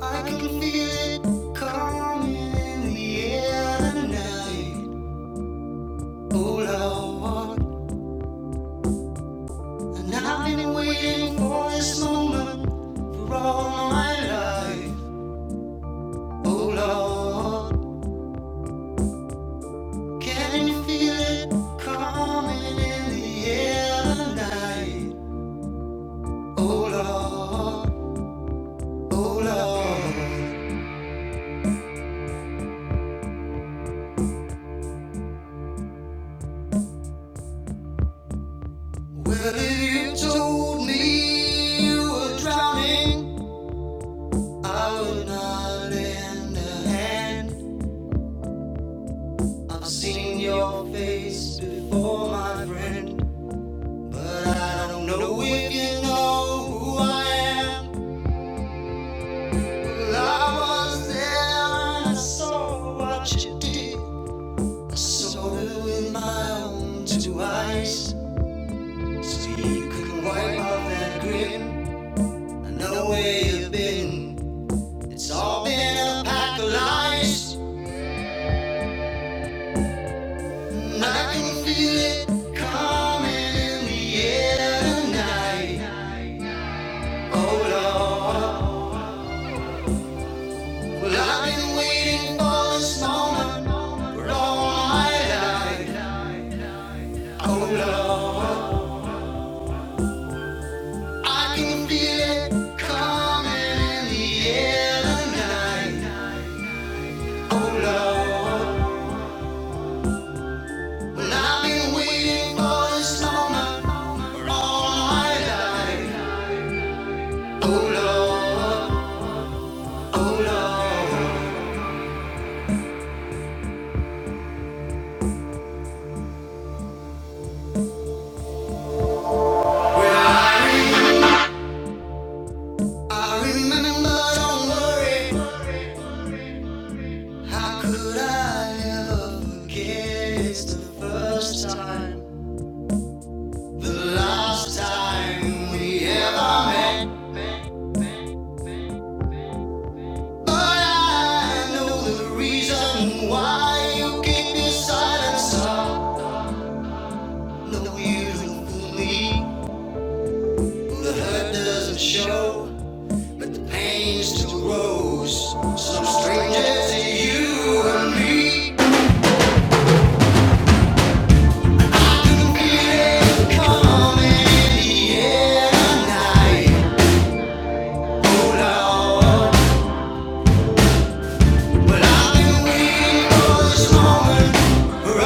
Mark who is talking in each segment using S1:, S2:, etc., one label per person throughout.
S1: I can feel it coming in the air tonight. Oh Lord, and I've been waiting for this moment for all my life. Oh Lord, can you feel it coming in the air tonight? Oh Lord, oh Lord, well if you told me you were drowning. I would not lend a hand. I've seen your face before, my friend. But I don't know if you know who I am. Well, I was there and I saw what you did. I saw it with my own two eyes. So you can wipe off that grin. I know where you've been. It's all been a pack of lies. I can feel it coming in the air tonight. Oh Lord, well I've been waiting for this moment for all my life. Oh Lord, I can feel it coming in the air tonight. Oh Lord, well I've been waiting for this moment for all my life. Oh Lord, oh Lord. I remember, don't worry. How could I ever forget? It's the first time, the last time we ever met. But I know the reason why you keep your silence up. No, you don't fool The hurt doesn't show, but the pain still grows. Some strangers to you and me. This moment, for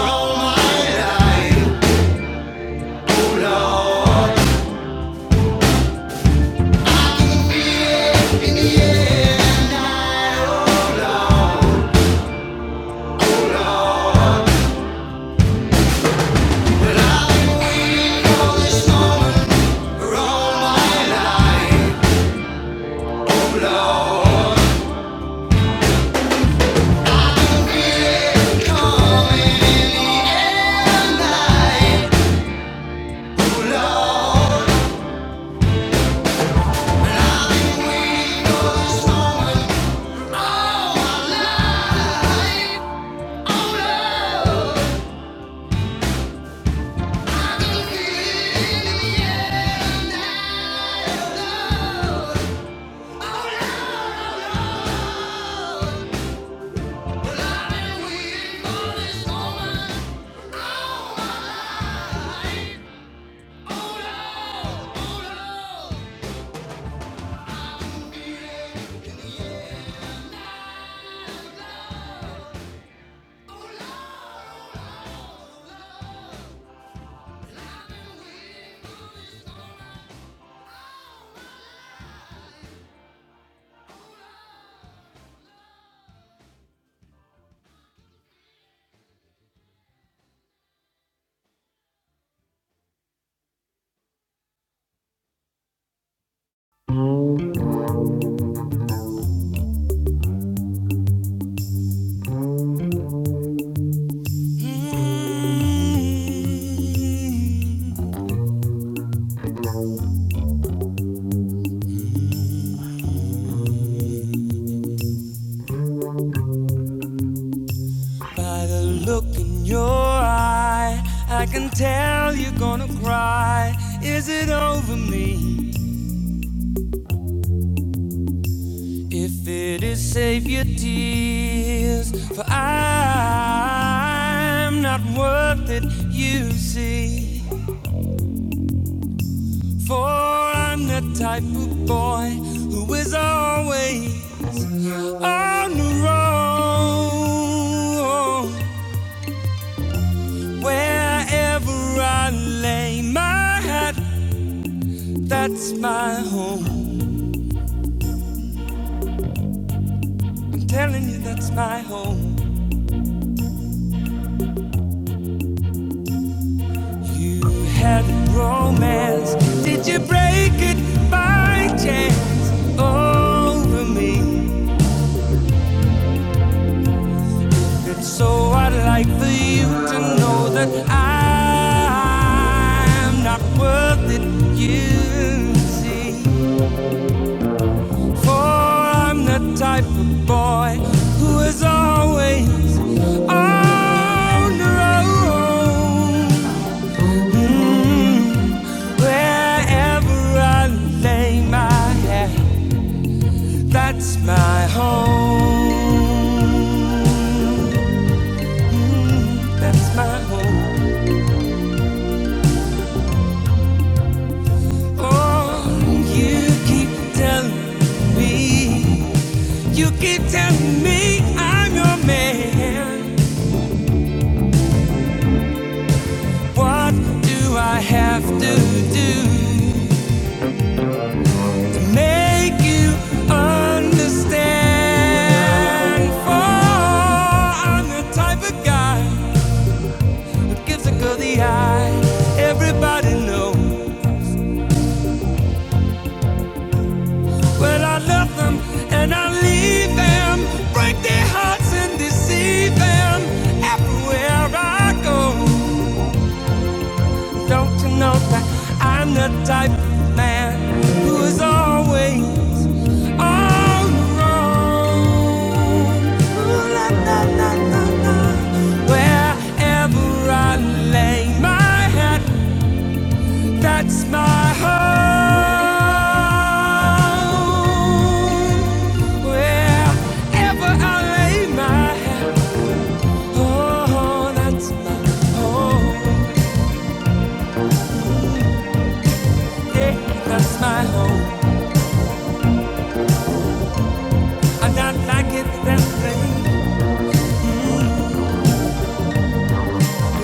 S1: all my life, oh Lord. I've been waiting for this moment. By the look in your eye, I can tell you're gonna cry. Is it over me? If it is, save your tears, for I'm not worth it, you see. For I'm the type of boy who is always on the road. Wherever I lay my hat That's my home. I'm telling you, that's my home. You had romance. Did you break it by chance over me? And so I'd like for you to know that I'm not worth it, you see. For I'm the type of boy who is always on the road. Mm. Wherever I lay my head, that's my home. That's my home. Oh, you keep telling me, you keep telling me I'm your man. What do I have to do to make you understand? For I'm the type of guy. gives a girl the eye. Everybody knows, but I love them and I leave them. Break their hearts and deceive them everywhere I go. Don't you know that I'm the type of man who is always on the road? Ooh, la, la, la, la, la. Wherever I lay my head. That's my home. Wherever I lay my head, oh, that's my home. Yeah, that's my home. I'm not like it that way.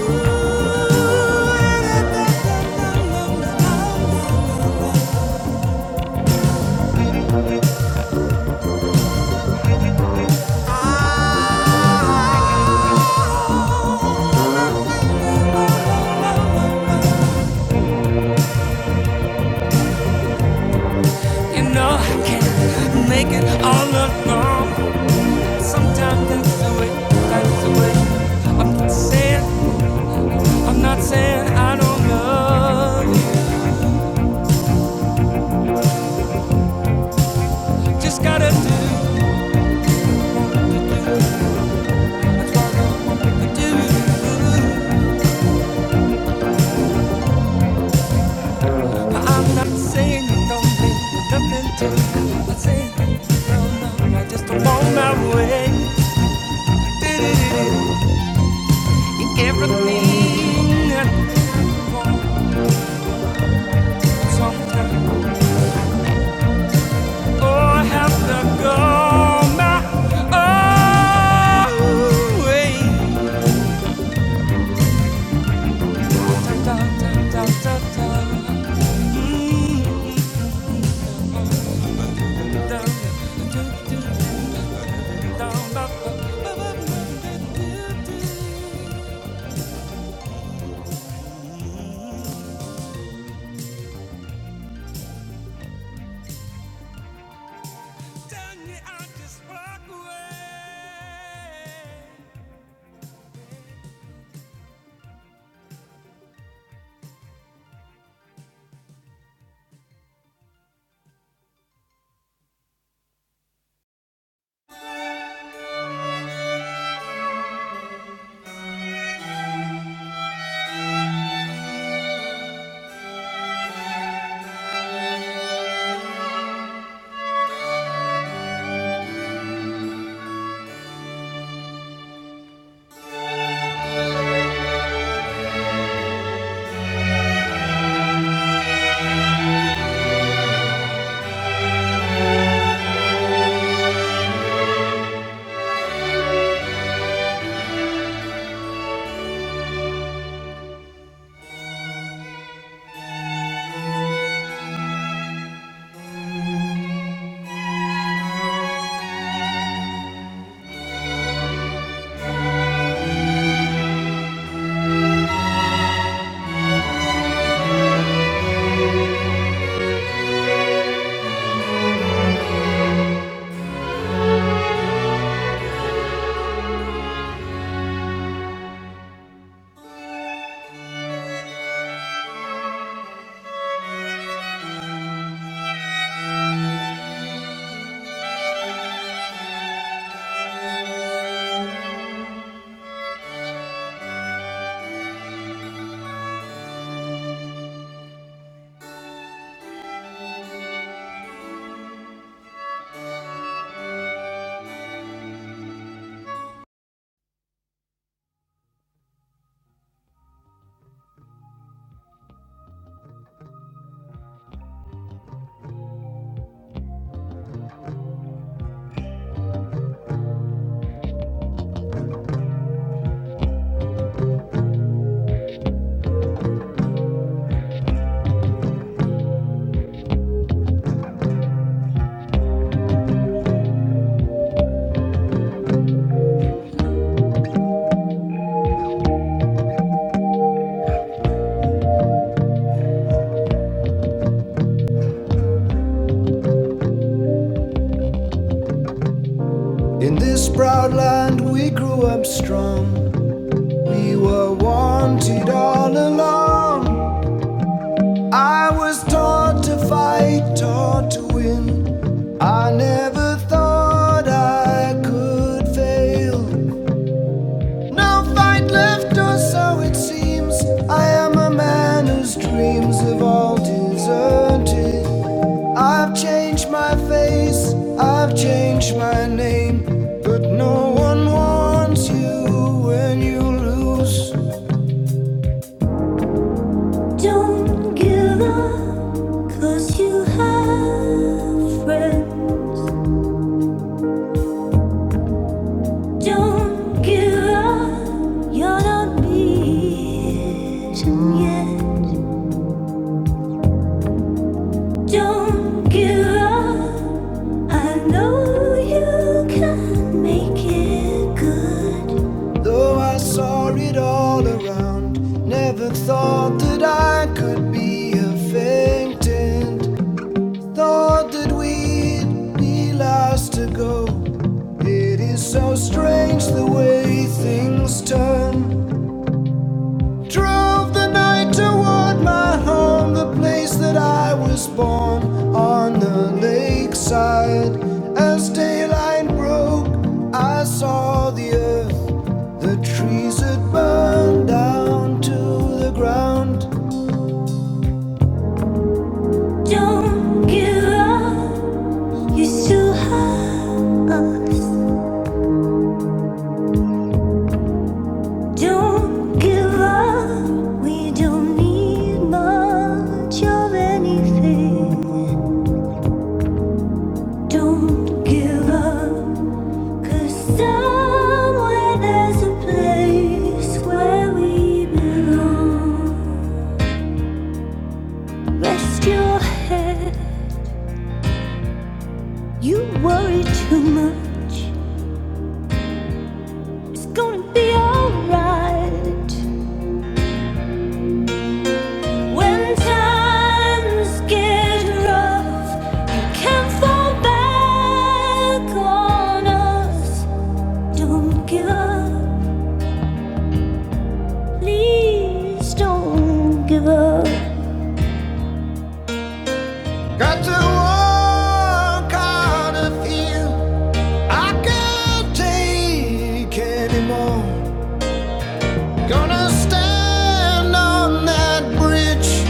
S1: Ooh, You know I can't make it all alone. Sometimes that's the way, that's the way. I'm not saying, I'm not saying I don't love you. Just gotta do what you do. I'm not saying you don't mean nothing to me. I'm not saying, no, no, I just don't want my way. Everything that you want, sometimes, oh, I have to go my own way. In this proud land we grew up strong. We were wanted all along. I was taught to fight, taught to win. I never thought I could fail. No fight left, or so it seems. I am a man whose dreams have all deserted. I've changed my face, I've changed my name. But no one wants you when you lose. Don't give up, cause you have friends. Don't give up, you're not beaten yet. Don't give up. I know you can make it good. Though I saw it all around, never thought that I could be a faintant. Thought that we'd be last to go. It is so strange the way things turn. Drove the night toward my home, the place that I was born, on the lakeside. As daylight broke, I saw the earth, the trees had burned down to the ground. Don't give up, you still have us. Don't give up, we don't need much of anything. Don't give up, 'cause somewhere there's a place where we belong. Rest your head, you worry too much. It's gonna be alright. When times get rough, can fall back on us. Don't give up, please don't give up. Got to walk out of here. I can't take anymore. Gonna stand on that bridge.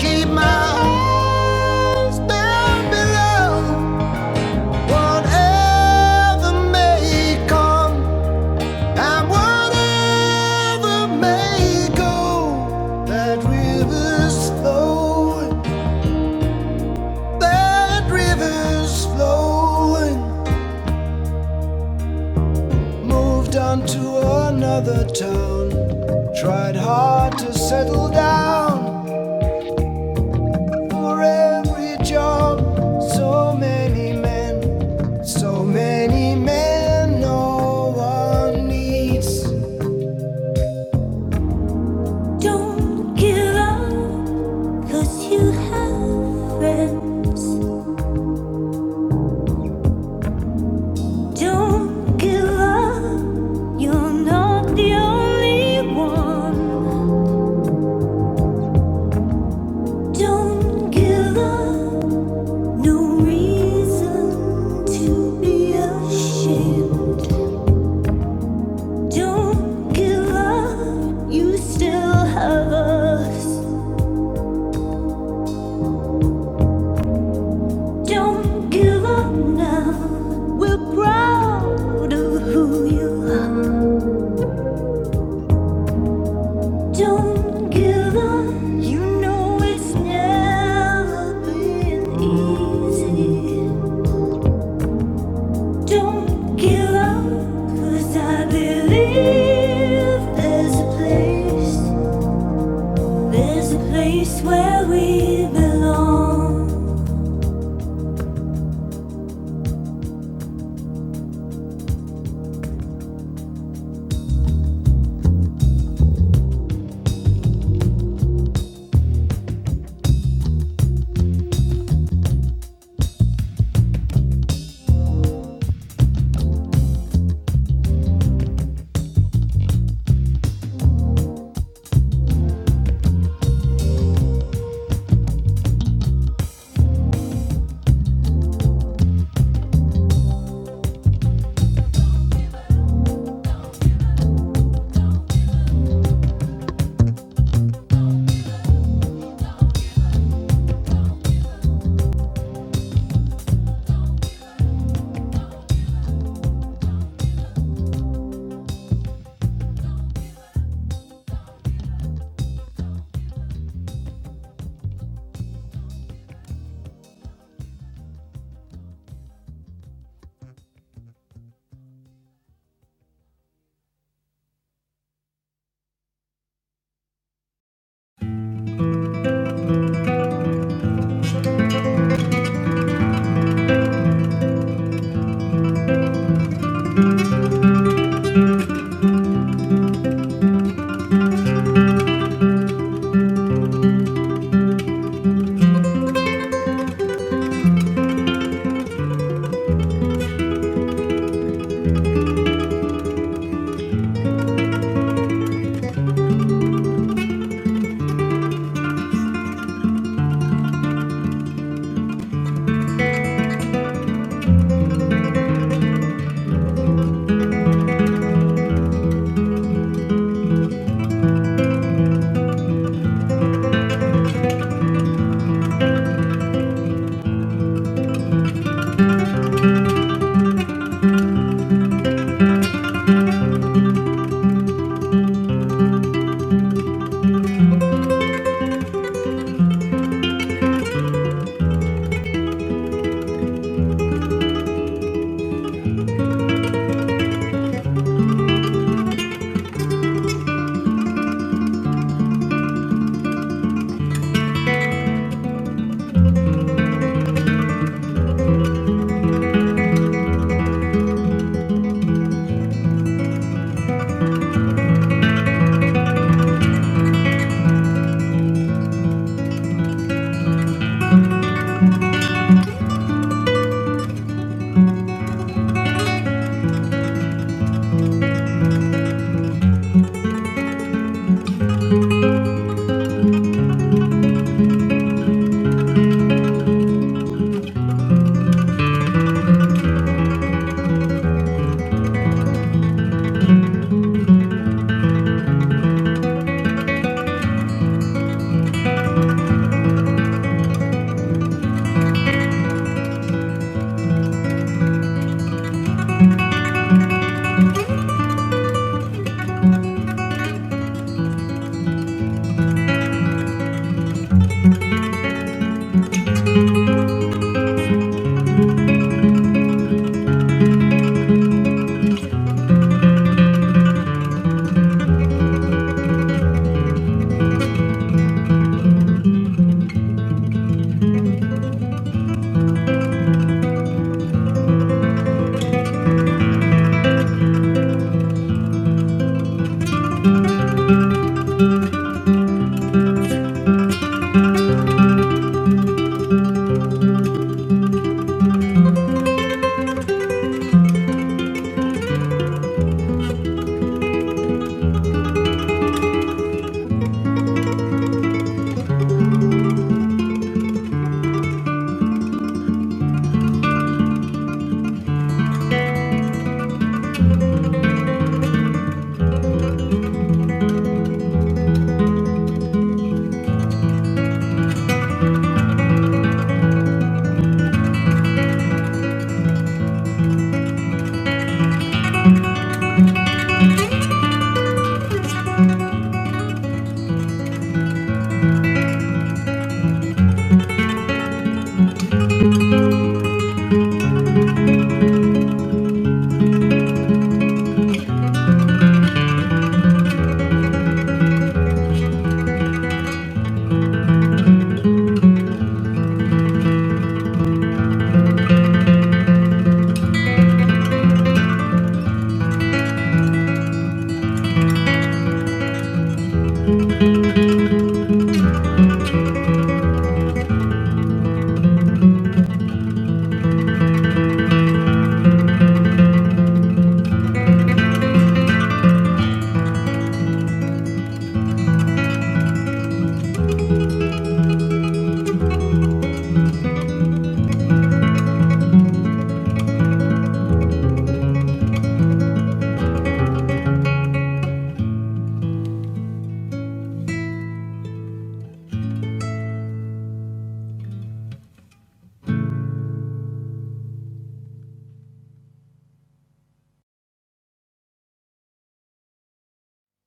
S1: Keep my eyes down below. Whatever may come and whatever may go, that river's flowing. That river's flowing. Moved on to another town. Tried hard to settle down for every job. So many men, so many men, no one needs. Don't give up, cause you have friends. Don't give up, you're not the only one. Don't give up, No reason to be ashamed. Don't give up, you still have us. Don't give up now. We're proud of who you are. Don't give up, you know it's never been easy. Don't give up, I believe there's a place. There's a place where we belong.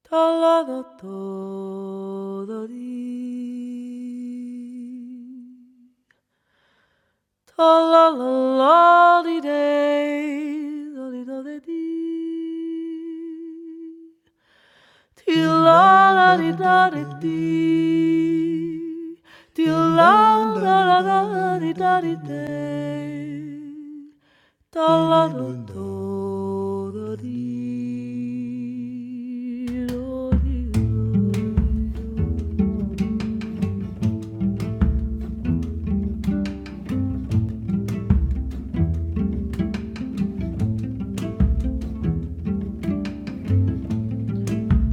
S1: Talado todo di. Talala di day. Lodi do de di. Ti la la di da di di. Ti la la la la di da di day. Da la do do da dee, do dee do.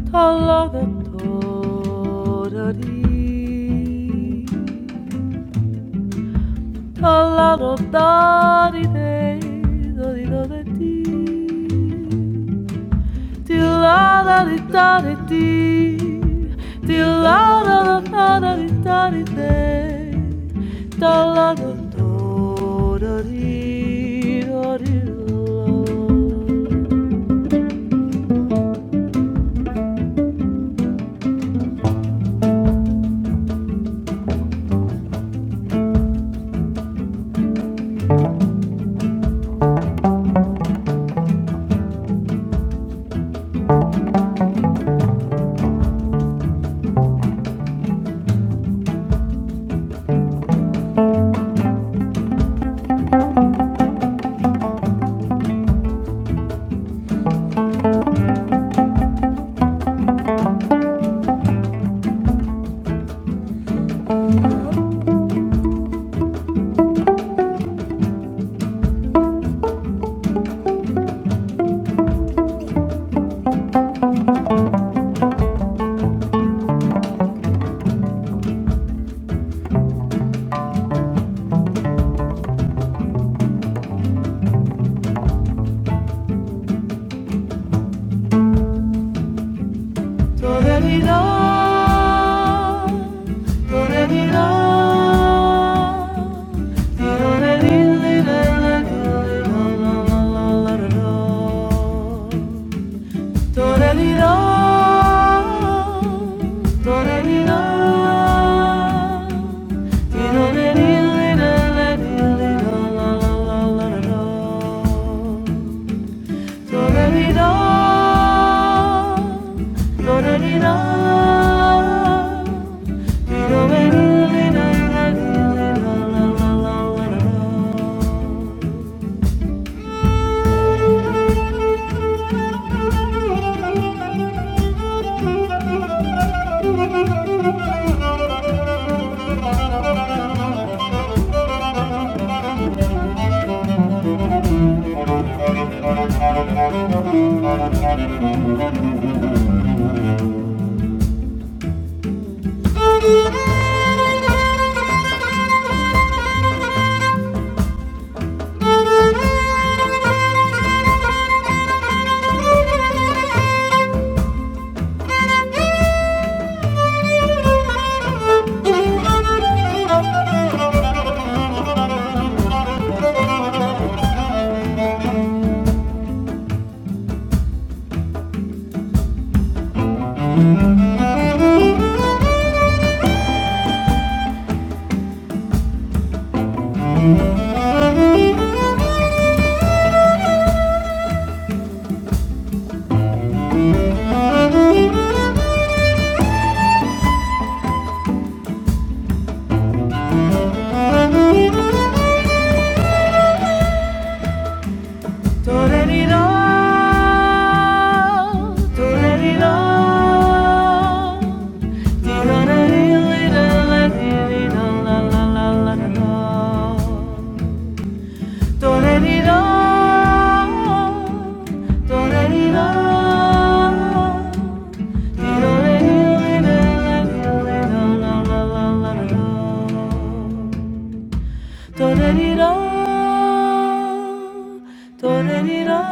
S1: Da la da do da dee. Da la do da dee day, do dee do da dee. Di la da di da di di. Di la da da da da di da di de. Da la da do da di da di la. Di la di di di da la di di da la la la la la la. Do-re-dee-do. 도레리라 도레리라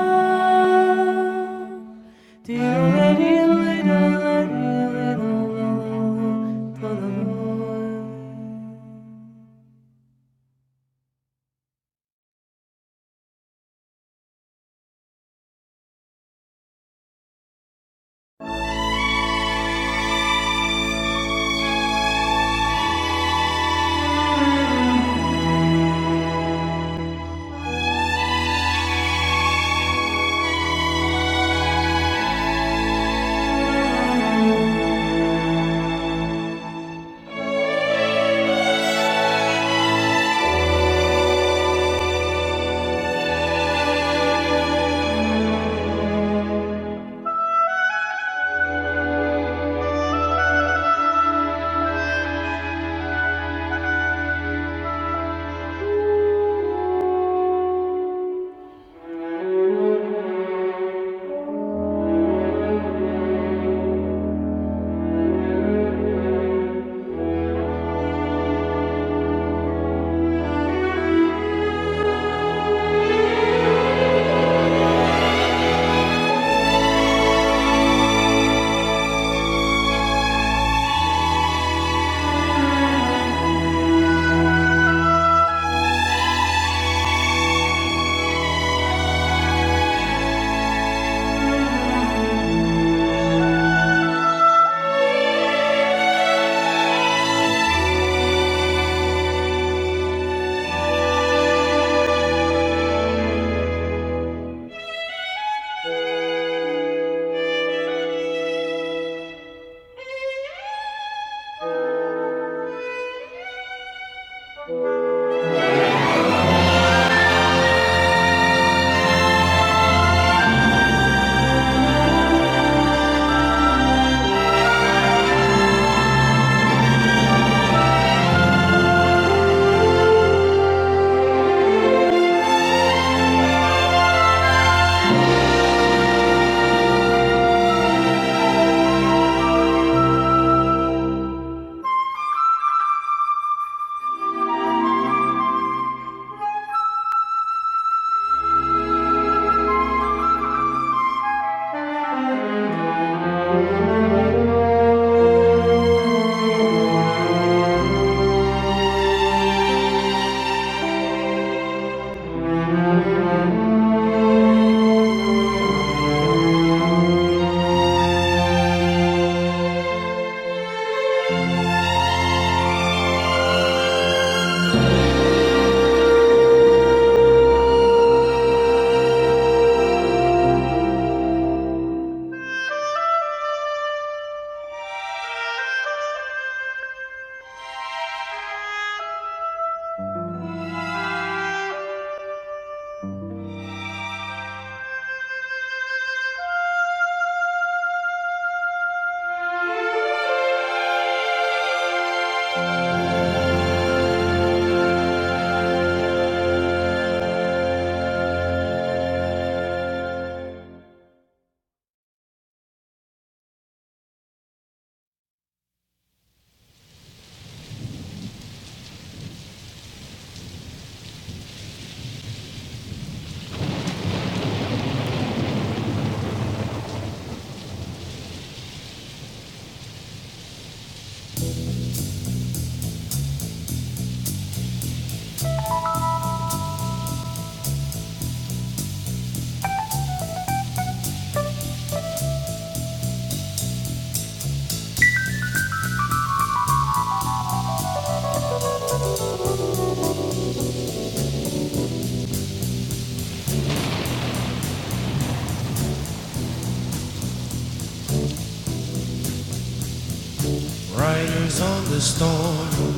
S1: Riders on the storm,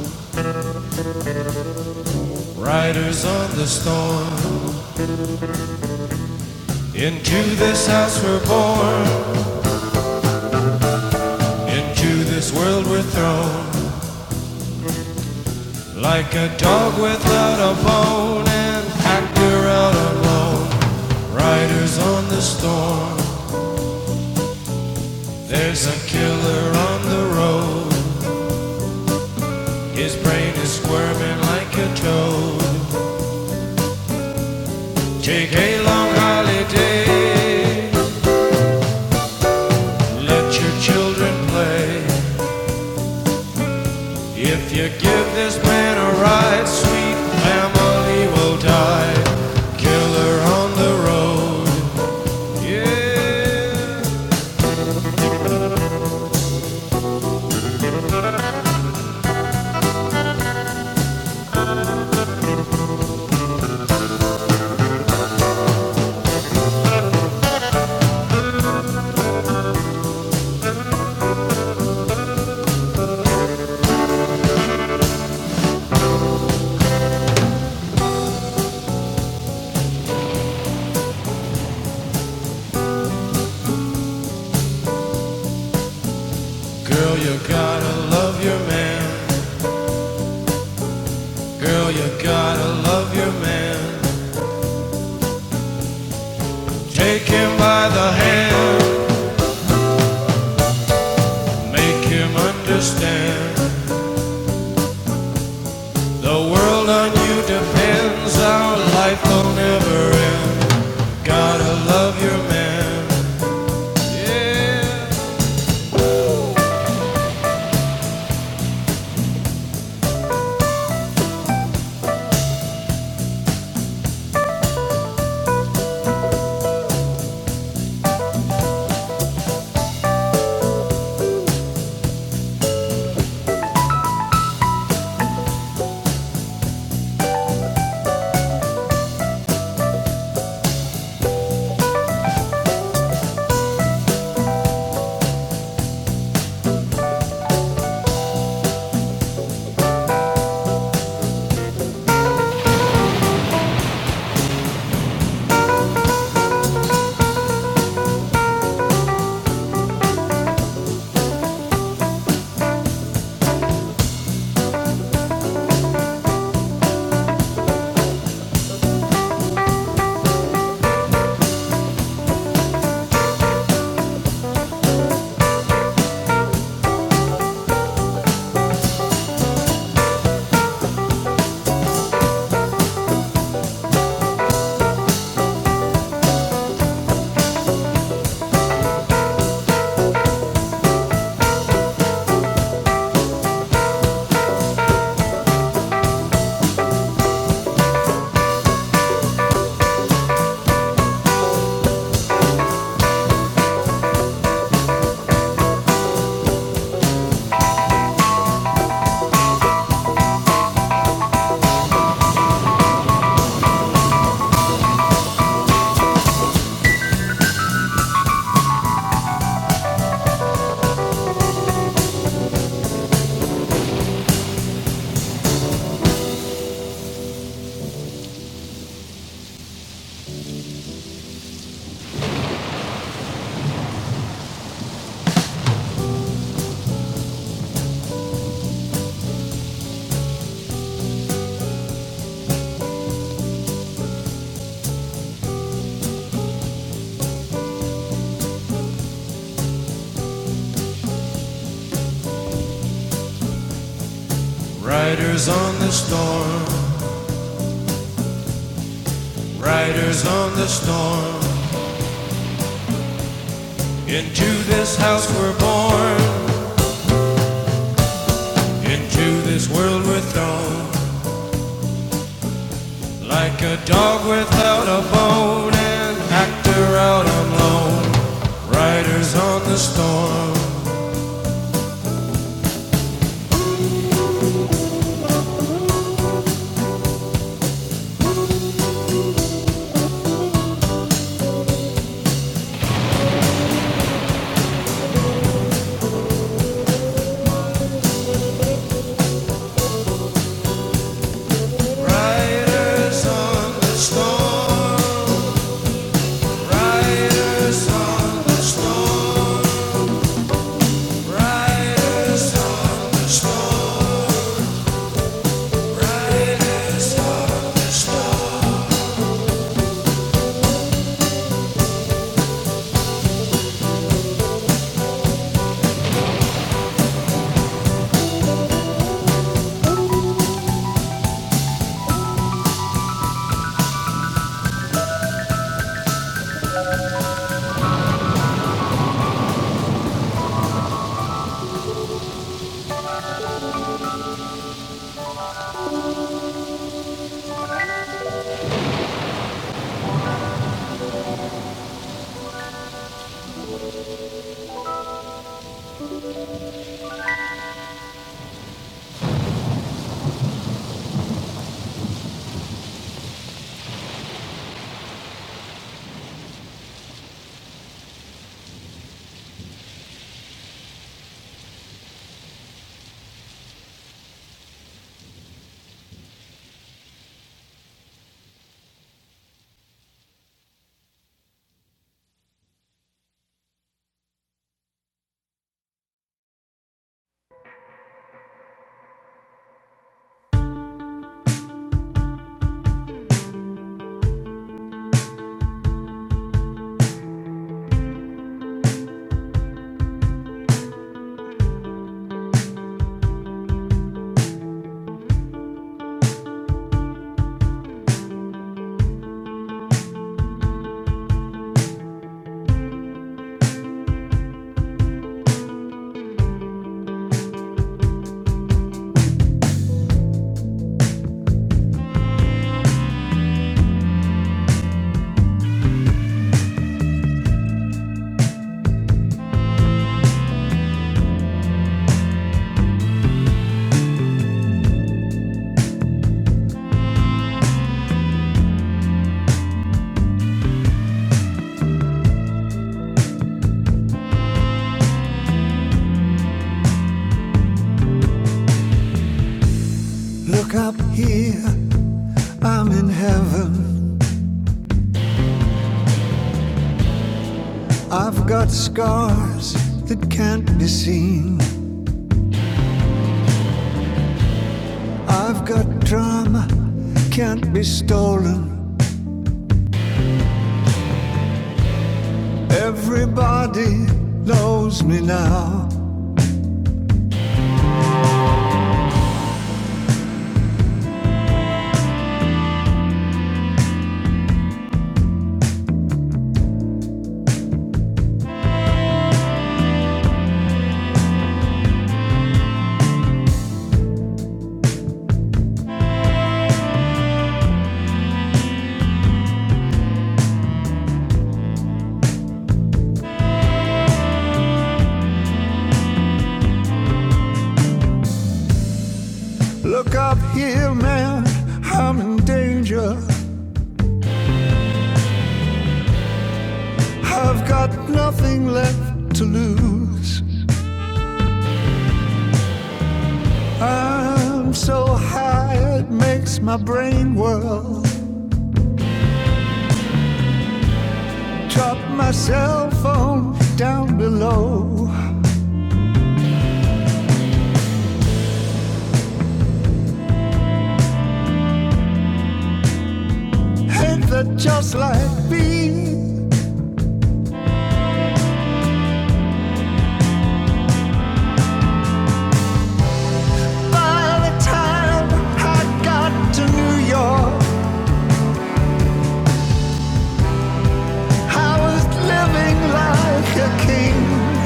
S1: riders on the storm. Into this house we're born, into this world we're thrown. Like a dog without a bone, and packed we're out alone. Riders on the storm, There's a killer on the road. His brain is squirming like a toad. Take a long holiday. Let your children play. If you give this man a ride, sweet family will die. Killer on the road. Yeah. Girl, you gotta love your man. Girl, you gotta love your man. Take him by the hand. Make him understand the world on you depends. Our life will never end. Gotta love your man. Yeah. Riders on the storm, riders on the storm. Into this house we're born, into this world we're thrown. Like a dog without a bone, an actor out on loan. Riders on the storm. I've got scars that can't be seen. I've got trauma, can't be stolen. Everybody knows me now. Look up here, man, I'm in danger. I've got nothing left to lose. I'm so high it makes my brain whirl. Drop my cell phone down below. Hate that just like me. By the time I got to New York, I was living like a king.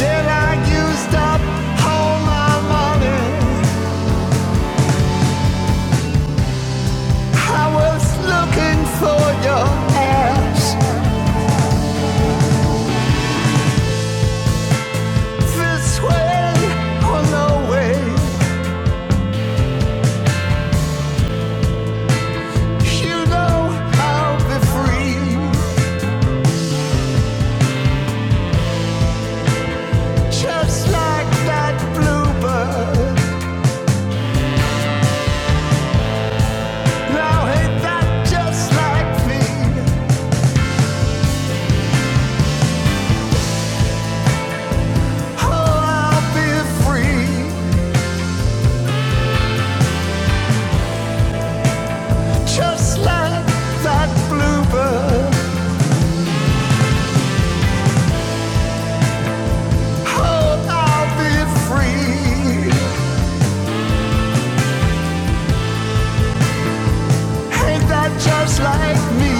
S1: Then I used up all my money. I was looking for your ass. This way or no way, you know I'll be free. Just like that bluebird. Now ain't that just like me? Oh, I'll be free. Just like that bluebird. Oh, I'll be free. Ain't that just like me?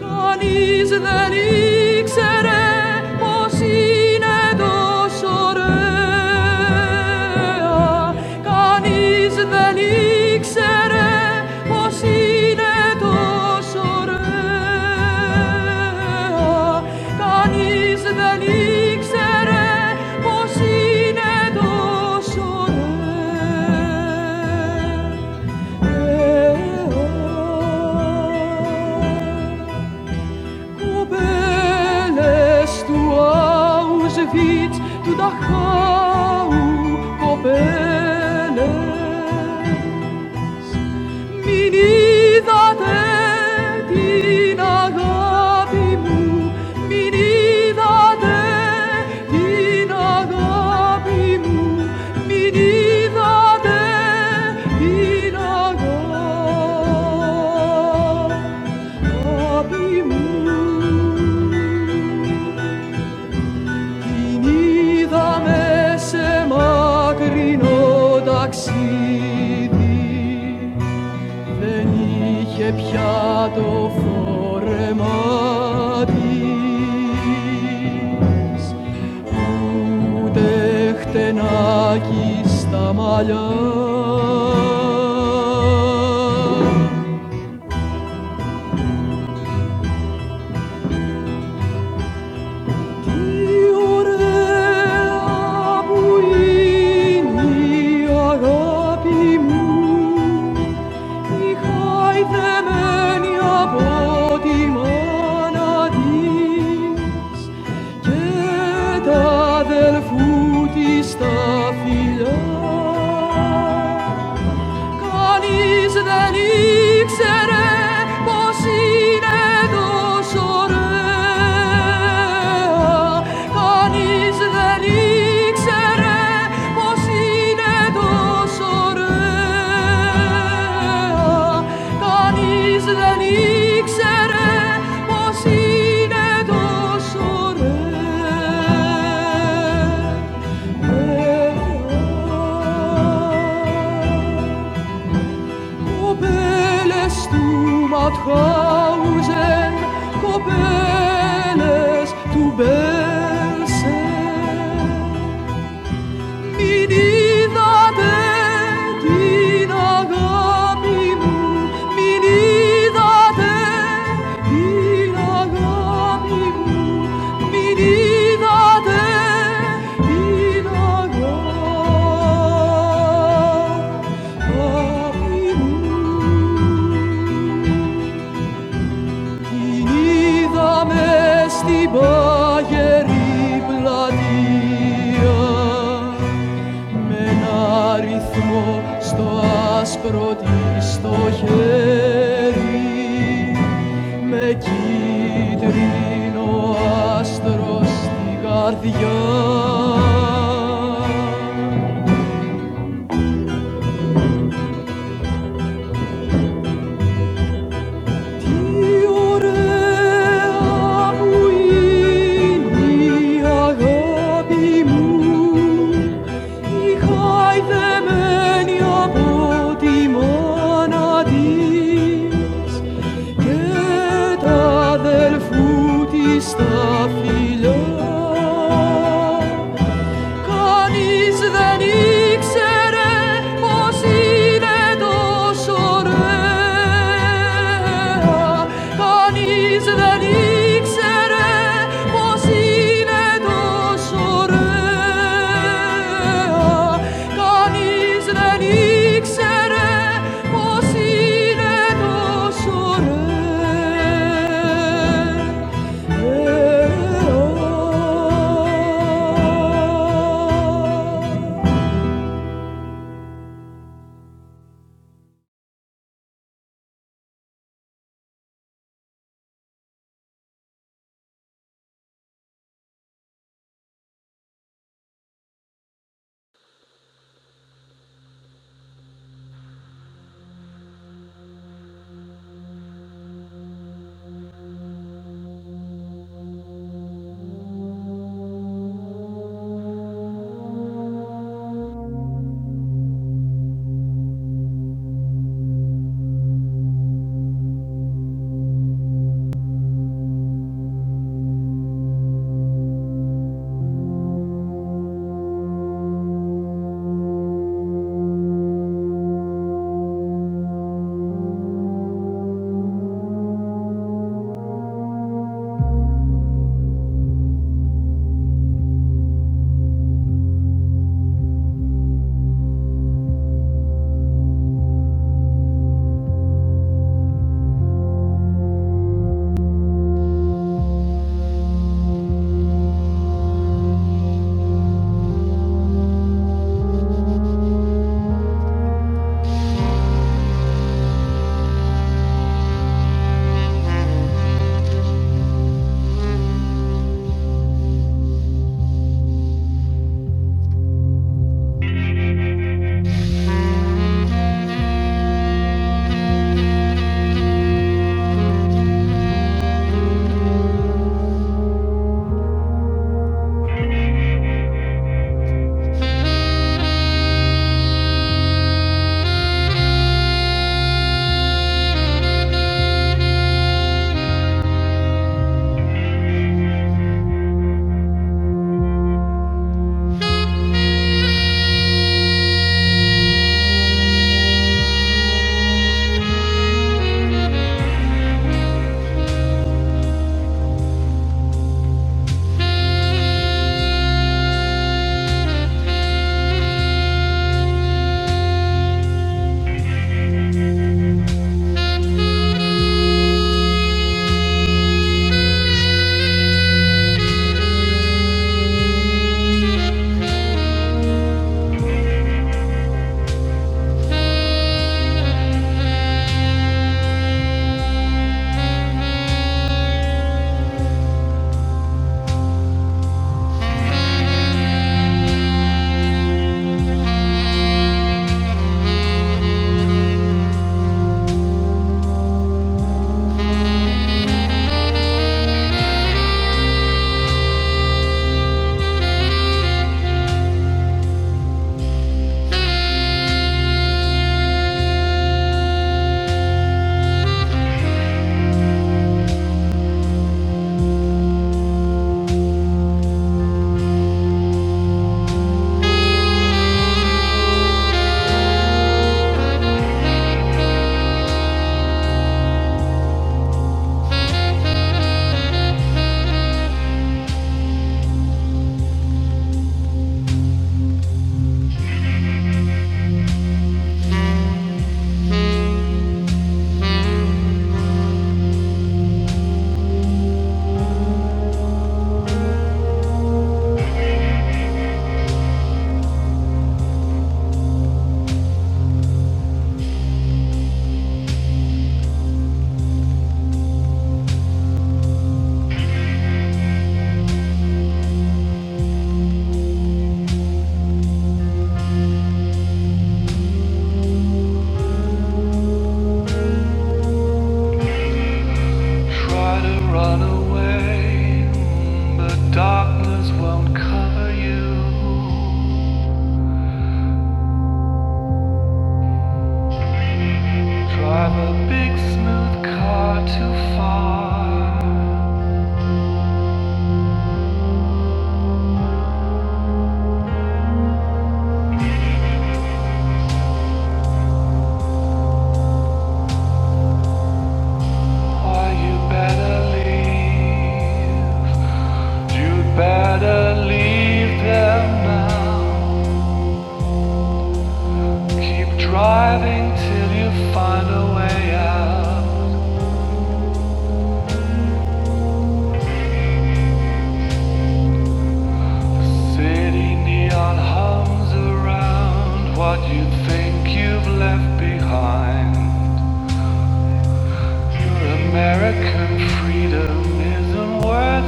S1: Denizden iksere o sine dosorea Denizden iksere o sine dosorea Denizden iksere o sine dosorea Obeles tu aus vit tu dachau copele I haidemeni madi Cheta del futis ta filia Denizden iksere basine doşore Denizden iksere basine doşore Denizden iksere basine doşore Copeles tu Mauthausen, Copeles tu Belsen, Minida de Dinagabimu, minida de Dinagabimu, minida de Dinagabimu. Την είδαμε στην πάγερη πλατεία με ένα ρυθμό στο άσπρο της το χέρι με κίτρινο άστρο στην καρδιά. Τι ωραία που είναι η αγάπη μου Ei, the menia poti monades, eta del futi staphilos. Can't stand it anymore. Can't stand it anymore. Can't stand it anymore. It's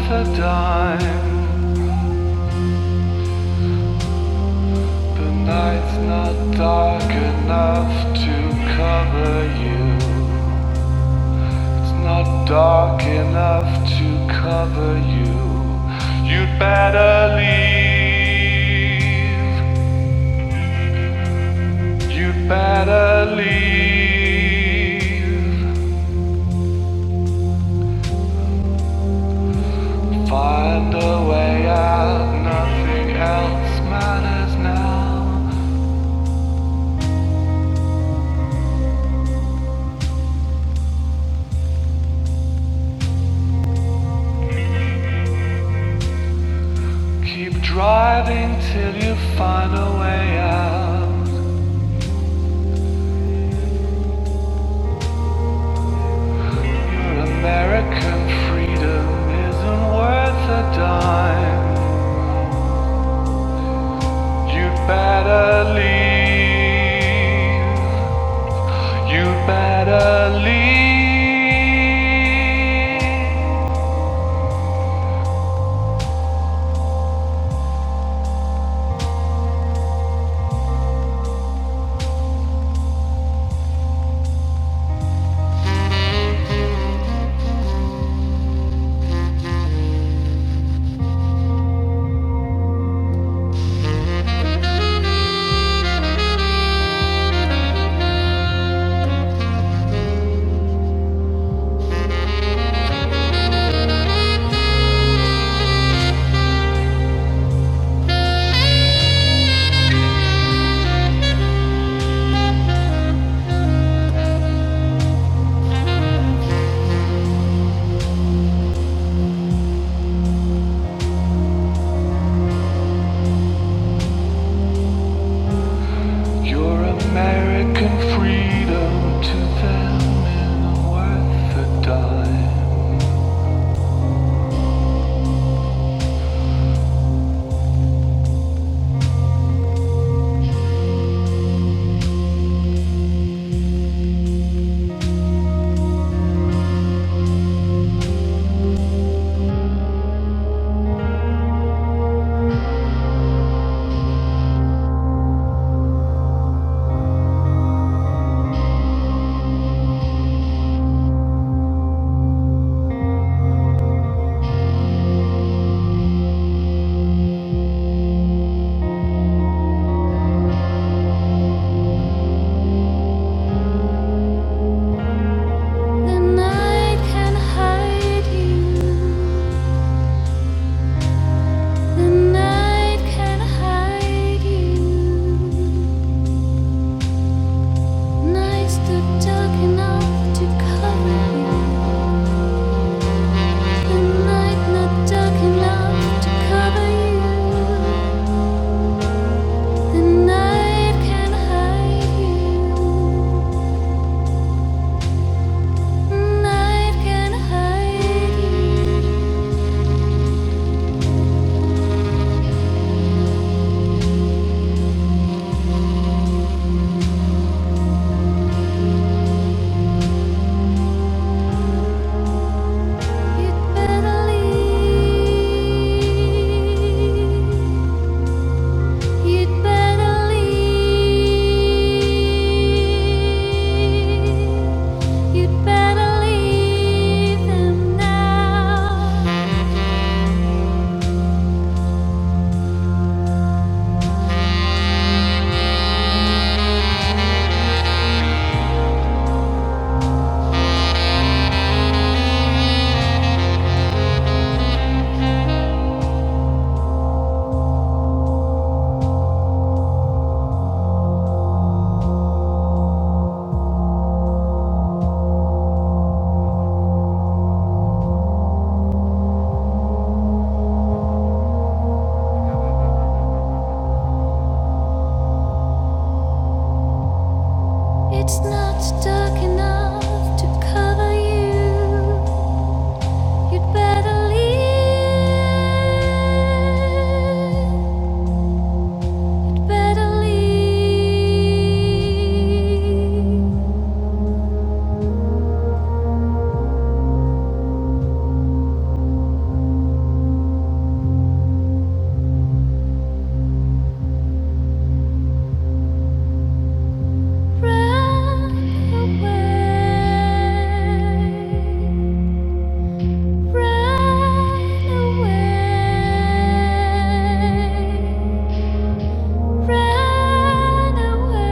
S1: a dark, but night's not dark enough to cover you. It's not dark enough to cover you. You'd better leave. You'd better leave. Find a way out. Nothing else matters now. Your American freedom to them isn't worth a dime. The night can hide you. The night can hide you. Nights not dark enough to cover you. The night not dark enough to cover you. The night can hide you. Night. You'd better leave them now. It's not dark enough to cover you. You'd better leave. Better leave. Run away. Run away. Run away.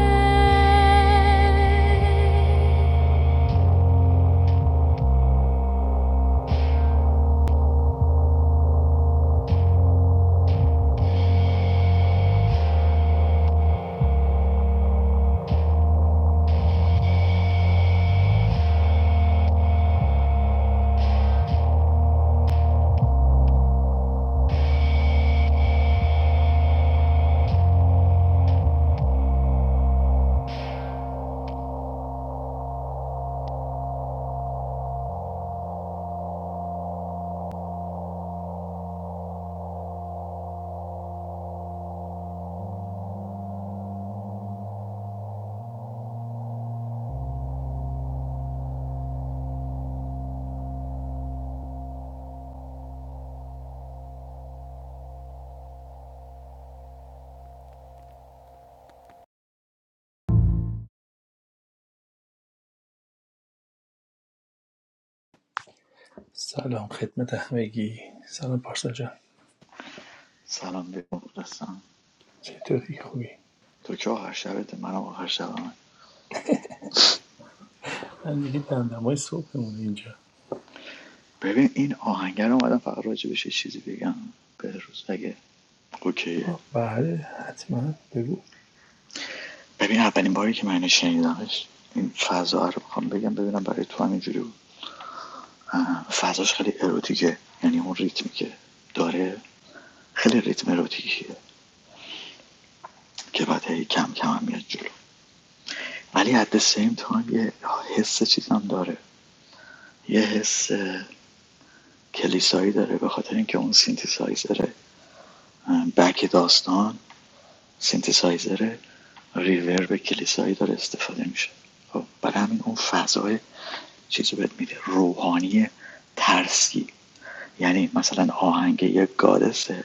S2: سلام خدمت همگی سلام پارسا جان
S3: سلام به مخلصم
S2: چطوری خوبی
S3: تو که آخر شبت منم آخر شبم
S2: من دیگه دمدمای صبحمونه اینجا
S3: ببین این آهنگر اومدم فقط راجبش یه چیزی بگم به روز اگه اوکیه
S2: آه، بله حتما بگو
S3: ببین اولین باری که من اینو شنیدمش این فضا رو میخوام بگم ببینم برای تو هم اینجوری بود فضاش خیلی اروتیکه یعنی اون ریتمی که داره خیلی ریتم اروتیکیه که بعد هی کم کم هم میاد جلو ولی at the same time یه حس چیز هم داره یه حس کلیسایی داره به خاطر اینکه اون سینتیسایزره بک داستان سینتسایزر ریورب کلیسایی داره استفاده میشه خب برای همین اون فضای چیزی بهت میده روحانی ترسی یعنی مثلا آهنگ یه گادسه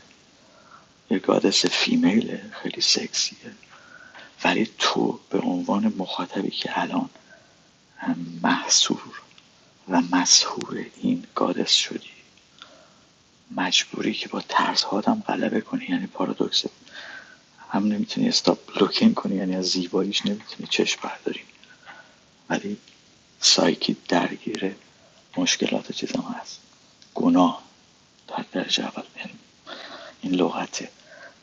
S3: یه گادس فیمیله خیلی سکسیه ولی تو به عنوان مخاطبی که الان محصور و مسحور این گادس شدی مجبوری که با ترس هادم غلبه کنی یعنی پارادوکس هم نمیتونی استاپ لوکینگ کنی یعنی از زیباییش نمیتونی چشم برداری ولی سایکی درگیره مشکلات چیزم هست گناه در درجه اول یعنی این لغته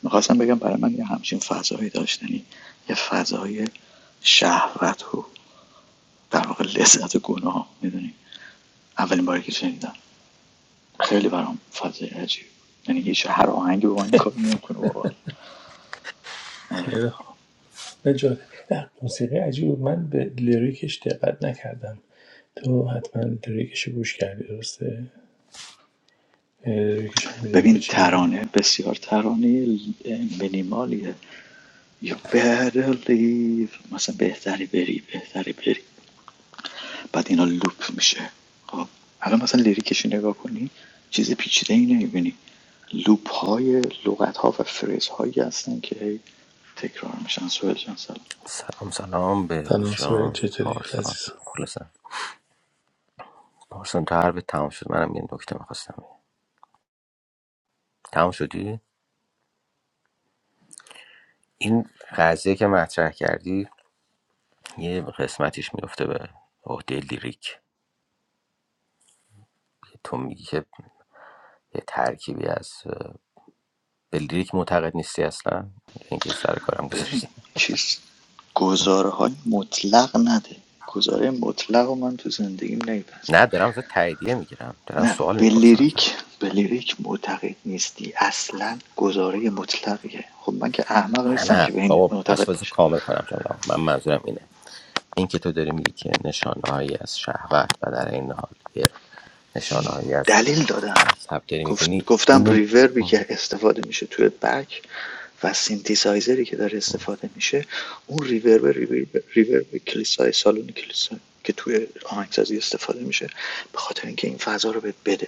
S3: میخواستم بگم برای من یه همچین فضایی داشتنی یه فضای شهوت و در واقع لذت گناه میدونی اولین باری که شنیدم خیلی برام فضای عجیب یعنی هیچ هر آهنگی به من این کارو نمیکنه بابا آره
S2: خیلی خوب نجات نه، موسیقی عجیب بود. من به لیریکش دقت نکردم تو حتما لیریکش رو گوش کردی درسته یعنی لیریکش هم میدونی که
S3: ببین
S2: چی میگه
S3: ترانه بسیار ترانه مینیمالیه You better leave مثلا بهتری بری بهتری بری بعد اینا لوپ میشه خب الان مثلا لیریکش نگاه کنی چیز پیچیده ای نمیبینی لوپ های لغت ها و فریز هایی هستن که هی تکرار میشن سوال جان سلام
S4: سلام سلام بهروز
S2: سلام سوهل
S4: جان
S2: چطوری
S4: پارسان
S2: عزیز
S4: مخلصم پارسان تا حرف تمام شد منم یه نکته میخواستم بگم تمام شدی این قضیه که مطرح کردی یه قسمتیش میفته به عهده لیریک تو میگی که یه ترکیبی از به لیریک معتقد نیستی اصلا اینکه سر کارم
S3: ببین
S4: گذاشتی
S3: چیز گزاره های مطلق نده گزاره مطلق رو من تو زندگیم نیپس
S4: نه دارم ازت تاییدیه میگیرم دارم
S3: نه
S4: سوال
S3: به
S4: میپرسم اصلا
S3: لیریک به لیریک معتقد نیستی اصلا گزاره مطلقیه خب من که احمق
S4: نه
S3: نیستم
S4: نه
S3: که به این
S4: بابا پس
S3: معتقد
S4: واسه
S3: باشم
S4: کامل کنم جمله من منظورم اینه این که تو داری میگی که نشانه هایی از شهوت و در این حال یه نشانههایی از
S3: دلیل دادم
S4: مذهب داری
S3: گفت
S4: میبینی
S3: گفتم
S4: اینو
S3: ریوربی که استفاده میشه توی بک و سینتیسایزری که داره استفاده میشه اون ریورب ریورب, ریورب کلیسای سالن کلیسا که توی آهنگسازی استفاده میشه به خاطر اینکه این فضا رو بهت بده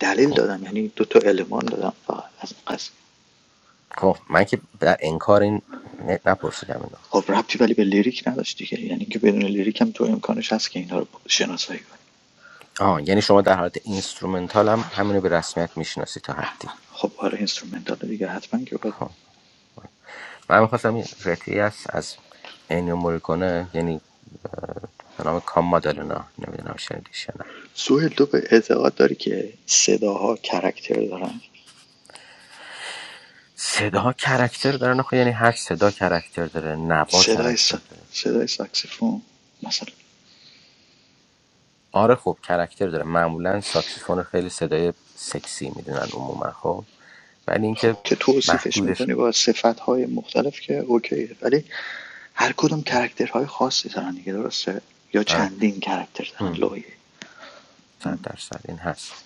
S3: دلیل
S4: خب
S3: دادم یعنی دو تا المان دادم فقط از قصد.
S4: خب، من که در انکار این ن- نپرسیدم اینو
S3: خب ربطی ولی به لیریک نداشت دیگه یعنی که بدون لیریک هم تو امکانش هست که اینا رو شناسایی کنی
S4: آه یعنی شما در حالت اینسترومنتال هم همینو به رسمیت میشناسی تا حدی
S3: خب حالا اینسترومنتال دیگه حتما که باید
S4: خب من میخواستم این قطعی است از اینیو موریکونه یعنی به نام کام مادالنا نمیدونم شنیدیش یا نه
S3: سوهل تو به اعتقاد داری که صداها کرکتر دارن
S4: صدا کرکتر داره نه خب یعنی هر صدا کرکتر داره نوا
S3: صدای س...
S4: کرکتر داره
S3: صدای ساکسیفون مثلا
S4: آره خب کرکتر داره معمولا ساکسیفون رو خیلی صدای سکسی میدونن عموما خب ولی
S3: خب
S4: اینکه
S3: که توصیفش
S4: محدودش
S3: میکنی با صفت های مختلف که اوکیه ولی هر کدوم کرکترهای خاصی دارن دیگه درسته یا
S4: آره
S3: چندین کرکتر دارن
S4: هم.
S3: لایه
S4: صد درصد این هست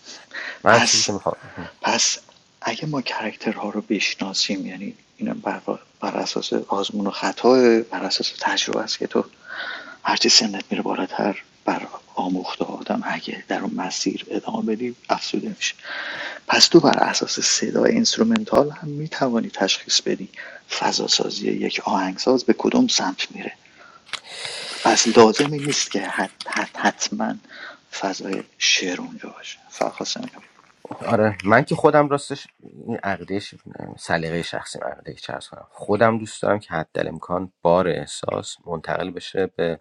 S4: من چیزی
S3: پس
S4: که میخوام
S3: پس اگه ما کرکترها رو بشناسیم یعنی اینم بر, بر اساس آزمون و خطا بر اساس تجربه است که تو هرچی سنت میره بالاتر بر آموخته آدم اگه در اون مسیر ادامه بدی افسوده میشه پس تو بر اساس صدای اینسترومنتال هم میتوانی تشخیص بدی فضاسازی یک آهنگساز به کدوم سمت میره پس لازمی نیست که حت حت حتما فضای شعر اونجا باشه فقط خواستم اینو بگم
S4: آره من که خودم راستش این عقیده ش- سلیقه شخصی من عقیده چرس کنم خودم دوست دارم که حد امکان بار احساس منتقل بشه به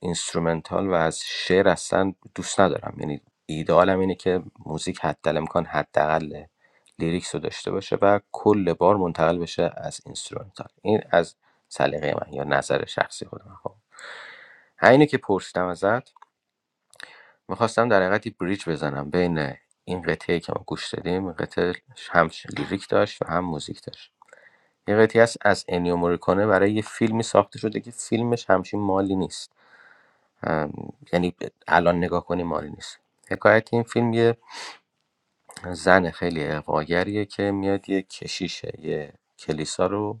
S4: اینسترومنتال و از شعر اصلا دوست ندارم یعنی ایدئالم اینه که موزیک حد امکان حداقل لیریکس رو داشته باشه و کل بار منتقل بشه از اینسترومنتال این از سلیقه من یا نظر شخصی خودم خب همینه که پرسیدم ازت میخواستم در حقیقت یه بریج بزنم بین این قطعه که ما گوش دادیم این قطعه هم لیریک داشت و هم موزیک داشت یه قطعه هست از انیو موریکونه برای یه فیلمی ساخته شده که فیلمش همچین مالی نیست ام، یعنی الان نگاه کنی مالی نیست حکایت این فیلم یه زن خیلی اقواگریه که میاد یه کشیشه یه کلیسا رو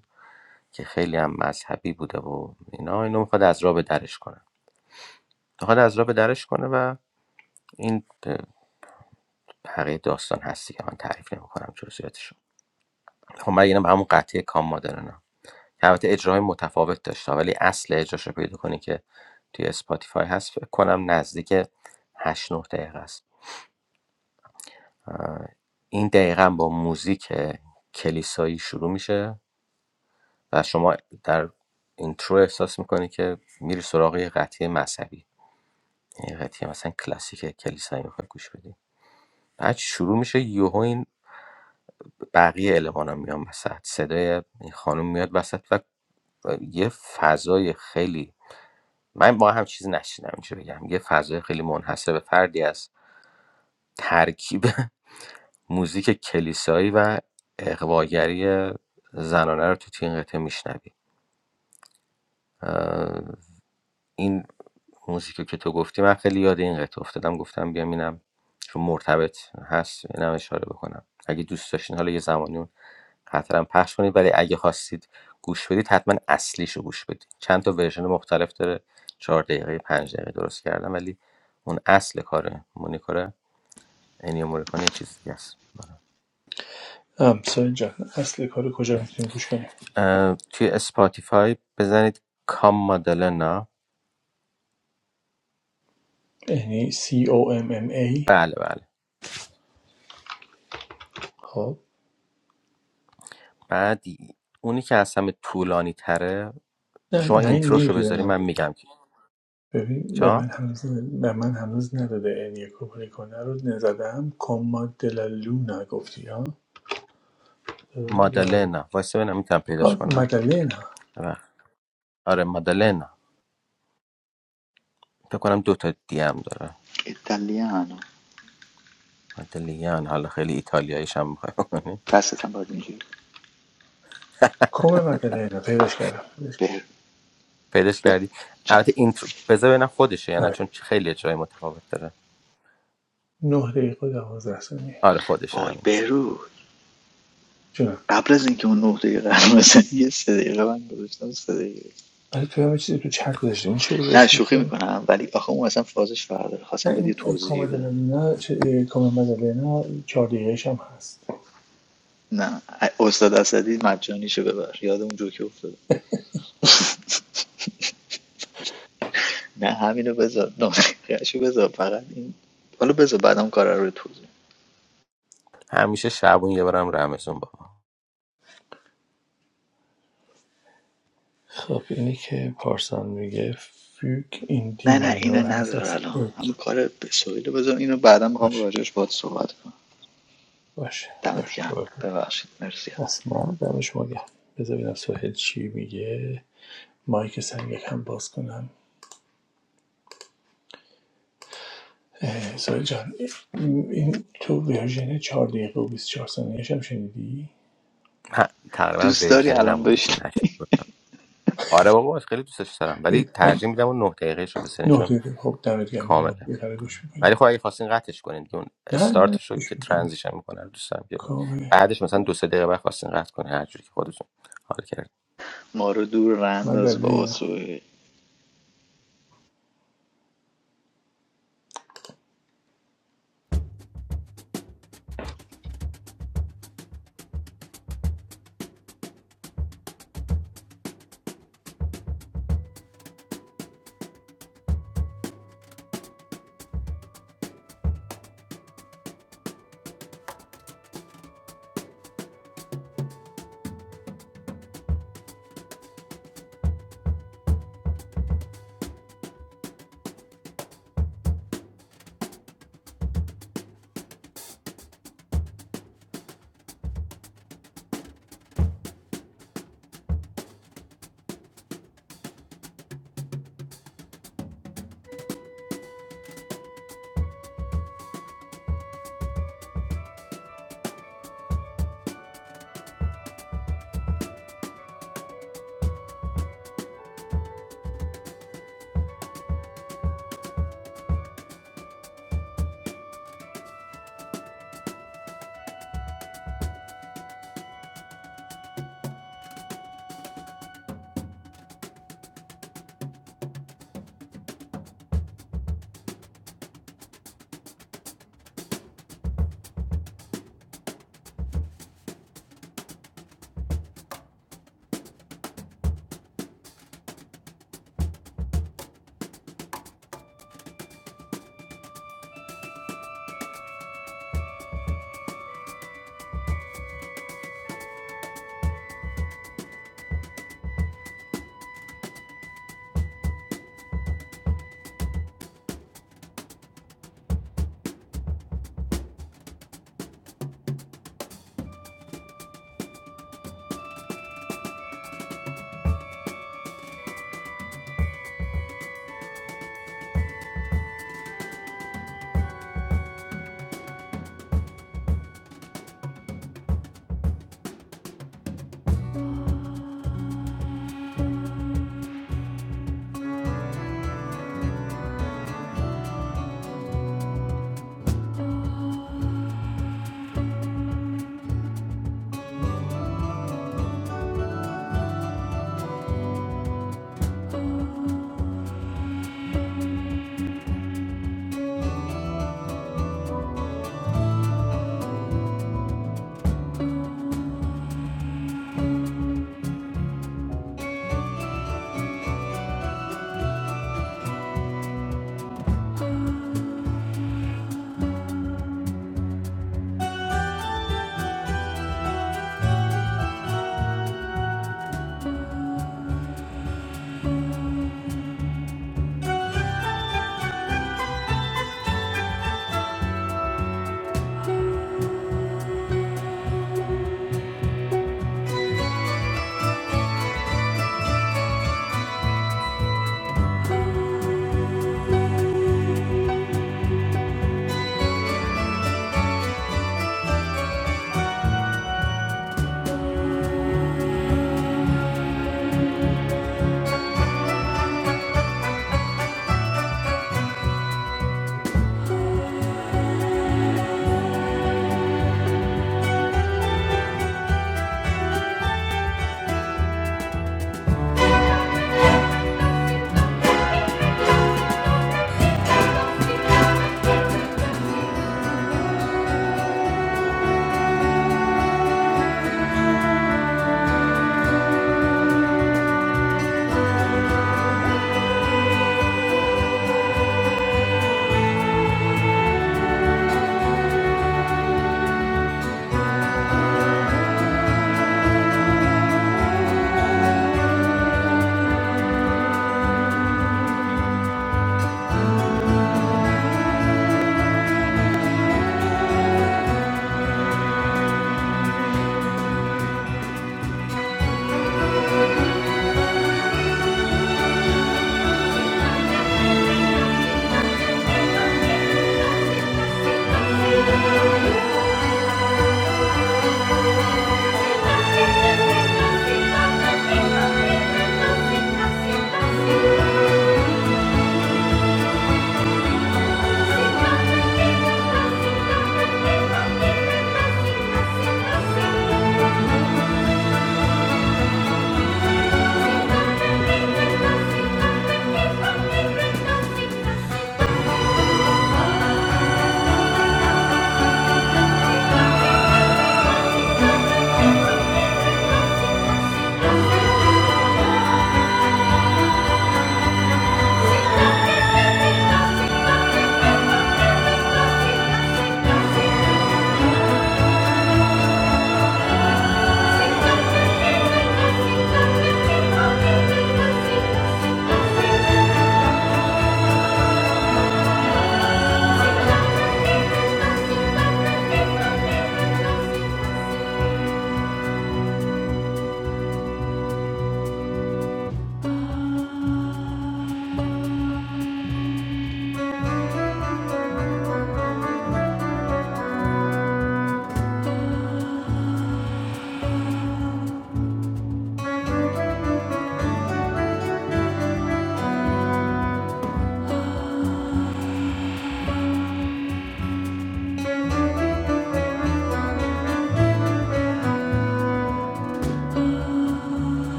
S4: که خیلی هم مذهبی بوده و اینا اینو میخواد از راه به درش کنه میخواد از راه به درش کنه و این بقیه داستان هستی که من تعریف نمیکنم جزئیاتشو خب من یعنی همون قطعه کام مادرنا البته اجرای متفاوت داشته ولی اصل اجراش رو پیدا کنی که توی اسپاتیفای هست فکر کنم نزدیک 8 9 دقیقه است این دقیقا با موزیک کلیسایی شروع میشه و شما در اینترو احساس میکنی که میری سراغ یه قطعه مذهبی یعنی قطعه مثلا کلاسیک کلیسایی میخوای گوش بدی بعد شروع میشه یوهو این بقیه المان ها میان وسط صدای این خانم میاد وسط و یه فضای خیلی من با هم چیز نشینم اینجا بگم یه فضای خیلی منحصر به فردی از ترکیب موزیک کلیسایی و اقواگری زنانه رو تو تین قطعه میشنوی این موزیک که تو گفتی من خیلی یاد این قطعه افتادم گفتم بیام اینم چون مرتبط هست اینم اشاره بکنم اگه دوست داشتین حالا یه زمانی اون قطرم پخش کنید ولی اگه خواستید گوش بدید حتما اصلیشو گوش بدید چند تا ورژن مختلف داره چهار دقیقه پنج دقیقه درست کردم ولی اون اصل کاره مونیکوره اینیو مونیکوره یه چیز دیگه است
S2: هم سوهل جان اصل کار رو کجا میتونیم گوش کنیم
S4: اه، توی اسپاتیفای بزنید کام مادلنا
S2: یعنی C O M M A
S4: بله بله
S2: خب
S4: بعد اونی که از همه طولانی تره
S2: نه
S4: شما
S2: نه این
S4: اینتروشو بذاری
S2: نمیگیرم
S4: من میگم که
S2: ببین به
S4: جا
S2: من هنوز به من هنوز نداده این انیکو پولیکونه رو نزدم کما دلا لونا گفتی ها لا-
S4: مادالنا واسه ببینم میتونم پیداش
S2: آه،
S4: کنم
S2: مدلینا
S4: آره. آره مادالنا فکر کنم دو تا دی هم داره
S3: ایتالیانو
S4: مادلیان حالا خیلی ایتالیاییش هم میخوای بکنی
S3: دستتم باید اینجوری
S2: کم مدلینا پیداش کردم پیداش
S3: به
S4: پیداش
S3: به
S4: کردی
S3: چند
S4: البته اینترو بذار ببینم خودشه یا
S2: کردم.
S4: نه
S2: آره
S4: چون خیلی جای متفاوت داره
S2: نه دقیقه و دوازده ثانیه
S4: آره خودشه
S3: وای
S4: همینه
S3: برو
S2: جونم
S3: قبل از اینکه اون نه دقیقه رو بزنی، یه سه دقیقه من گذاشتم سه دقیقه
S2: آره تو همه چیزی تو چت گذاشتی این چه
S3: نه
S2: گذاشتی
S3: شوخی
S2: تو؟
S3: میکنم ولی آخه اون اصلا فازش فردا
S2: نه
S3: خواستم بهت یه
S2: این کم
S3: توضیحی بدم
S2: مدلینا چه- کم مدلینا چهار دقیقهش هم هست
S3: نه استاد اسدی مجانیشو ببر یاد اون جوکی افتاده نه همینو بذار نامرقهشو بذار فقط این حالا بذار بعدم کار رو توضیح
S4: همیشه شبون یه بارم رمزون بابا
S2: خب اینی که پارسان میگه فیوک این دی
S3: نه نه اینو
S2: ماینور هست
S3: نذار
S2: از
S3: الان
S2: ایک
S3: همین کار سویلو بذار اینو بعدم میخوام
S2: باشه
S3: راجعش باهات صحبت کنم
S2: باشه
S3: دمت
S2: باشه
S3: گرم
S2: باشه
S3: ببخشید مرسی
S2: اصلا دمش ما گرم بذار ببینم سهیل چی میگه مایک سر یکم باز کنم اه، سهیل جان این این تو ورژن 4 دقیقه و 24 ثانیه‌ش هم شنیدی
S4: ه- تقریبا
S3: دوست داری
S4: ورژنی
S3: الان
S4: نمونده که
S3: بشین
S4: نشه آره بابا خیلی دوستش دارم ولی
S2: من
S4: ترجیح میدم اون نه دقیقه شو
S2: نه
S4: بسنشون
S2: دقیقه خب دمت گرم این 9
S4: کامله
S2: دقیقه رو گوش میکنیم
S4: ولی خب اگه خواستین قطعش کنین دیگه اون
S2: نه نه
S4: استارتش رو که
S2: گوش میکنیم
S4: ترانزیشن میکنه رو دوست دارم که
S2: کامه
S4: بعدش مثلا دو سه دقیقه بعد خواستین قطع کنین هر جوری که خودتون حال کرد
S3: ما رو دور
S2: من در
S3: ننداز بابا
S2: نه
S3: سویل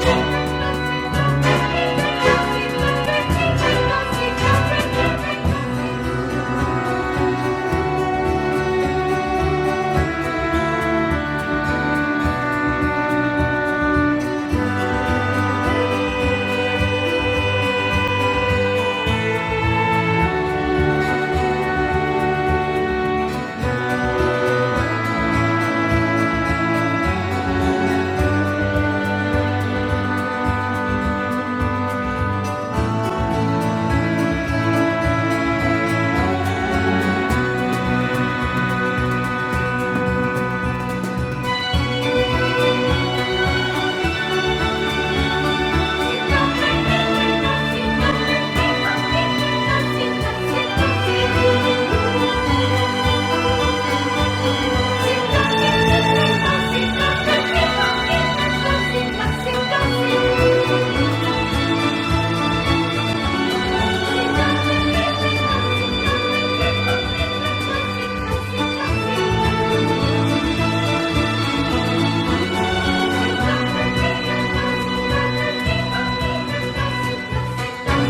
S1: Thank you. Thank you.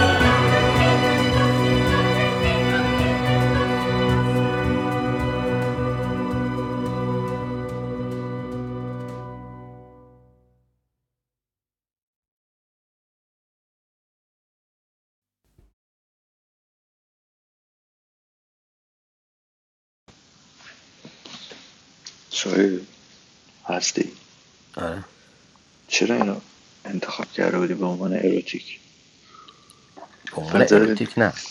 S1: Thank you.
S3: سویل هستی
S4: آره
S3: چرا اینو انتخاب کرده بودی به عنوان اروتیک
S4: به
S3: به
S4: عنوان
S3: نظر
S4: اروتیک نه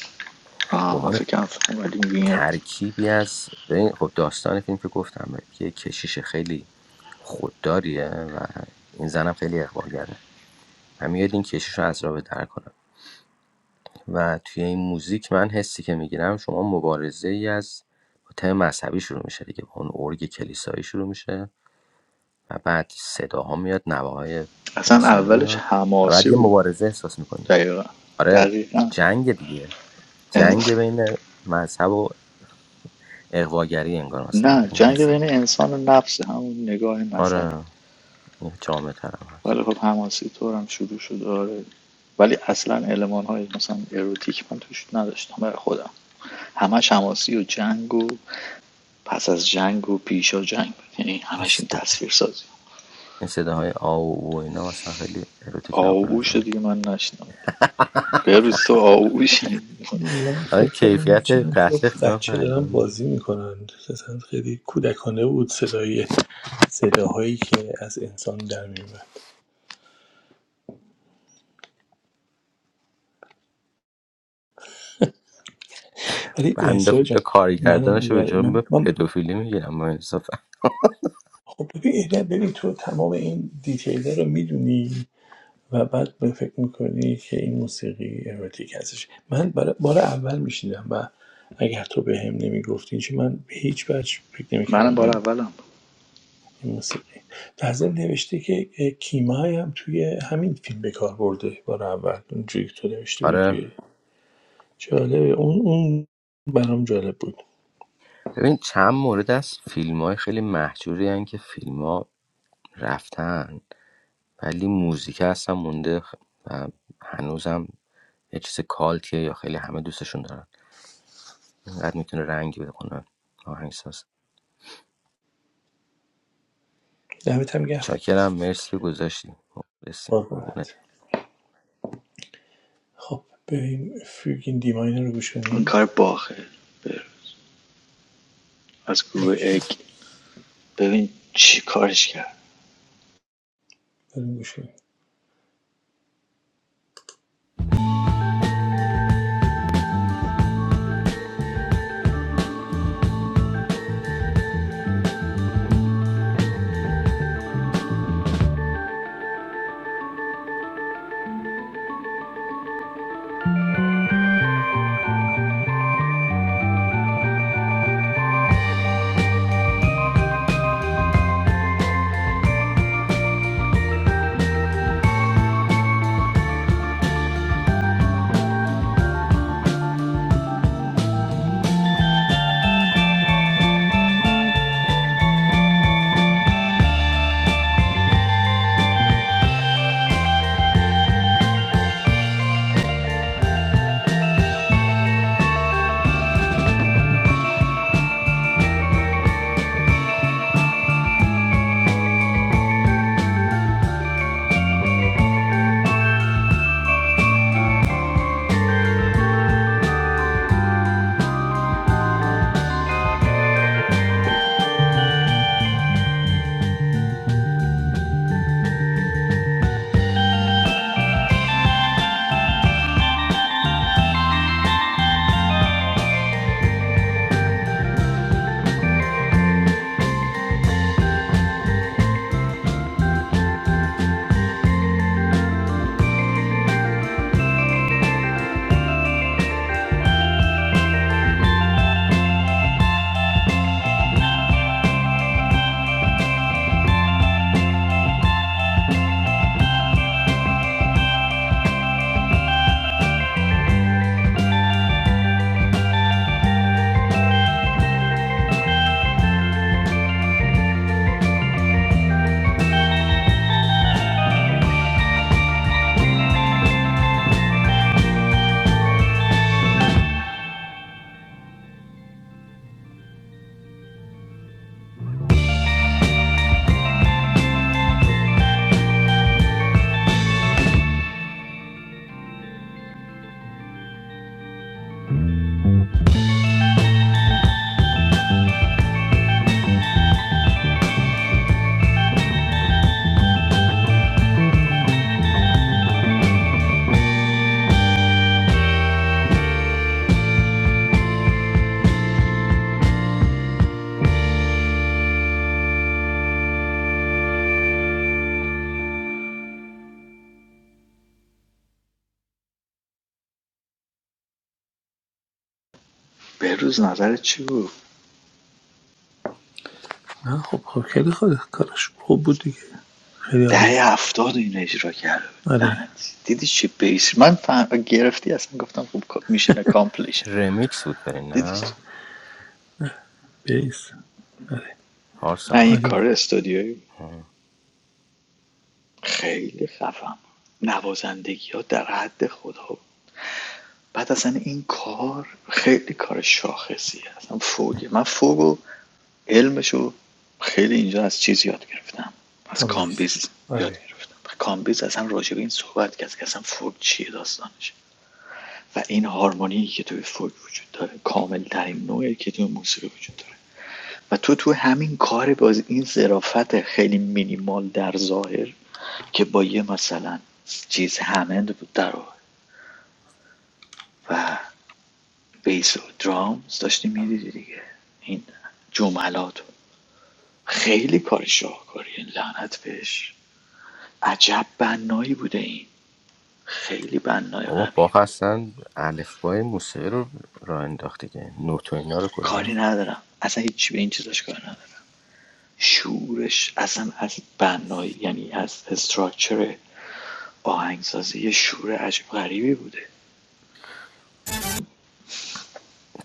S4: به
S3: آه من
S4: عنوان
S3: فکر کنم ولی وینر
S4: ترکیبی از ببین خب داستان فیلم که گفتم بهت که یه کشیش خیلی خودداریه و این زنم خیلی اقبالگره من میاد این کشیش رو از راه به در کنم و توی این موزیک من حسی که میگیرم شما مبارزه ای از با تم مذهبی شروع میشه دیگه با اون ارگ کلیسایی شروع میشه و بعد صداها میاد نواهای
S3: اصلا
S4: انسانی
S3: اولش
S4: میاد و بعد
S3: حماسی
S4: یه
S3: بود
S4: مبارزه احساس میکنی
S3: دقیقا
S4: آره
S3: دقیقا
S4: جنگ دیگه
S3: ان-
S4: جنگ بین مذهب و اقواگری انگار مثلا
S3: نه
S4: این
S3: جنگ
S4: حساب
S3: بین انسان و نفس همون نگاه مذهبی
S4: آره این جامعه ترم هست
S3: ولی خب حماسی طور هم شروع شد آره ولی اصلا علمان های مثلا اروتیک من توش نداشتم برای خودم همش حماسی و جنگ و پس از جنگ و پیشا جنگ بود یعنی
S4: این
S3: همش این
S4: صدا-
S3: تصویر سازی
S4: این صداهای آو و اینا مثلا خیلی اروتیک نبود به
S3: آغوش
S4: نظر
S3: دیگه من نشنم بروز تو آغوش
S2: من
S4: آره
S2: فکر کردم
S4: کیفیت
S2: چند تا
S4: قتل قیمت
S2: بچه دارن
S4: قدیم
S2: بازی میکنن اصلا خیلی کودکانه بود صدای صداهایی که از انسان در میومد ولی
S4: بنده
S2: سوال جان
S4: خدا
S2: منم
S4: کارگردانش رو به
S2: اگر
S4: جرم
S2: من, من
S4: پدوفیلی میگیرم با انصافا
S2: خب ببین ایده ببین تو تمام این دیتیل رو میدونی و بعد به فکر میکنی که این موسیقی اروتیک هستش من برا- بار اول میشیدم و اگر تو به هم نمیگفتی چون من به هیچ وجه فکر
S3: منم
S2: نمیکردم
S3: بار
S2: این,
S3: اولم
S2: این موسیقی در ضمن نوشته که اه، کیمای هم توی همین فیلم به کار برده بار اول اونجوری که تو نوشته بودی
S4: آره
S2: توی جالبه اون اون برام جالب بود
S4: ببین چند مورد از فیلم های خیلی محجوری هن که فیلم رفتن ولی موزیک هستم مونده خ- و هنوزم یه چیز کالکیه یا خیلی همه دوستشون دارن اینقدر میتونه رنگی بده کنه آهنگساز
S2: دمت هم گرم
S4: چاکرم مرسی که گذاشتی مخلصیم قربونت
S2: قربانت. خب بریم فیوگین دیماینر رو گوش
S3: این
S2: کنیم
S3: کار باخه بروز از گروه
S2: باشه
S3: اک ببین چی کارش کرد
S2: بریم گوشی
S3: بهروز نظرت چی بود
S2: نه خب خب خیلی خود کارش خوب بود دیگه خیلی عالی بود
S3: دهه هفتاد این اجرا کرده بود.
S2: آره
S3: لعنتی دیدی چی بیس من فهم... گرفتی اصلا گفتم خب میشن اکامپلیش
S4: رمیکس بود برای
S3: دیدی چی؟
S4: نه
S2: بیس
S3: نه
S4: پارسا
S3: این
S2: عالی
S3: کار
S2: بود
S3: استودیویی بود.
S4: آه.
S3: خیلی خفم نوازندگی ها در حد خدا بود بعد اصلا این کار خیلی کار شاخصیه اصلا فوقه من فوقو علمشو خیلی اینجا از چیز یاد گرفتم از
S2: تام بیس
S3: کامبیز یاد
S2: آره
S3: گرفتم کامبیز اصلا راجع به این صحبت کرد که اصلا فوق چیه داستانش و این هارمونی که توی فوق وجود داره کامل ترین نوعی که توی موسیقی وجود داره و تو تو همین کار باز این ظرافت خیلی مینیمال در ظاهر که با یه مثلا چیز همند بود در و بیس و درامز داشتی میدیدی دیگه این جملات خیلی کار شاهکاریه لعنت بهش عجب بنایی بوده این خیلی بنای
S4: بابا
S3: قوی
S4: باخ
S3: بود
S4: هستن الفبای موسیقی رو راه انداخته که نوت و اینا رو کلا
S3: کاری ندارم اصلا هیچی به این چیزاش کار ندارم شورش اصلا از بنایی یعنی از استراکچر آهنگسازی یه شور عجب غریبی بوده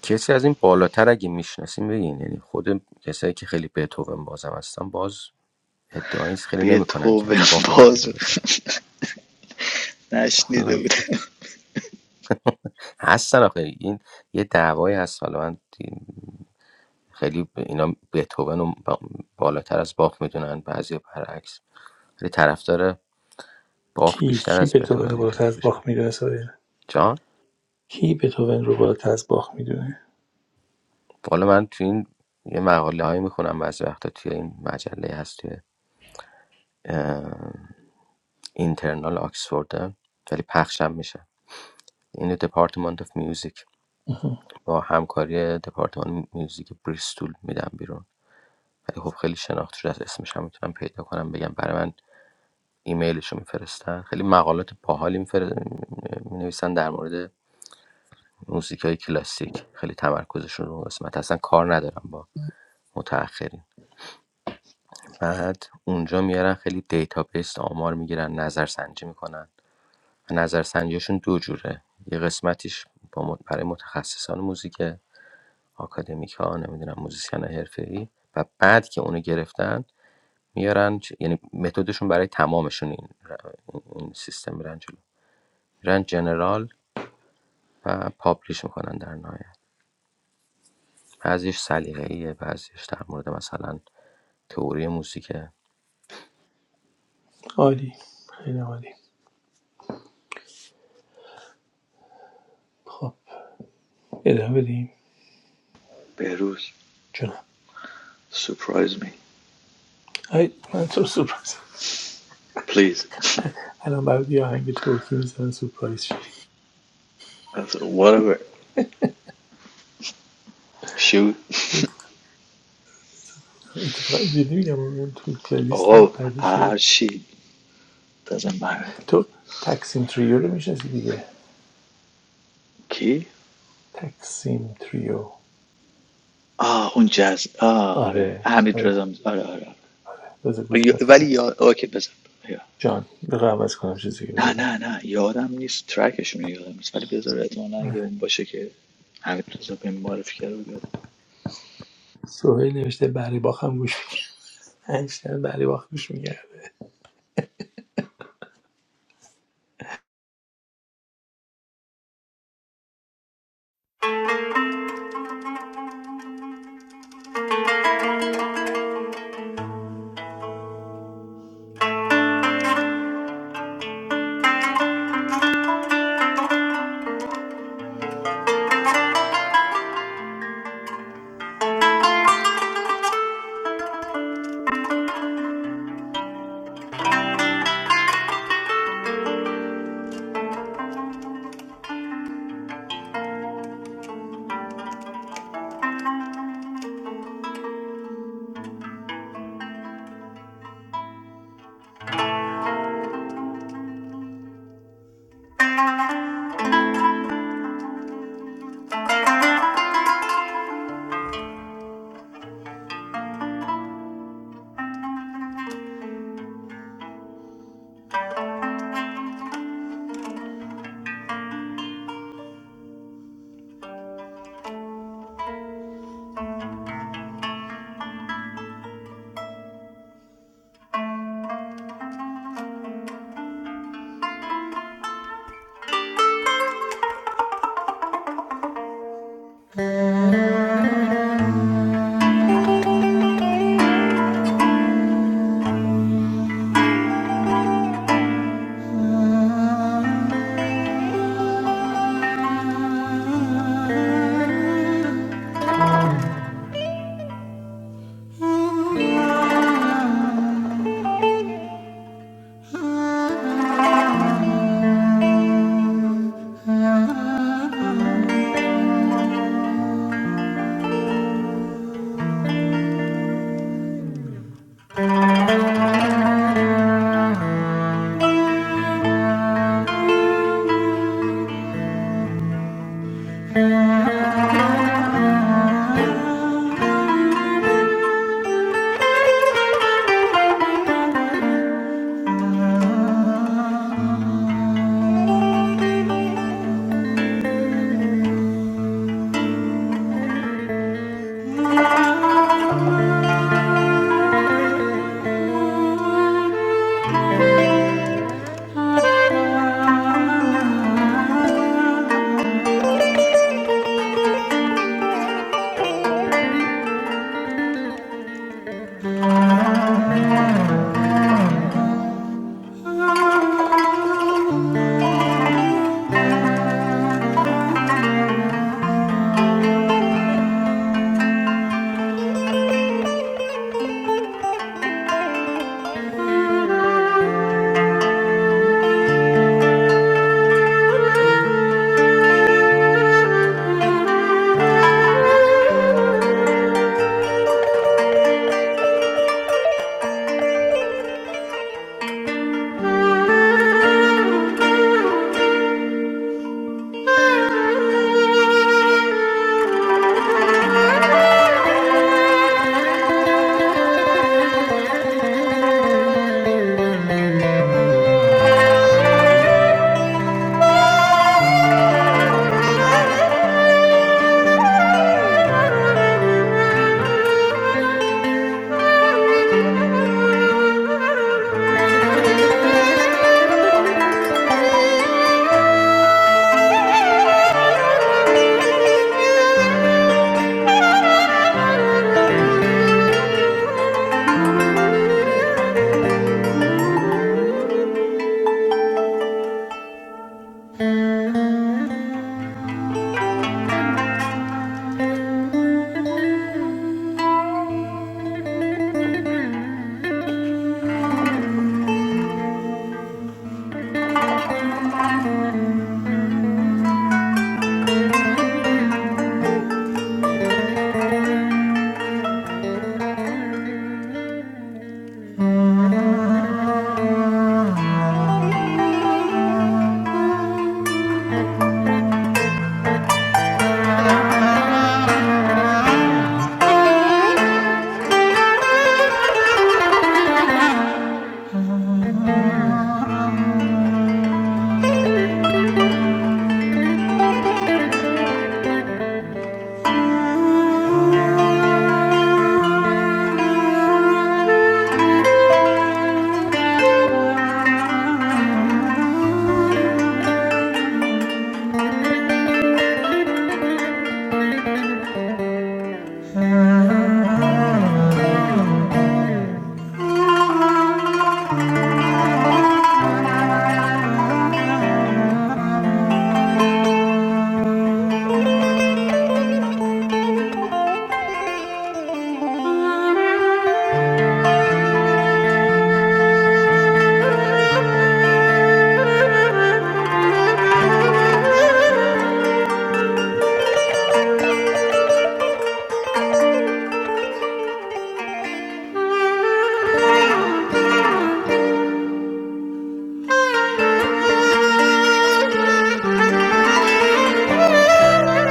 S4: کسی از این بالاتر اگه میشناسیم بگین یعنی خود کسایی که خیلی بتوون بازم هستن باز ادعایی خیلی
S3: به
S4: نمیکنن
S3: تو
S4: که از باخ اومده
S3: باز
S4: جلو حالا
S3: نشنیده بوده
S4: هستن آخه این یه دعوایی هست حالا من دیم- خیلی به اینا بتوون و با- بالاتر از باخ میدونن بعضی و برعکس ولی طرفدار باخ
S2: کی
S4: بیشتر
S2: کی
S4: از
S2: بتوون رو
S4: بتوون اینجوری
S2: بالاتر از
S4: بشه
S2: باخ میدونه سایر
S4: جان
S2: کی بتوون رو بالاتر از باخ میدونه
S4: حالا من تو این یه مقاله هایی میخونم بعضی وقتا توی این مجله هست توی اه، اینترنال آکسفورد ولی پخشم میشه این دپارتمنت آف میوزیک
S2: اها.
S4: با همکاری دپارتمان میوزیک بریستول میدم بیرون ولی خب خیلی شناخته شده از اسمش هم میتونم پیدا کنم بگم برای من ایمیلشو می‌فرستن خیلی مقالات باحالی می‌فر- می‌نویسن در مورد موزیکای کلاسیک خیلی تمرکزشون رو قسمت اصلا کار ندارن با متأخرین بعد اونجا میارن خیلی دیتابیس آمار میگیرن نظرسنجی میکنن نظرسنجیشون دو جوره یه قسمتیش با مت- برای متخصصان موزیک آکادمیک ها نمیدونم موزیسین حرفه و بعد که اونو گرفتن میارن یعنی متدشون برای تمامشون این, این سیستم میرن جلو میرن جنرال و پابلیش میکنن در نهایت بعضیش سلیقه‌ایه بعضیش در مورد مثلا تئوری موسیقه
S2: عالی خیلی عالی خب ادامه بدیم
S3: بهروز
S2: جناب
S3: سپرایز می
S2: ای من تو رو سورپرایز
S3: پلیز
S2: الان برات یه آهنگ ترکی میزنن سورپرایز شی
S3: whatever shoot
S2: اتفاقا جدی میگم اون تو پلیلیستم
S3: آقا
S2: قدیشه
S3: هرچی دازم بر
S2: تو تکسیم تریو رو میشناسی دیگه
S3: کی؟
S2: تکسیم تریو
S3: آه اون جز آه آره
S2: آره
S3: حمید
S2: آره
S3: رضا میز- آره آره
S2: بذار
S3: آره.
S2: گوش کنم
S3: ولی یاد اوکی بزن یا.
S2: جان بذار عوض کنم چیزی که
S3: نه نه
S2: بذارم
S3: نه یادم نیست ترکشون رو یادم نیست ولی بذار احتمالا اگه
S2: آره.
S3: اون باشه که حمید رضا به معرفی کرده بود یادم
S2: سهیل نوشته بری باخم گوش میگرد هشتن بری باخ گوش میگرد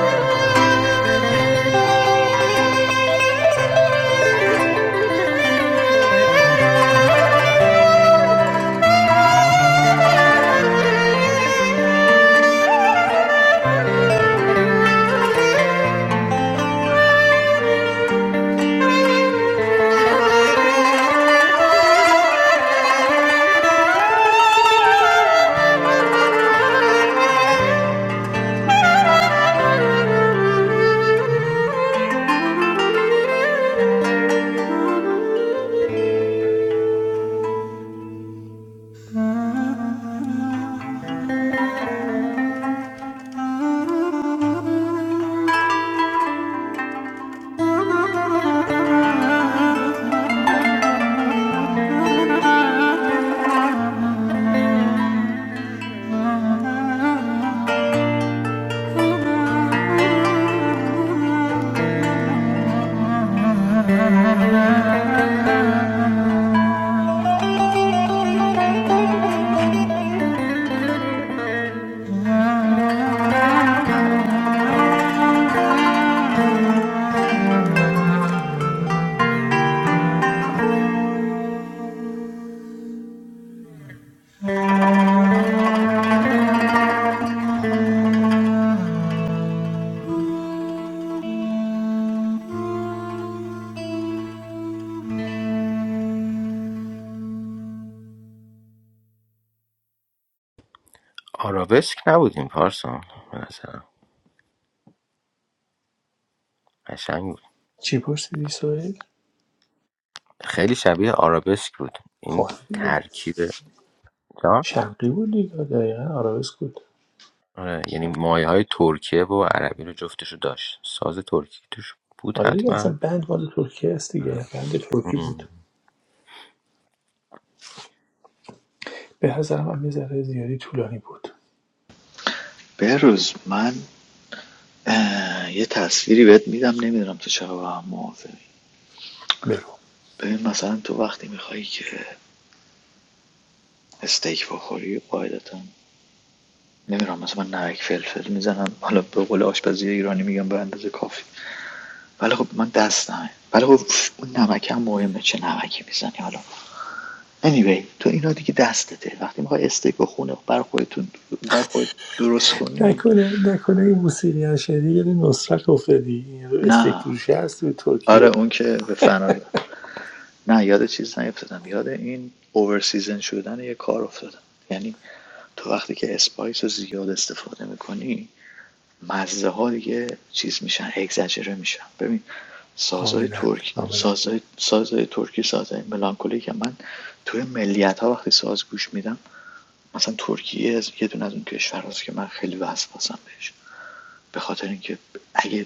S4: آرابسک نبودیم پارسا به نظرم قشنگ بود
S2: چی پرسیدی سهیل؟
S4: خیلی شبیه آرابسک بود این
S2: خواهد دیگه
S4: ترکیب جان
S2: شرقی بود دیگه دقیقا آرابسک بود
S4: آره یعنی مایه های ترکیه و عربی رو جفتشو داشت ساز ترکی توش بود
S2: آره دیگه اصلا
S4: حتما
S2: بند مال ترکیه است دیگه بند ترکی بود
S4: مم.
S2: به نظر من یه ذره زیادی طولانی بود
S3: بروز من اه، یه تصویری بهت میدم نمیدونم تو چرا با هم موافقی
S2: بگو
S3: ببین مثلا تو وقتی میخوایی که استیک بخوری قاعدتا نمیدونم مثلا من نمک فلفل میزنم حالا به قول آشپزی ایرانی میگم به اندازه کافی ولی خب من دست نه ولی خب اون نمک هم مهمه چه نمکی میزنی حالا anyway تو اینا دیگه دستته وقتی میخوای استیک و خونه بر خودتون بر خودت درست کنی
S2: نکنه نکنه این موسیقی شدی یه نصرت افتادی این رو استیک
S3: نه
S2: فروشی هست تو
S3: آره
S2: ترکیه
S3: اون که به فنا نه یاد چیز نیفتادم یاد این اوورسیزن شدن یه کار افتادم یعنی تو وقتی که اسپایس رو زیاد استفاده میکنی مزه ها دیگه چیز میشن اگزجره میشن ببین سازهای
S2: کاملا
S3: ترک
S2: کاملا
S3: سازهای, سازهای ترکی سازهای ملانکولی که من توی ملیت ها وقتی ساز گوش میدم مثلا ترکیه از یه دونه از اون کشورهاست که من خیلی وسواسم بهش به خاطر اینکه اگه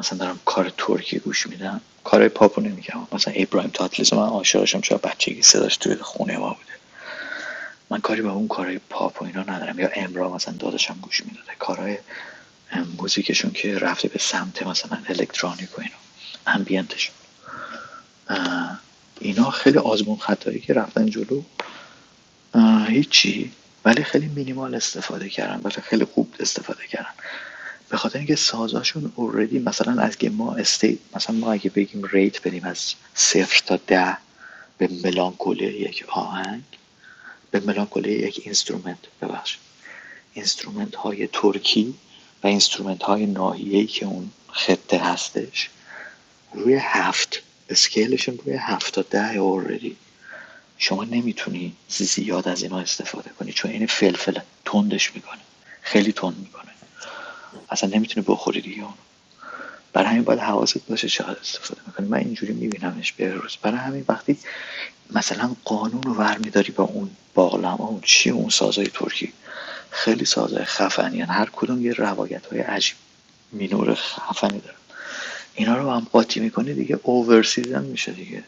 S3: مثلا دارم کار ترکی گوش میدم کارهای پاپو نمیگم مثلا ابراهیم تاتلیس من عاشقشم چرا بچگی صداش توی خونه ما بوده من کاری با اون کارهای پاپ و اینا ندارم یا امرا مثلا داداشم گوش میداده کارهای موزیکشون که رفته به سمت مثلا الکترونیک و اینا امبینتشون اینا خیلی آزمون خطایی که رفتن جلو هیچی ولی خیلی مینیمال استفاده کردن، ولی خیلی خوب استفاده کردن. به خاطر اینکه سازاشون اوردی مثلا از که ما استیت مثلا ما اگه بگیم ریت بریم از صفر تا ده به ملانکولی یک آهنگ به ملانکولی یک اینسترومنت ببخش اینسترومنت های ترکی و اینسترومنت های ناحیه‌ای که اون خطه هستش روی هفت اسکیلشون روی هفت تا ده اوردی شما نمیتونی زیاد از اینا استفاده کنی چون این فلفل تندش میکنه خیلی تند میکنه اصلا نمیتونی بخوری دیگه اون برای همین باید حواست باشه چقدر استفاده میکنی من اینجوری میبینمش به روز. برای همین وقتی مثلا قانون رو برمیداری با اون باقلما اون چی اون سازای ترکی خیلی سازای خفنی هن. هر کدوم یه روایت های عجیب مینور خفنی دارن اینا رو هم قاطی میکنی دیگه اوور سیزن میشه دیگه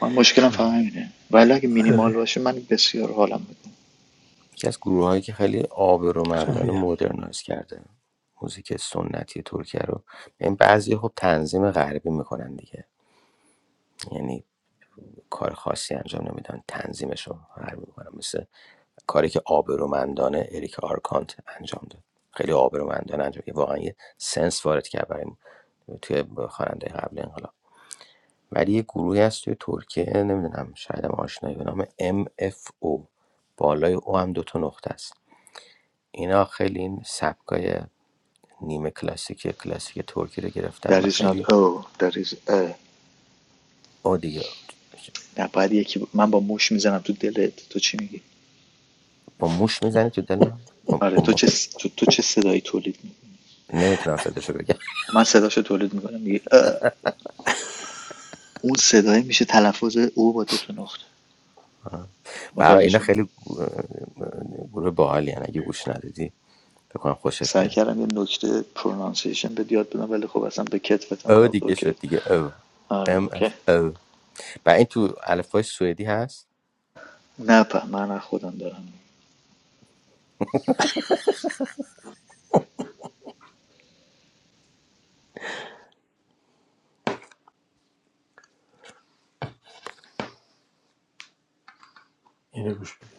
S3: من مشکلم فقط همینه ولی اگه مینیمال
S2: آره
S3: باشه من بسیار حالم میکنم
S4: یکی از گروه هایی که خیلی آبرومندانه
S2: فهمیدم
S4: مدرنایز کرده موزیک سنتی ترکیه رو این بعضی خب تنظیم غربی میکنن دیگه یعنی کار خاصی انجام نمیدن تنظیمش رو هر میکنن مثل کاری که آبرومندانه اریک آرکانت انجام داد خیلی آبرومندانه انجام که واقعا یه سنس وارد کرد برای توی خواننده قبل انقلاب ولی یه گروهی هست توی ترکیه نمیدونم شاید هم آشنایی به نام MFO بالای او هم دوتا نقطه است اینا خیلی این سبکای نیمه کلاسیک کلاسیک ترکی رو گرفتن
S3: There
S4: و
S3: is not
S4: خیلی
S3: oh There is a
S4: آدیه دیگه
S3: نه باید یکی من با موش میزنم تو دلت تو چی میگی
S4: با موش میزنه تو دلم با,
S3: آره
S4: با
S3: تو
S4: مو...
S3: چه تو, تو چه صدایی تولید میکنی؟
S4: نمیتونم صداشو بگم
S3: من صداشو تولید میکنم میگه اون صدای میشه تلفظ او با دو تا نقطه
S4: برای
S3: متوجه
S4: اینا
S3: شدی
S4: خیلی اه، گروه باحالی یعنی اگه گوش ندادی فکر کنم خوشت
S3: سعی
S4: بیاد
S3: کردم یه نکته پرونانسیشن به یاد بدم ولی خب اصلا به کتفتم
S4: او
S3: نبود
S4: دیگه
S3: اوکی
S4: شد دیگه او
S3: آره
S4: ام
S3: اوکی
S4: اف او و این تو الفبای سوئدی هست
S3: نه پا من خودم دارم
S2: اینو گوش بده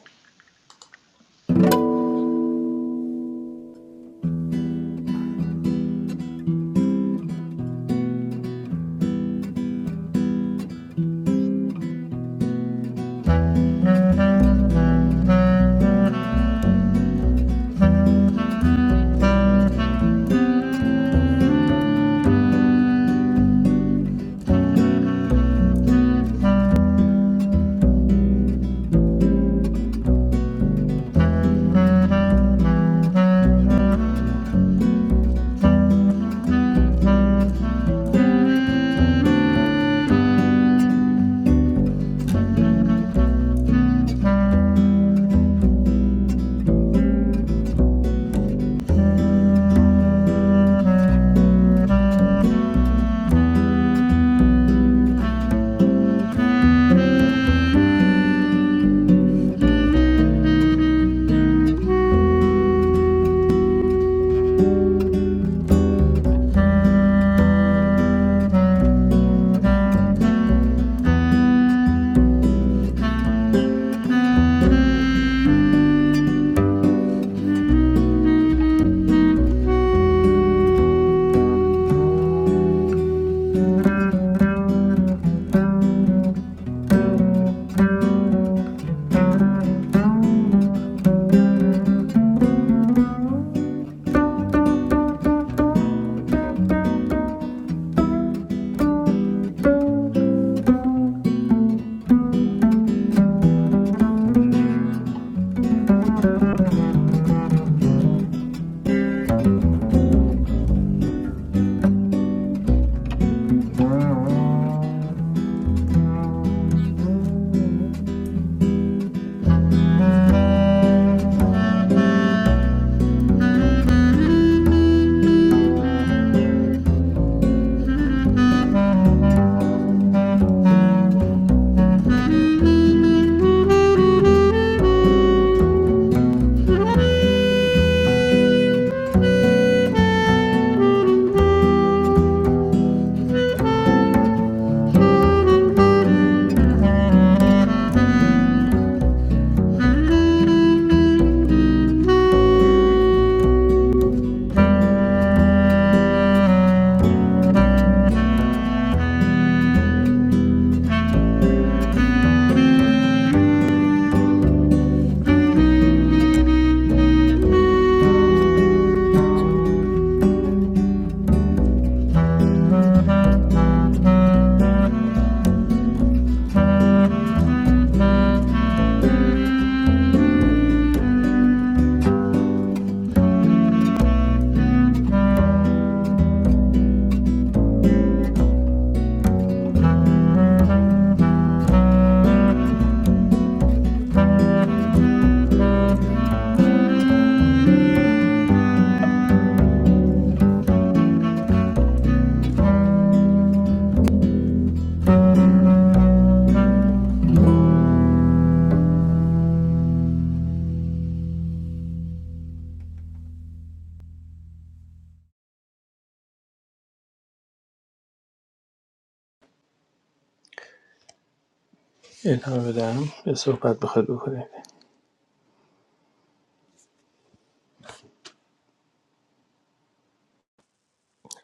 S2: ادامه بدم به صحبت بخواد بکنید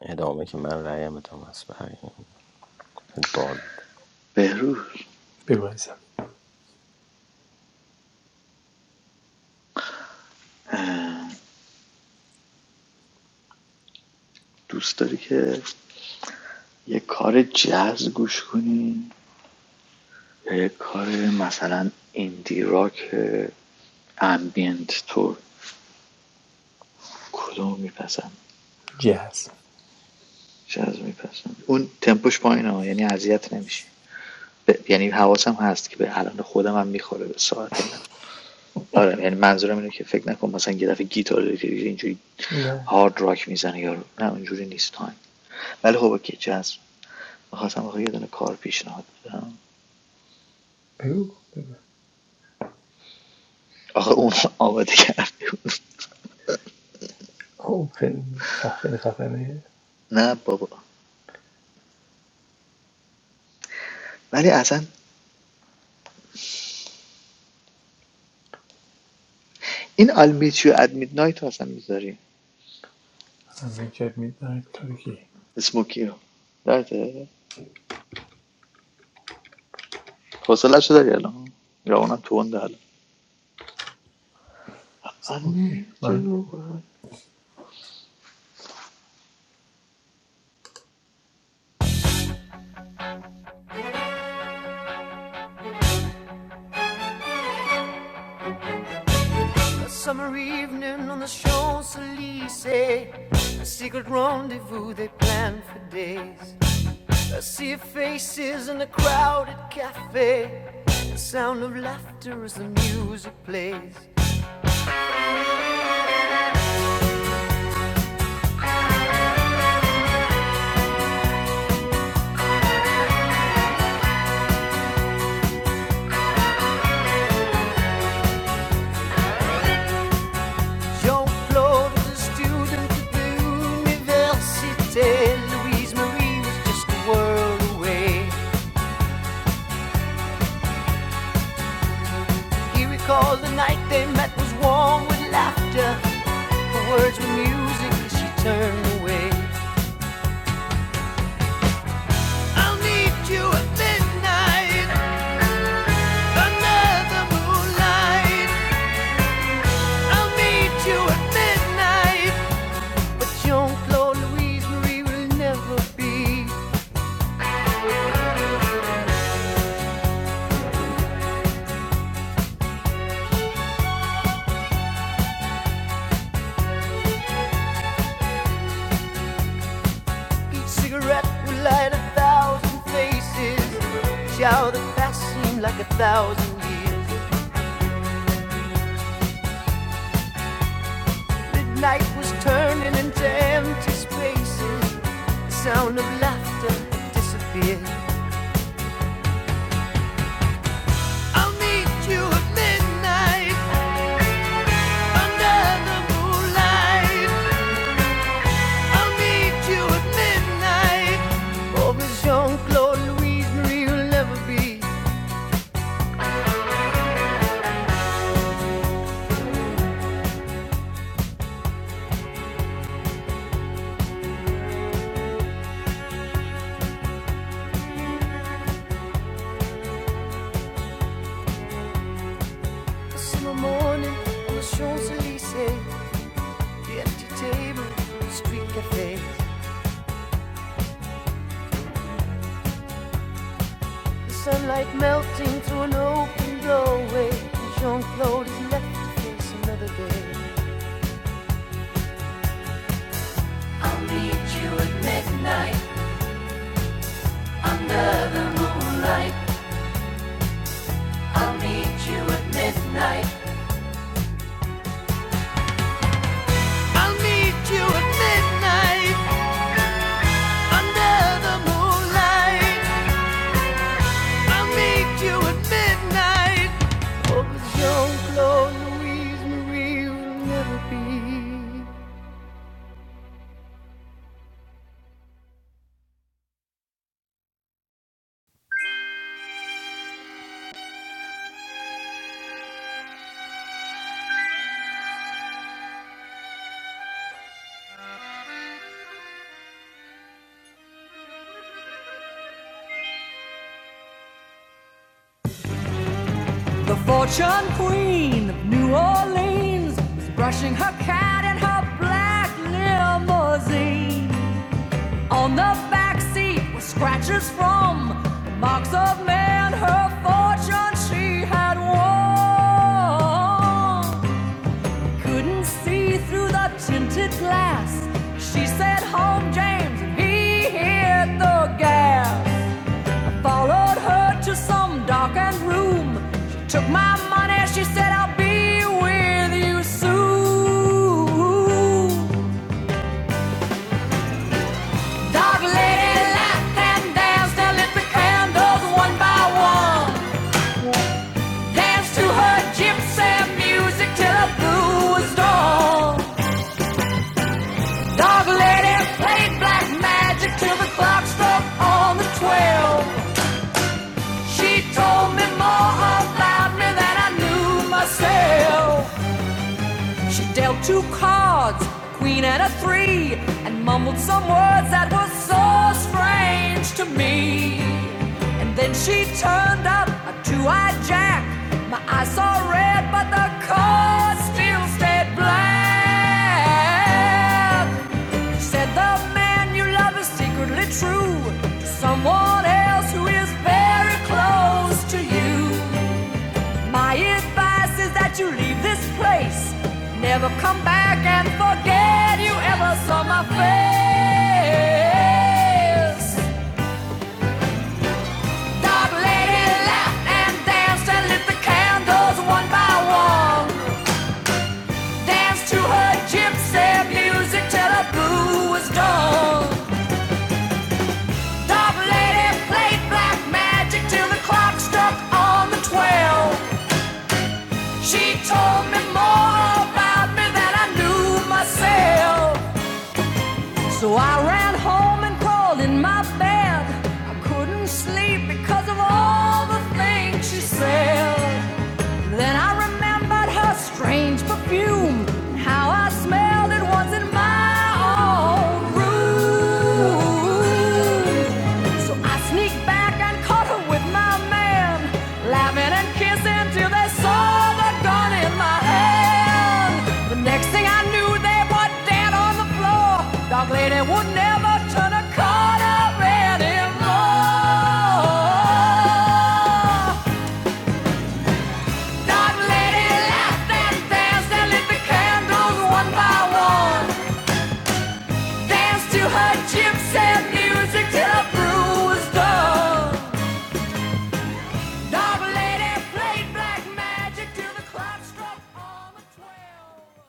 S4: ادامه که من رأیم ادامه است به هر حال. بال
S3: بهروز
S2: بگو عزیزم
S3: دوست داری که یه کار جاز گوش کنی یا یه کار مثلا ایندی راک امبینت تور کدوم میپسند
S2: جهاز
S3: جاز میپسند اون تمپوش پایینه ها، یعنی اذیت نمیشه ب... یعنی حواسم هست که به الان خودم هم میخوره به ساعت اینا آره یعنی منظورم اینه که فکر نکن مثلا یه دفعه گیتار اینجوری
S2: نه
S3: هارد راک میزنه یارو نه اونجوری نیست تایم ولی خب اوکی جاز میخواستم آخه یه دونه کار پیشنهاد بدم
S2: بگو
S3: آخه اون آماده کردی بود.
S2: او خیلی خ- خیلی خفنه
S3: نه بابا ولی اصلا این آلمیتیو اد میدنایت رو اصلا میذاری
S2: همه کرد میدنه ترکی
S3: اسموکی رو درده حسله شده داری الان یا اونم تو اون الان I
S2: اوکی
S3: need
S2: من
S1: A summer evening on the Champs-Élysées. A secret rendezvous they planned for days. A sea of faces in a crowded cafe. The sound of laughter as the music plays. Jean-Claude was a student at the Université. Louise Marie was just a world away. He recalled the night they met was warm with laughter. The words were music as she turned away. I'll meet you at midnight, another moonlight. I'll meet you at midnight. But Jean-Claude Louise Marie will never be. Each cigarette will light a thousand faces. Shower that past seemed like a thousand years. Midnight was turning into empty spaces. The sound of laughter disappeared. I'll meet you at midnight under the moonlight. I'll meet you at midnight. Oh, Jean-Claude Louise Marie will never be. A summer morning on the Champs-Élysées, the empty table, the street cafe, the sunlight melting through an open doorway. Jean-Claude is left to face another day. I'll meet you at midnight. I'll meet you at midnight. Under the moonlight, I meet you at midnight. Provision, Claude, Louise, Marie will never be. The fortune queen of New Orleans was brushing her cat in her black limousine. On the back seat were scratches from the marks of man. Her fortune she had won. Couldn't see through the tinted glass. said, hit the gas, some darkened room. She said, I'll be with Last I lit the candles one by one. Dance to her gym music till the blue was dawn. Dog lady played black magic till the clock struck on the twelve. She told me more about me than I knew myself. She dealt two cards, a queen and a three, and mumbled some words that were so strange to me. And then she turned up a two-eyed jack. My eyes saw red, but the card still stayed black. She said the man you love is secretly true to someone else who is very close to you. My advice is that you leave this place. Never come back and forget you ever saw my face. Dark lady laughed and danced and lit the candles one by one. Danced to her gypsy music till the blue was dawn. Dark lady played black magic till the clock struck on the twelve. She told me more about me than I knew myself. So I ran home and caught the floor. Dog lady would never turn a corner anymore. Dog lady laughed and danced and lit the candles one by one. Danced to her gypsy music till her brew was done. Dog lady played black magic till the clock struck on the twelve.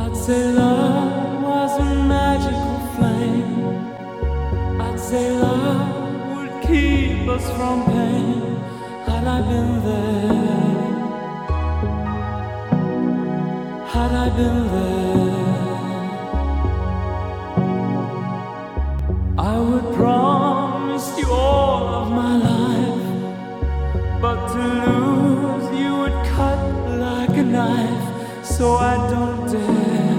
S1: I'd say love was a magical flame I'd say love would keep us from pain. Had I been there, had I been there, I would promise you all of my life. But to lose you would cut like a knife, so I don't dare.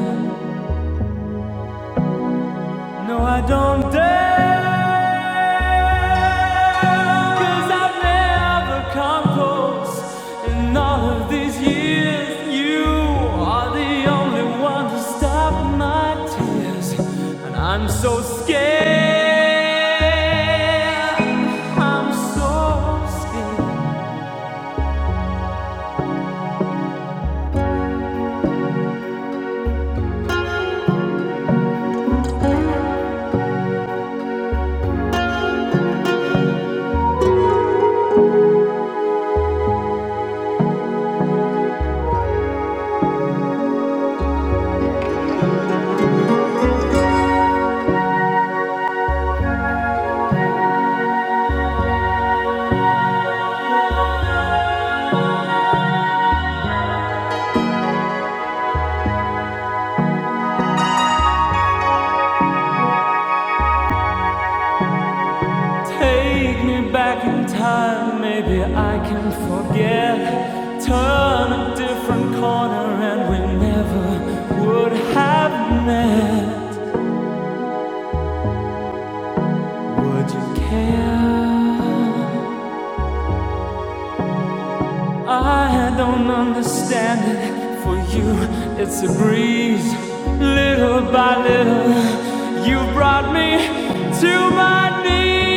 S1: No, I don't dare, i I've never come close in all of these years. You are the only one to stop my tears, and I'm so scared. I'm so scared. Take me back in time, maybe I can forget. Turn a different corner and we never would have met. Would you care? I don't understand it. For you, it's a breeze. Little by little, you brought me to my knees.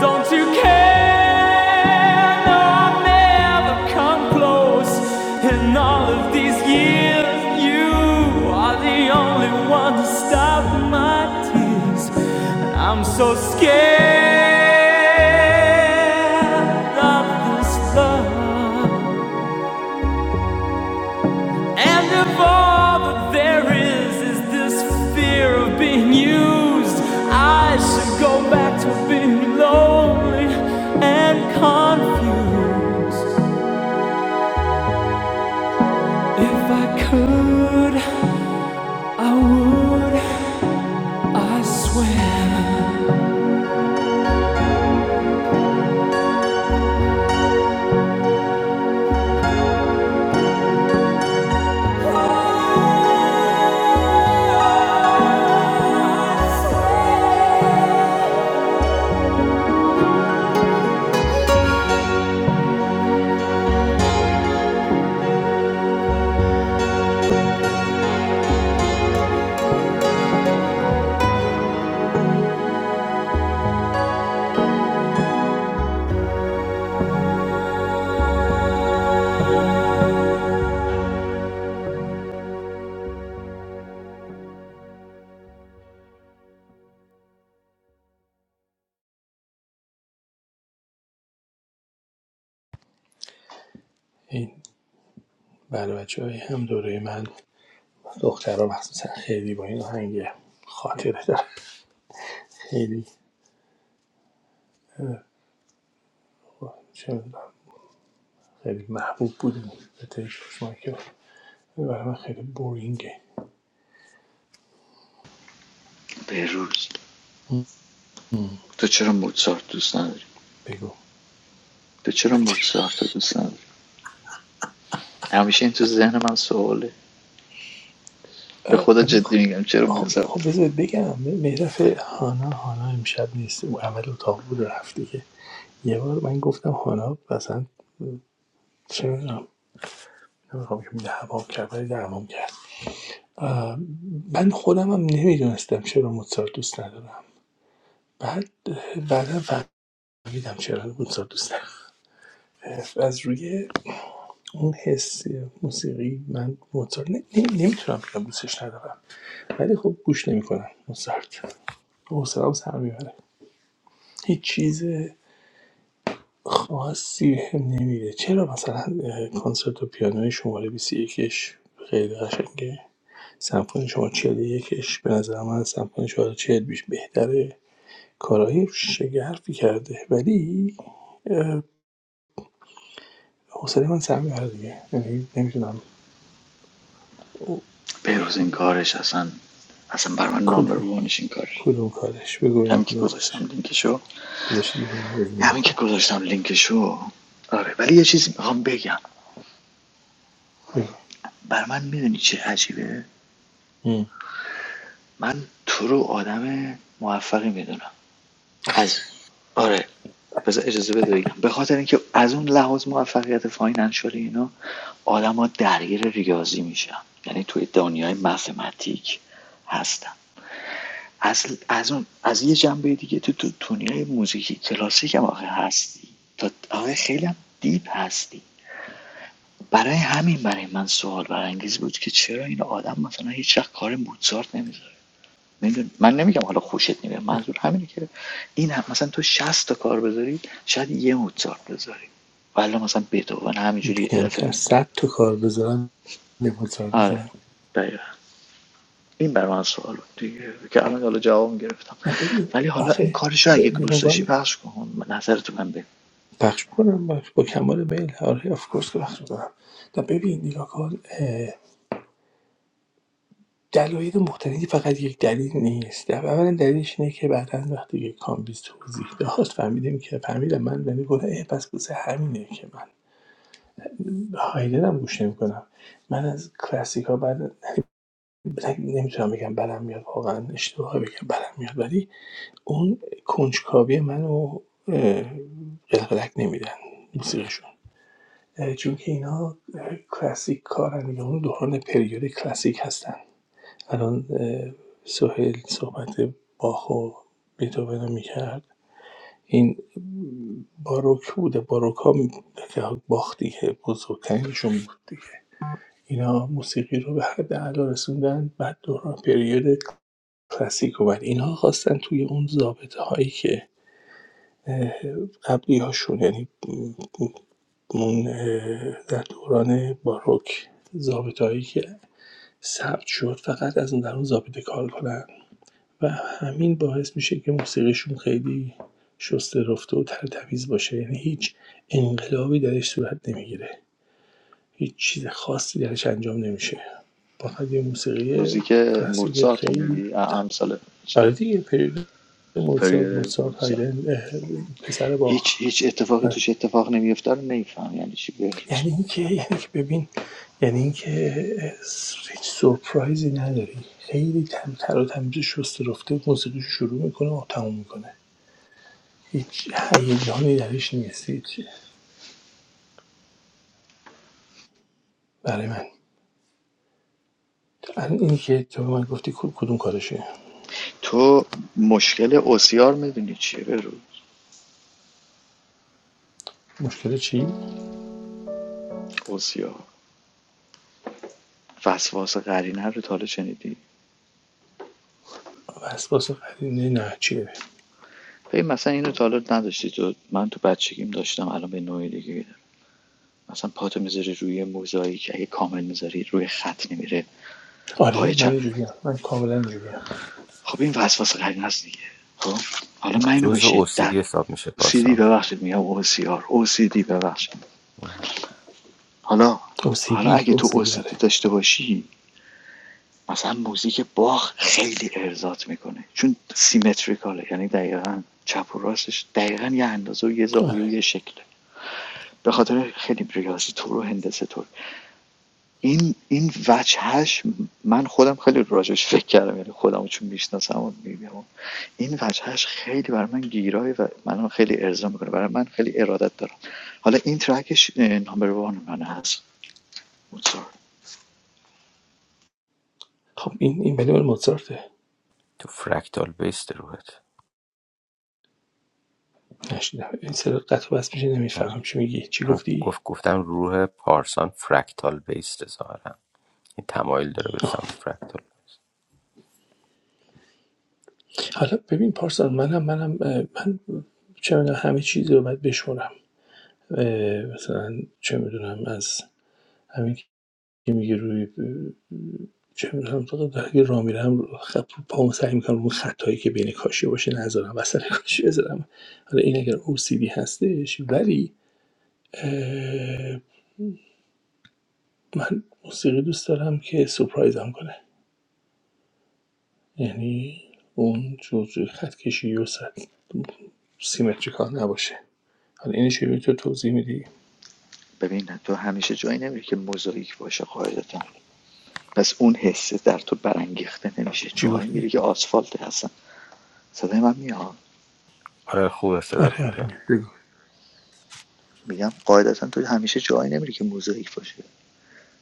S1: Don't you care? No, I've never come close. In all of these years, you are the only one to stop my tears. And I'm so scared of this love. And if all that there is is this fear of being used, I should go back to being lonely and confused. If I could, I would, I swear.
S2: این بله بچه های هم دوره من دخترها مخصوصا خیلی با این آهنگ خاطره دارم خیلی چه خیلی محبوب بودیم به تیش برای من خیلی بورینگه
S3: بهروز تو چرا موزارت دوست نداری تو چرا موزارت دوست نداری همیشه این تو ذهن من سواله به خدا
S2: بگو
S3: جدی میگم چرا
S2: خب خب
S3: موزارت
S2: بذارید بگم مهرف هانا هانا امشب نیست او اول اتاق بود و رفت دیگه یه بار من گفتم هانا مثلا چه میدونم نمیخوام که دعوام کرد ولی دعوام کرد من خودم هم نمیدونستم چرا موزارت دوست ندارم بعد بعدا فهمیدم چرا موزارت دوست ندارم از روی اون حس موسیقی من موزارت ن- نمی- نمیتونم بگم دوستش ندارم ولی خب گوش نمیکنم موزارت حوصله‌ام سر میبره هیچ چیز خاصی هم نمیده چرا مثلا اه، کنسرت و پیانوی شماره 21ش خیلی قشنگه سمفونی شماره 41ش به نظر من از سمفونی شماره 40 بیش بهتره کارهای شگرفی کرده ولی اه، حوصله من سر میبره دیگه یعنی نمیتونم او-
S3: بهروز این کارش اصلا اصلا بر من نامبر
S2: کدوم
S3: وانش این کارش
S2: کدوم کارش بگو ببینم
S3: همین که
S2: کدوم
S3: گذاشتم
S2: کارش
S3: لینکشو
S2: گذاشتی بزنی
S3: همین که
S2: بخورم
S3: گذاشتم لینکشو آره ولی یه چیزی میخوام بگم
S2: بگو
S3: بر من میدونی چه عجیبه
S2: هم.
S3: من تو رو آدم موفقی میدونم از آره بذار اجازه بده بگم به خاطر اینکه از اون لحاظ موفقیت فاینانشال اینا آدما درگیر ریاضی میشن یعنی توی دنیای مفهمتیک هستن از, از اون از یه جنبه دیگه تو تو دنیای موزیک کلاسیک هم آخه هستی تا آخه خیلی هم دیپ هستی برای همین برای من سوال برانگیز بود که چرا این آدم مثلا هیچ وقت کار موزارت نمیذاره میدون من نمیگم حالا خوشت نمیاد منظور همینه که این هم مثلا تو 60 تا کار بذاری شاید یه موزارت بذاری والا مثلا بتوون همینجوری الفه
S2: کمتر
S3: می
S2: صد تا کار بذارم یه پول سر
S3: آره
S2: می‌ذارم.
S3: دقیقا این برای من سوال بود دیگه که الان حالا جواب گرفتم
S2: نه ببین
S3: ولی حالا این
S2: آخه
S3: کارش رو اگه
S2: ب- به
S3: دوست داشتی
S2: عنوان
S3: پخش کن نظر تو من بگو
S2: پخش میکنم با, با کمال میل آره آف کورس که پخش میکنم و ببین نگاه کن اه، دلایل مختلفی فقط یک دلیل نیست در اولا دلیلش اینه که بعدا وقتی یک کامبیز توضیح داد فهمیدیم که فهمیدم من ولی گفتم اه، پس بوسه همینه که من به هایدن هم گوش نمیکنم من از کلاسیک ها بعد نمیتونم بگم برم میاد واقعا اشتباه بگم برم میاد ولی اون کنجکاوی منو اه، قلقلک نمیدن موسیقیشون. چون که اینا کلاسیک کارن دیگه اون دوران پریود کلاسیک هستن الان اه، سهیل صحبت باخ و بیتوون رو میکرد این باروک بوده باروک ها باخ دیگه بزرگترینشون بود دیگه اینا موسیقی رو به حد اعلا رسوندن بعد دوران پریود کلاسیک و بعد اینها خواستن توی اون ضابطه هایی که قبلی هاشون یعنی اون در دوران باروک زابطه‌هایی که ثبت شد فقط از اون در اون زابطه کار کنن و همین باعث میشه که موسیقیشون خیلی شسته رفته و ترتمیز باشه یعنی هیچ انقلابی درش صورت نمیگیره هیچ چیز خاصی درش انجام نمیشه فقط یه موسیقی
S3: موزیک
S2: کلاسیک
S3: موزارت رو
S2: خیلی
S3: میگی ا- امثال چی
S2: آره دیگه پریود موزارت
S3: پری
S2: موزارت
S3: موزارت
S2: هایدن اه، پسر
S3: هیچ
S2: باخ
S3: هیچ اتفاقی توش اتفاق نمیفته رو نمیفهم یعنی چی بهروز
S2: یعنی اینکه یعنی که ببین یعنی اینکه س- هیچ سورپرایزی نداری خیلی تم تر و تمیز شست رفته موسیقیشو شروع میکنه و تموم میکنه هیچ هیجانی درش نیست هیچ برای من الان این که تو به من گفتی کو- کدوم کارشه
S3: تو مشکل اوسیار میدونی چیه بهروز
S2: مشکل چی
S3: اوسیا وسواس قرینه رو تا حالا شنیدی
S2: وسواس قرینه نه چیه
S3: ببین مثلا اینو تا حالا نداشتی تو من تو بچگیم داشتم الان به نوعی دیگه میدم مثلا پاتو میذاری روی موزاییک اگه کامل میذاری روی خط نمیره
S2: آره
S3: پای
S2: من
S3: چپ
S2: اینجوری هم. من کاملا اینجوری ام
S3: خب این وسواس قرینه است دیگه خب حالا من اینو به
S4: جزء
S3: شدت
S4: اوسیدی حساب میشه
S3: OCD
S4: پارسا
S3: ببخشید میگم OCR OCD ببخشید حالا حالا
S2: OCD
S3: اگه تو
S2: OCD آره
S3: OCD داشته باشی مثلا موزیک باخ خیلی ارزات میکنه چون سیمتریکاله یعنی دقیقا چپ و راستش دقیقا یه اندازه و یه زاویه و
S2: آره
S3: یه شکله به خاطر خیلی ریاضی طور و هندسه طور این این وجهش من خودم خیلی راجش فکر کردم یعنی خودم چون میشناسم و میبینم این وجهش خیلی برای من گیرای و منو خیلی ارضا میکنه برای من خیلی ارادت دارم حالا این ترکش نمبر وان من هست موزارت
S2: خب این این ولی مال موزارته
S4: تو فرکتال بیست روحت
S2: نشیدم این صدا قطع و میشه نمیفهمم چی میگی چی
S4: من
S2: گفتی
S4: گفت گفتم روح پارسان فرکتال بیست ظاهرا این تمایل داره به سمت فرکتال
S2: حالا ببین پارسال منم منم من چه می‌دونم همه چیز رو باید بشمرم اه، مثلا چه میدونم از همین که میگه روی چه میدونم تو اگه راه میرم خط پامو سعی میکنم اون خطایی که بین کاشی باشه نذارم وسط کاشی بذارم حالا این اگر OCD هستش ولی اه، من موسیقی دوست دارم که سپرایزم کنه یعنی اون جزء خط کشی و سیمتریکال نباشه حالا اینو چه تو توضیح میدی
S3: ببین تو همیشه جایی نمیری که موزاییک باشه قاعدتا پس اون حسه در تو برانگیخته نمیشه
S2: چی
S3: جایی
S2: گفتی؟
S3: میری که آسفالت هستن صدای من میاد
S4: آره خوب صدات
S2: آره
S4: خوب
S2: آره می-
S4: میاد
S2: بگو
S3: میگم قاعدتا تو همیشه جایی نمیری که موزاییک باشه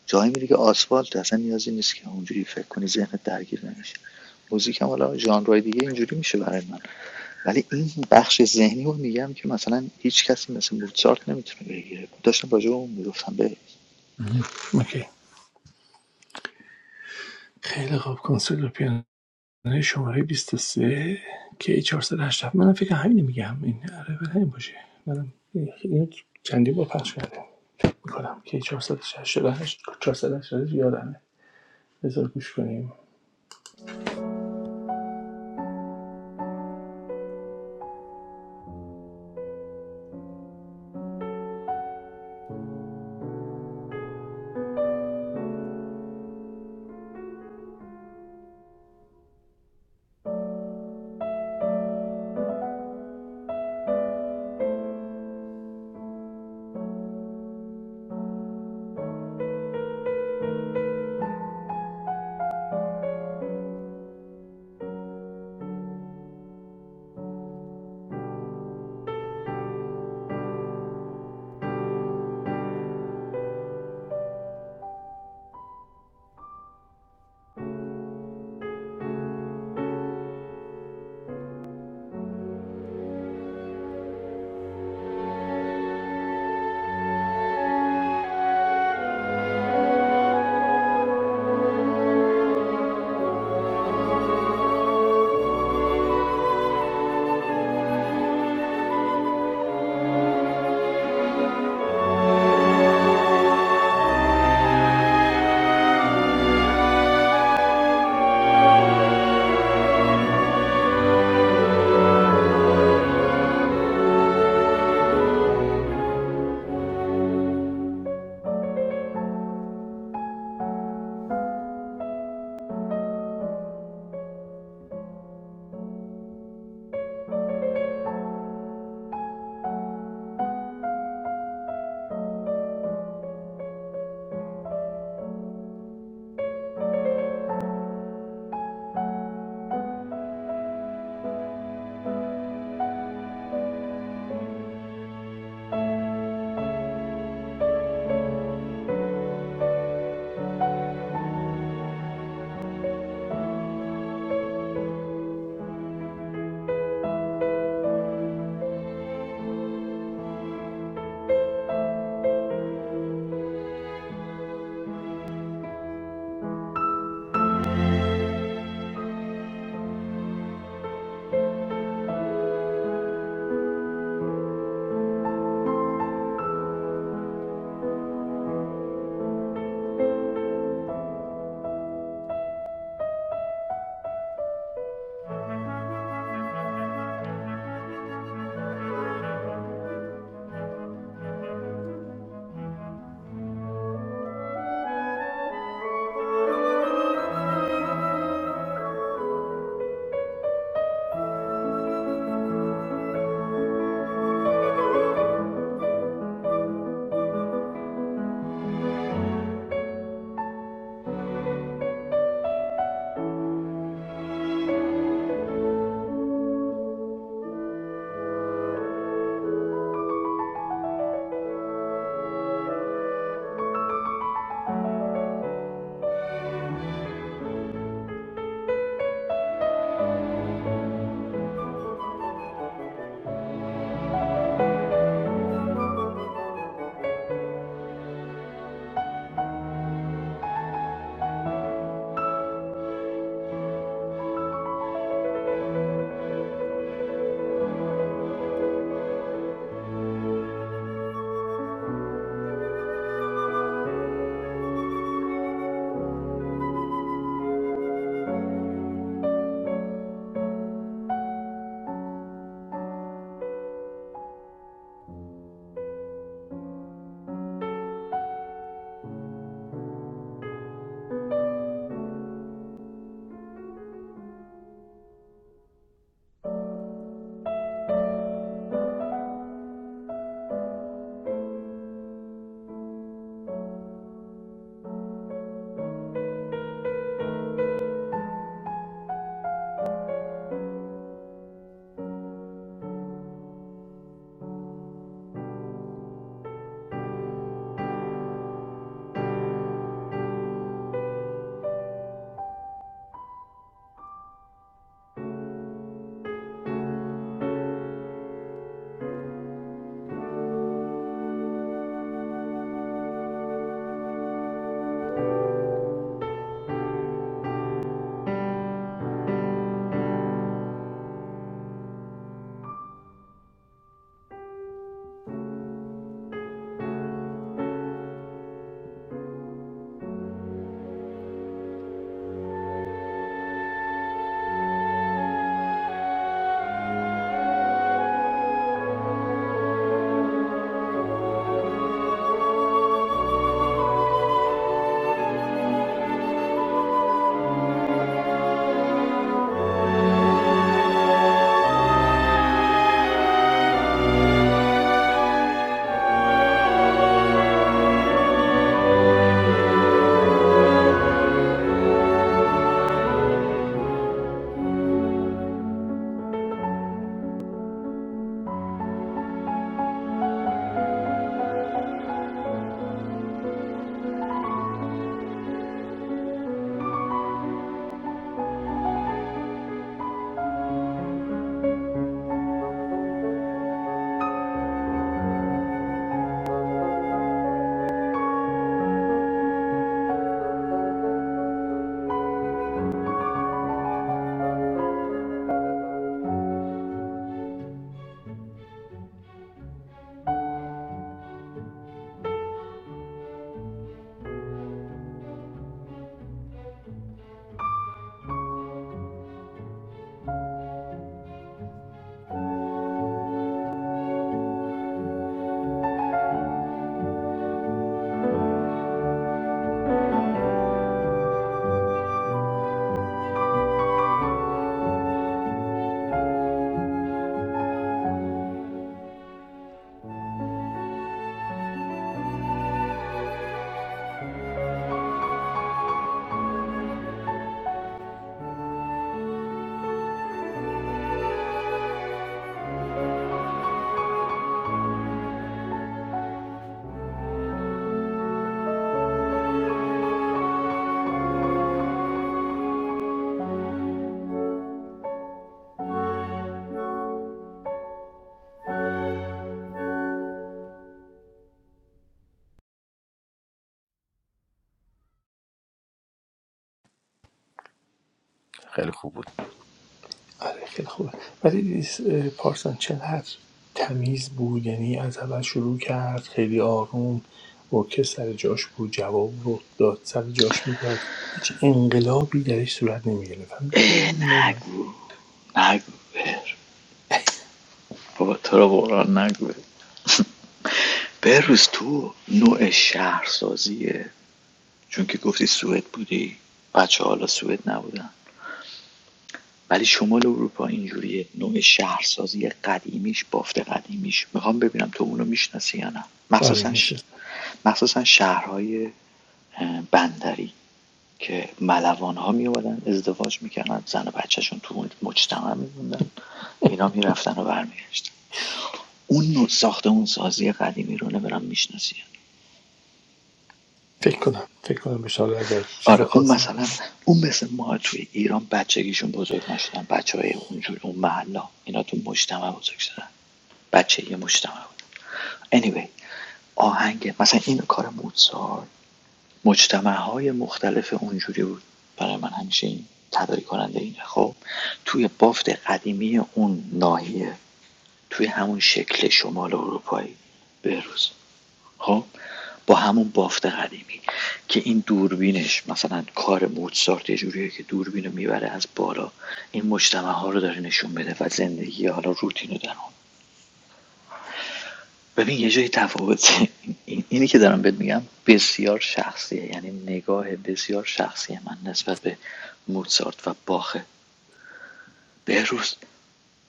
S3: جایی میری که آسفالت اصلا نیازی نیست که اونجوری فکر کنی ذهنت درگیر نمیشه موزیک هم حالا ژانرهای دیگه اینجوری میشه برای من ولی این بخش ذهنی رو میگم که مثلا هیچ کسی مثل موزارت نمیتونه بگیره داشتم راجع به اون میگفتم به
S2: اوکی خیلی خوب کنسول و پیانوی شماره 23 کی 487 منم فکر همین میگم این آره بله همین باشه منم اینو چندی با پخش کردم. میکنم کی 468 468 یادمه بذار گوش کنیم
S4: خیلی خوب بود
S2: آره خیلی خوبه ولی دیس- اه، پارسان چقدر تمیز بود یعنی از اول شروع کرد خیلی آروم ارکستر سر جاش بود جواب رو داد سر جاش میداد هیچ انقلابی درش صورت نمیگرفت همین خیلی مولانه
S3: نگو نگو بر بابا تو رو بران نگو بر. بروز تو نوع شهرسازی چون که گفتی سوئد بودی بچه حالا سوئد نبودن ولی شمال اروپا اینجوریه نوع شهرسازی قدیمیش بافت قدیمیش میخوام ببینم تو اونو میشناسی یا نه
S2: آره
S3: مخصوصا ش...
S2: میشه
S3: مخصوصا شهرهای بندری که ملوان ها می اومدن ازدواج میکردن زن و بچهشون تو اون مجتمع میموندن اینا میرفتن و برمیگشتن اون نوع ساخته اون سازی قدیمی رو نمیدونم میشناسی یا
S2: فکر کنم فکر کنم بشه حالا اگر چیز
S3: آره اون
S2: خاصی
S3: مثلا
S2: نبود
S3: اون مثل ما توی ایران بچگیشون بزرگ نشدن بچه های اونجور اون محلا اینا تو مجتمع بزرگ شدن بچه یه مجتمع بود anyway آهنگ مثلا این کار موزار مجتمع های مختلف اونجوری بود برای من همیشه این تداری کننده اینه خب توی بافت قدیمی اون ناحیه توی همون شکل شمال اروپایی بروز خب با همون بافت قدیمی که این دوربینش مثلا کار موزارت یه جوریه که دوربین رو میبره از بالا این مجتمع ها رو داره نشون بده و زندگی حالا روتین رو در اون ببین یه جای تفاوته. این- اینی که دارم بهت میگم بسیار شخصیه یعنی نگاه بسیار شخصی من نسبت به موزارت و باخه بهروز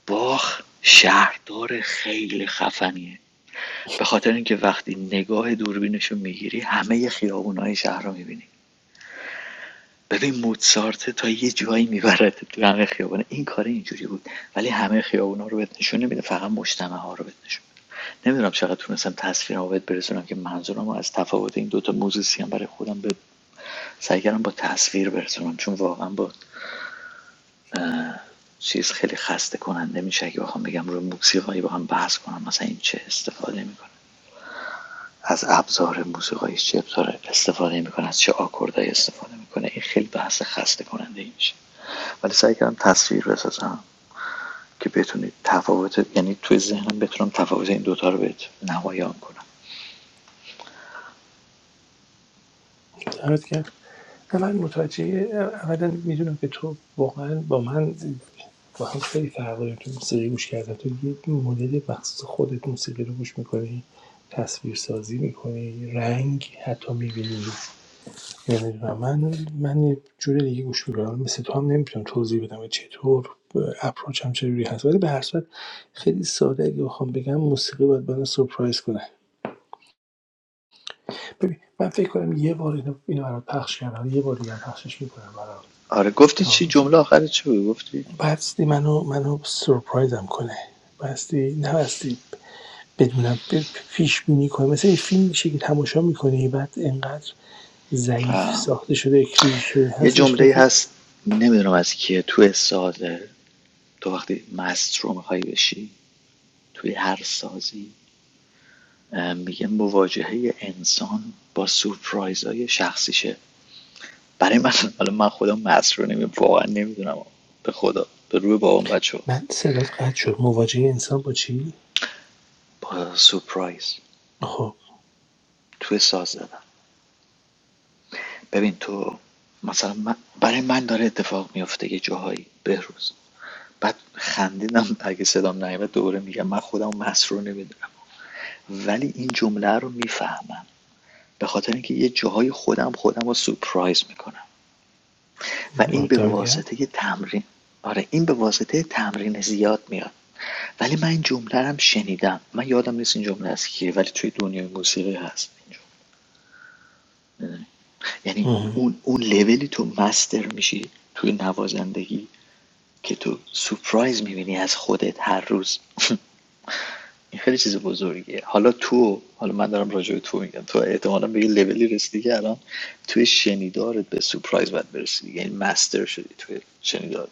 S3: باخ شهردار خیلی خفنیه به خاطر اینکه وقتی نگاه دوربینشو میگیری همه خیابونای شهر رو میبینی ببین موزارت تا یه جایی میبرد تو همه خیابان این کار اینجوری بود ولی همه خیابونا رو بهت نشون نمیده فقط مجتمع ها رو بهت نشون میده نمیدونم چقدر تونستم تصویر رو بهت برسونم که منظورم رو از تفاوت این دوتا موزیسین برای خودم به سعی کردم با تصویر برسونم چون واقعا با چیز خیلی خسته کننده میشه که بخوام بگم رو موسیقایی با هم بحث کنم مثلا این چه استفاده میکنه از ابزار موسیقایی چه ابزار استفاده میکنه از چه آکوردهایی استفاده میکنه این خیلی بحث خسته کننده میشه ولی سعی کردم تصویر بسازم که بتونید تفاوت یعنی توی ذهنم بتونم تفاوت این دوتا رو بهت نمایان کنم
S2: دمت گرم. نه، من متوجه اولا میدونم که تو واقعا با من با هم خیلی فرق داریم تو موسیقی گوش کردن تو یه مدل مخصوص خودت موسیقی رو گوش میکنی تصویر سازی میکنی رنگ حتی میبینی نمیدونم من من یه جور دیگه گوش میکنم مثل تو هم نمیتونم توضیح بدم که چطور اپروچ هم چجوری هست ولی به هر صورت خیلی ساده اگه بخوام بگم موسیقی باید من سورپرایز کنه ببین من فکر کنم یه بار اینو, اینو برات پخش کردم یه بار دیگه هم پخشش میکنم برات
S3: آره گفتی چی
S2: تا
S3: جمله آخر چی بود گفتی
S2: بستی منو منو سرپرایزم کنه بستی نبستی بدونم پیش بینی کنه مثل این فیلم میشه که تماشا میکنی بعد انقدر ضعیف ساخته شده کلیشه
S3: یه
S2: هستش که
S3: جمله
S2: فکر
S3: هست نمیدونم از کیه توی سازه تو وقتی مست رو میخوای بشی توی هر سازی اه، میگن مواجهه انسان با سورپرایز های شخصیشه برای من حالا من خودم مست رو نمی واقعا نمیدونم به خدا به روی بابام بچه
S2: من صدات قطع شد مواجه انسان با چی
S3: با سورپرایز
S2: خب
S3: توی ساز زدن ببین تو مثلا من برای من داره اتفاق میفته یه جاهایی بهروز بعد خندیدم اگه صدام نیمه دوره میگم من خودم مسرور نمیدونم ولی این جمله رو میفهمم به خاطر اینکه یه جاهای خودم خودم رو سورپرایز میکنم و این به
S2: دمت گرم
S3: واسطه یه تمرین آره این به واسطه تمرین زیاد میاد ولی من این جمله رو هم شنیدم من یادم نیست این جمله از کیه ولی توی دنیای موسیقی هست این جمله. یعنی
S2: آه.
S3: اون اون لولی تو مستر میشی توی نوازندگی که تو سپرایز میبینی از خودت هر روز این خیلی چیز بزرگیه حالا تو حالا من دارم راجع به تو میگم تو احتمالا به یه لولی رسیدی که الان توی شنیدارت به سپرایز باید برسی یعنی مستر شدی توی شنیدار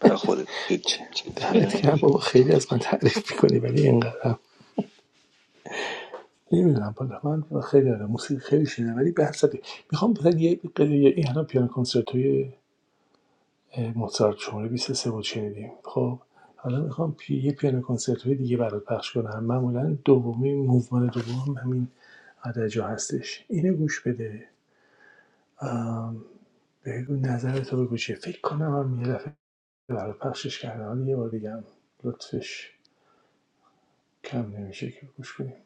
S3: برای خودت
S2: چه-
S3: چیز
S2: دمت
S3: میدونی
S2: گرم بابا خیلی از من تعریف میکنی ولی اینقدر هم نمیدونم بالا من خیلی آره موسیقی خیلی شده ولی به هر صورت میخوام بزن یه یه- این الان پیانو کنسرتوی اه، موزارت شماره بیست و سه بود شنیدیم خب حالا میخوام پی... یه پیانو کنسرتو دیگه برات پخش کنم معمولا دومی موومان دوم همین جا هستش اینو گوش بده بگو نظرتو بگو چیه فکر کنم هم یه دفعه برات پخشش کردم یه بار دیگه هم لطفش کم نمیشه که گوش کنیم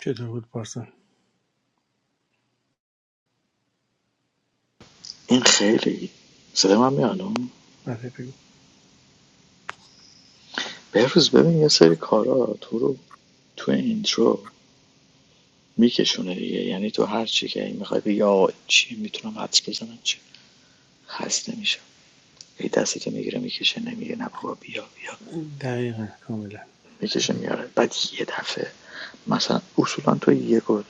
S2: چطور بود پارسان
S3: این خیلی صدای من میانو
S2: آره بگو
S3: بهروز ببین یه سری کارا تو رو تو اینترو میکشونه دیگه یعنی تو هر چی که میخوای بگی آقا چی میتونم حدس بزنم چی خسته میشم یه دستی که میگیره میکشه نمیگه نه بابا بیا بیا
S2: دقیقاً کاملا
S3: میکشه میاره بعد یه دفعه مثلا اصولا تو یه گل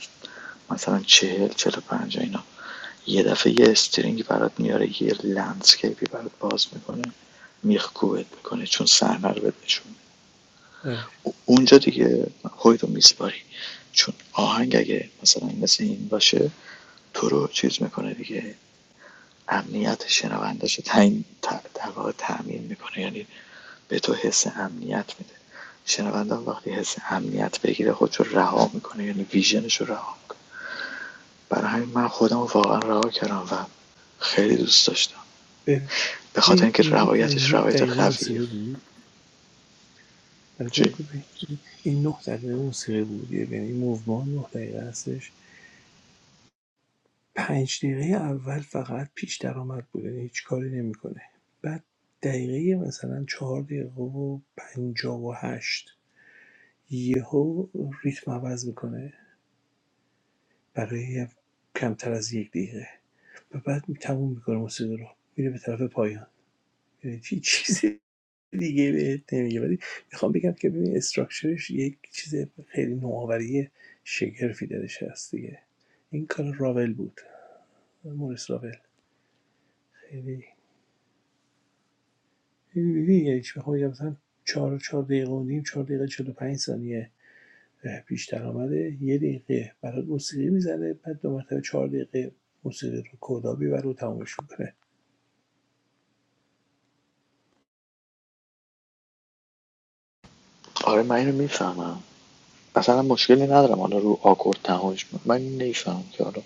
S3: مثلا چهل چهل و پنج اینا یه دفعه یه استرینگ برات میاره یه لندسکیپی برات باز میکنه میخکوبت میکنه چون صحنه رو بهت نشون
S2: آره
S3: اونجا دیگه خودتو میسپاری چون آهنگ اگه مثلا مثل این باشه تو رو چیز میکنه دیگه امنیت شنوندش رو تعیین ت- میکنه یعنی به تو حس امنیت میده شنونده وقتی حس امنیت بگیره خودش رو رها میکنه یعنی ویژنش رو رها میکنه برای همین من خودم رو واقعا رها کردم و خیلی دوست داشتم به خاطر
S2: ببین
S3: اینکه
S2: این
S3: روایتش
S2: نه
S3: روایت
S2: دقیقه
S3: قویه
S2: موسیقی بود آره
S3: چی؟
S2: بگو ببین. این ۹ دقیقه موسیقی بود یعنی موومان ۹ دقیقه هستش پنج دقیقه اول فقط پیش درآمد بوده یعنی هیچ کاری نمیکنه بعد دقیقه مثلا 4 دقیقه و 58 یهو ریتم عوض میکنه برای کمتر از یک دقیقه و بعد تموم میکنه موسیقی رو میره به طرف پایان یعنی چی چیز دیگه بهت نمیگه ولی میخوام بگم که ببین استراکچرش یک چیز خیلی نوآوری شگرفی درش هست دیگه این کار راول بود مورس راول خیلی خیلی یعنی چی بخوام بگم مثلا چهار چهار دقیقه و نیم چهار دقیقه چهل و پنج ثانیه پیشتر بیشتر آمده یه دقیقه برات موسیقی میزنه بعد دو مرتبه چهار دقیقه موسیقی رو کدا میبره و تمومش میکنه
S3: آره من اینو میفهمم مثلا مشکلی ندارم حالا رو آکورد تهاج من نمیفهمم که حالا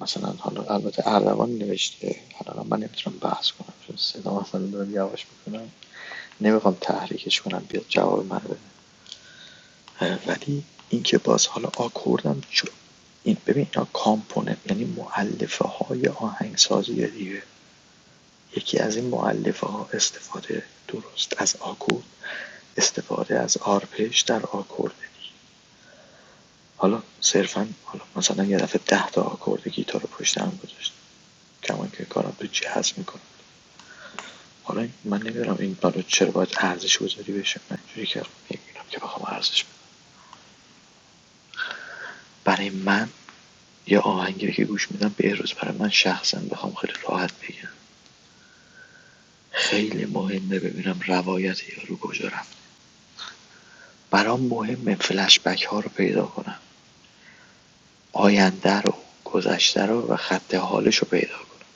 S3: مثلا حالا البته اردوان نوشته حالا من نمیتونم بحث کنم چون صدا مثلا دارم یواش میکنم نمیخوام تحریکش کنم بیاد جواب منو بده ولی اینکه باز حالا آکوردم چون این ببین اینا کامپوننت یعنی معلفه های آهنگسازی دیگه یکی از این معلفه ها استفاده درست از آکورد استفاده از آرپش در آکورد حالا صرفا حالا مثلا یه دفعه ده تا آکورد گیتار رو پشت هم گذاشت کمان که کارم تو جهاز میکنم حالا من نمیدونم این برای چرا باید ارزش گذاری بشه من جوری که نمیدونم که بخوام ارزش برای من یا آهنگی که گوش میدم بهروز برای من شخصا بخوام خیلی راحت بگم خیلی مهمه ببینم روایت یارو کجا رفت برام مهمه فلش بک ها رو پیدا کنم آینده رو گذشته رو و خط حالش رو پیدا کنم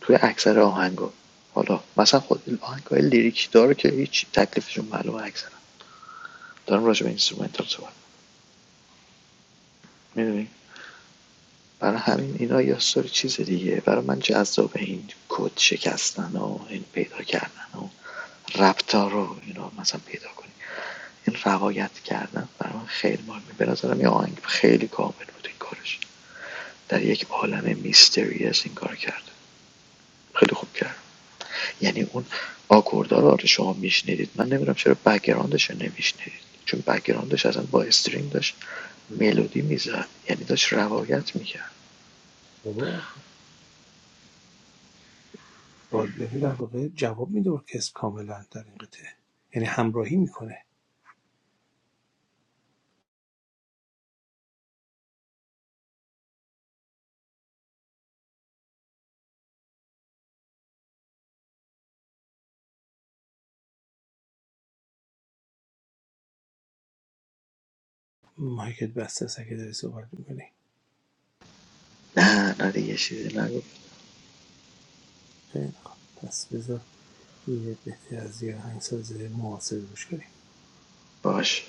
S3: توی اکثر آهنگا حالا مثلا خود آهنگای لیریک داره که هیچ تکلیفشون معلومه اکثرا دارم راجع به اینسترومنتال صحبت می‌کنم، می‌دونی برای همین اینا یه سری چیز دیگه برای من جذابه این کد شکستن و این پیدا کردن و ربطا رو اینا مثلا پیدا کنی این روایت کردن برای من خیلی مهمه به نظرم یه آهنگ خیلی کامل بود این کارش در یک عالم میستریس این کار کرده خیلی خوب کرد یعنی اون آکوردا رو آره شما میشنیدید من نمیدونم چرا بکگراندش رو نمیشنیدید چون بکگراندش اصلا با استرینگ داشت ملودی میزد یعنی داشت روایت میکرد
S2: بابا باردهی در واقع جواب میده ارکستر کاملا در این قطعه یعنی همراهی میکنه مایکت بسته است اگه داری صحبت میکنی
S3: نه نه دیگه چیزی نگو
S2: خیلی خب پس بذار یه بهتر از یه آهنگساز معاصر گوش کنیم
S3: باش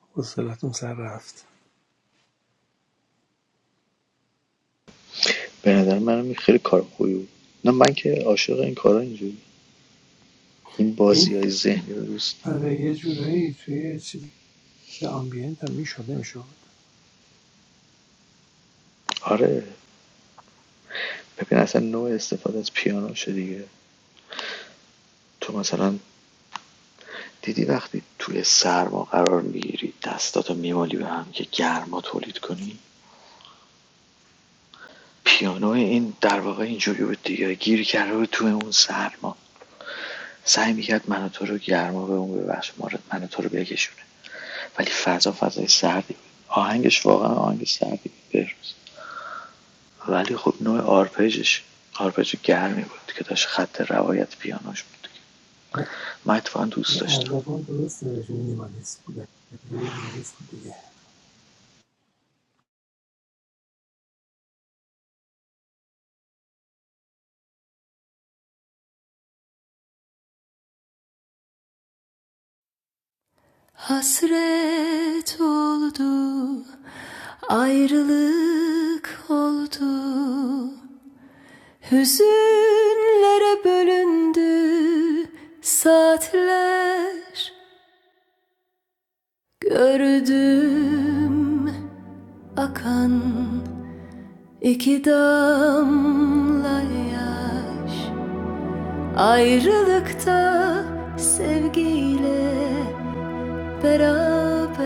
S2: حوصلتون سر رفت
S3: به نظر من خیلی کار خوبی بود نه من که عاشق این کارا اینجوری این
S2: این
S3: بازیای ذهنی رو دوست
S2: آره یه جورایی توی چیز آمبینت هم میشد نمیشد
S3: آره ببین اصلا نوع استفاده از پیانوشه دیگه تو مثلا دیدی وقتی توی سرما قرار میگیری دستاتو میمالی به هم که گرما تولید کنی پیانو این در واقع اینجوری بود دیگه گیر کرده بود توی اون سرما سعی میکرد من تو رو گرما به اون ببخش ما رو- من و تو رو بکشونه ولی فضا فضای سردی بود آهنگش واقعا آهنگ سردی بود ولی خب نوع آرپژش آرپژ گرمی بود که داشت خط روایت پیانوش بود من اتفاقا دوست داشتم
S2: اردبان درست نوشت مینیمالیست بودن یه مینیمالیست بود دیگه
S1: Hasret oldu, ayrılık oldu. Hüzünlere bölündü saatler Gördüm akan iki damla yaş Ayrılıkta sevgiyle beraber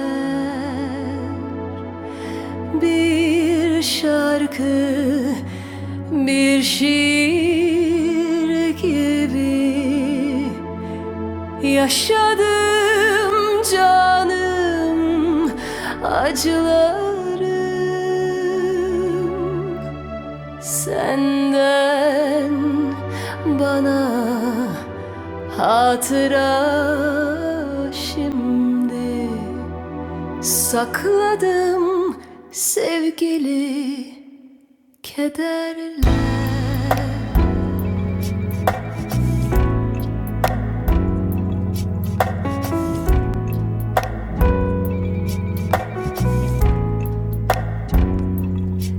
S1: Bir şarkı bir şiir gibi Yaşadım canım acılarım senden bana hatıra şimdi sakladım sevgili kederler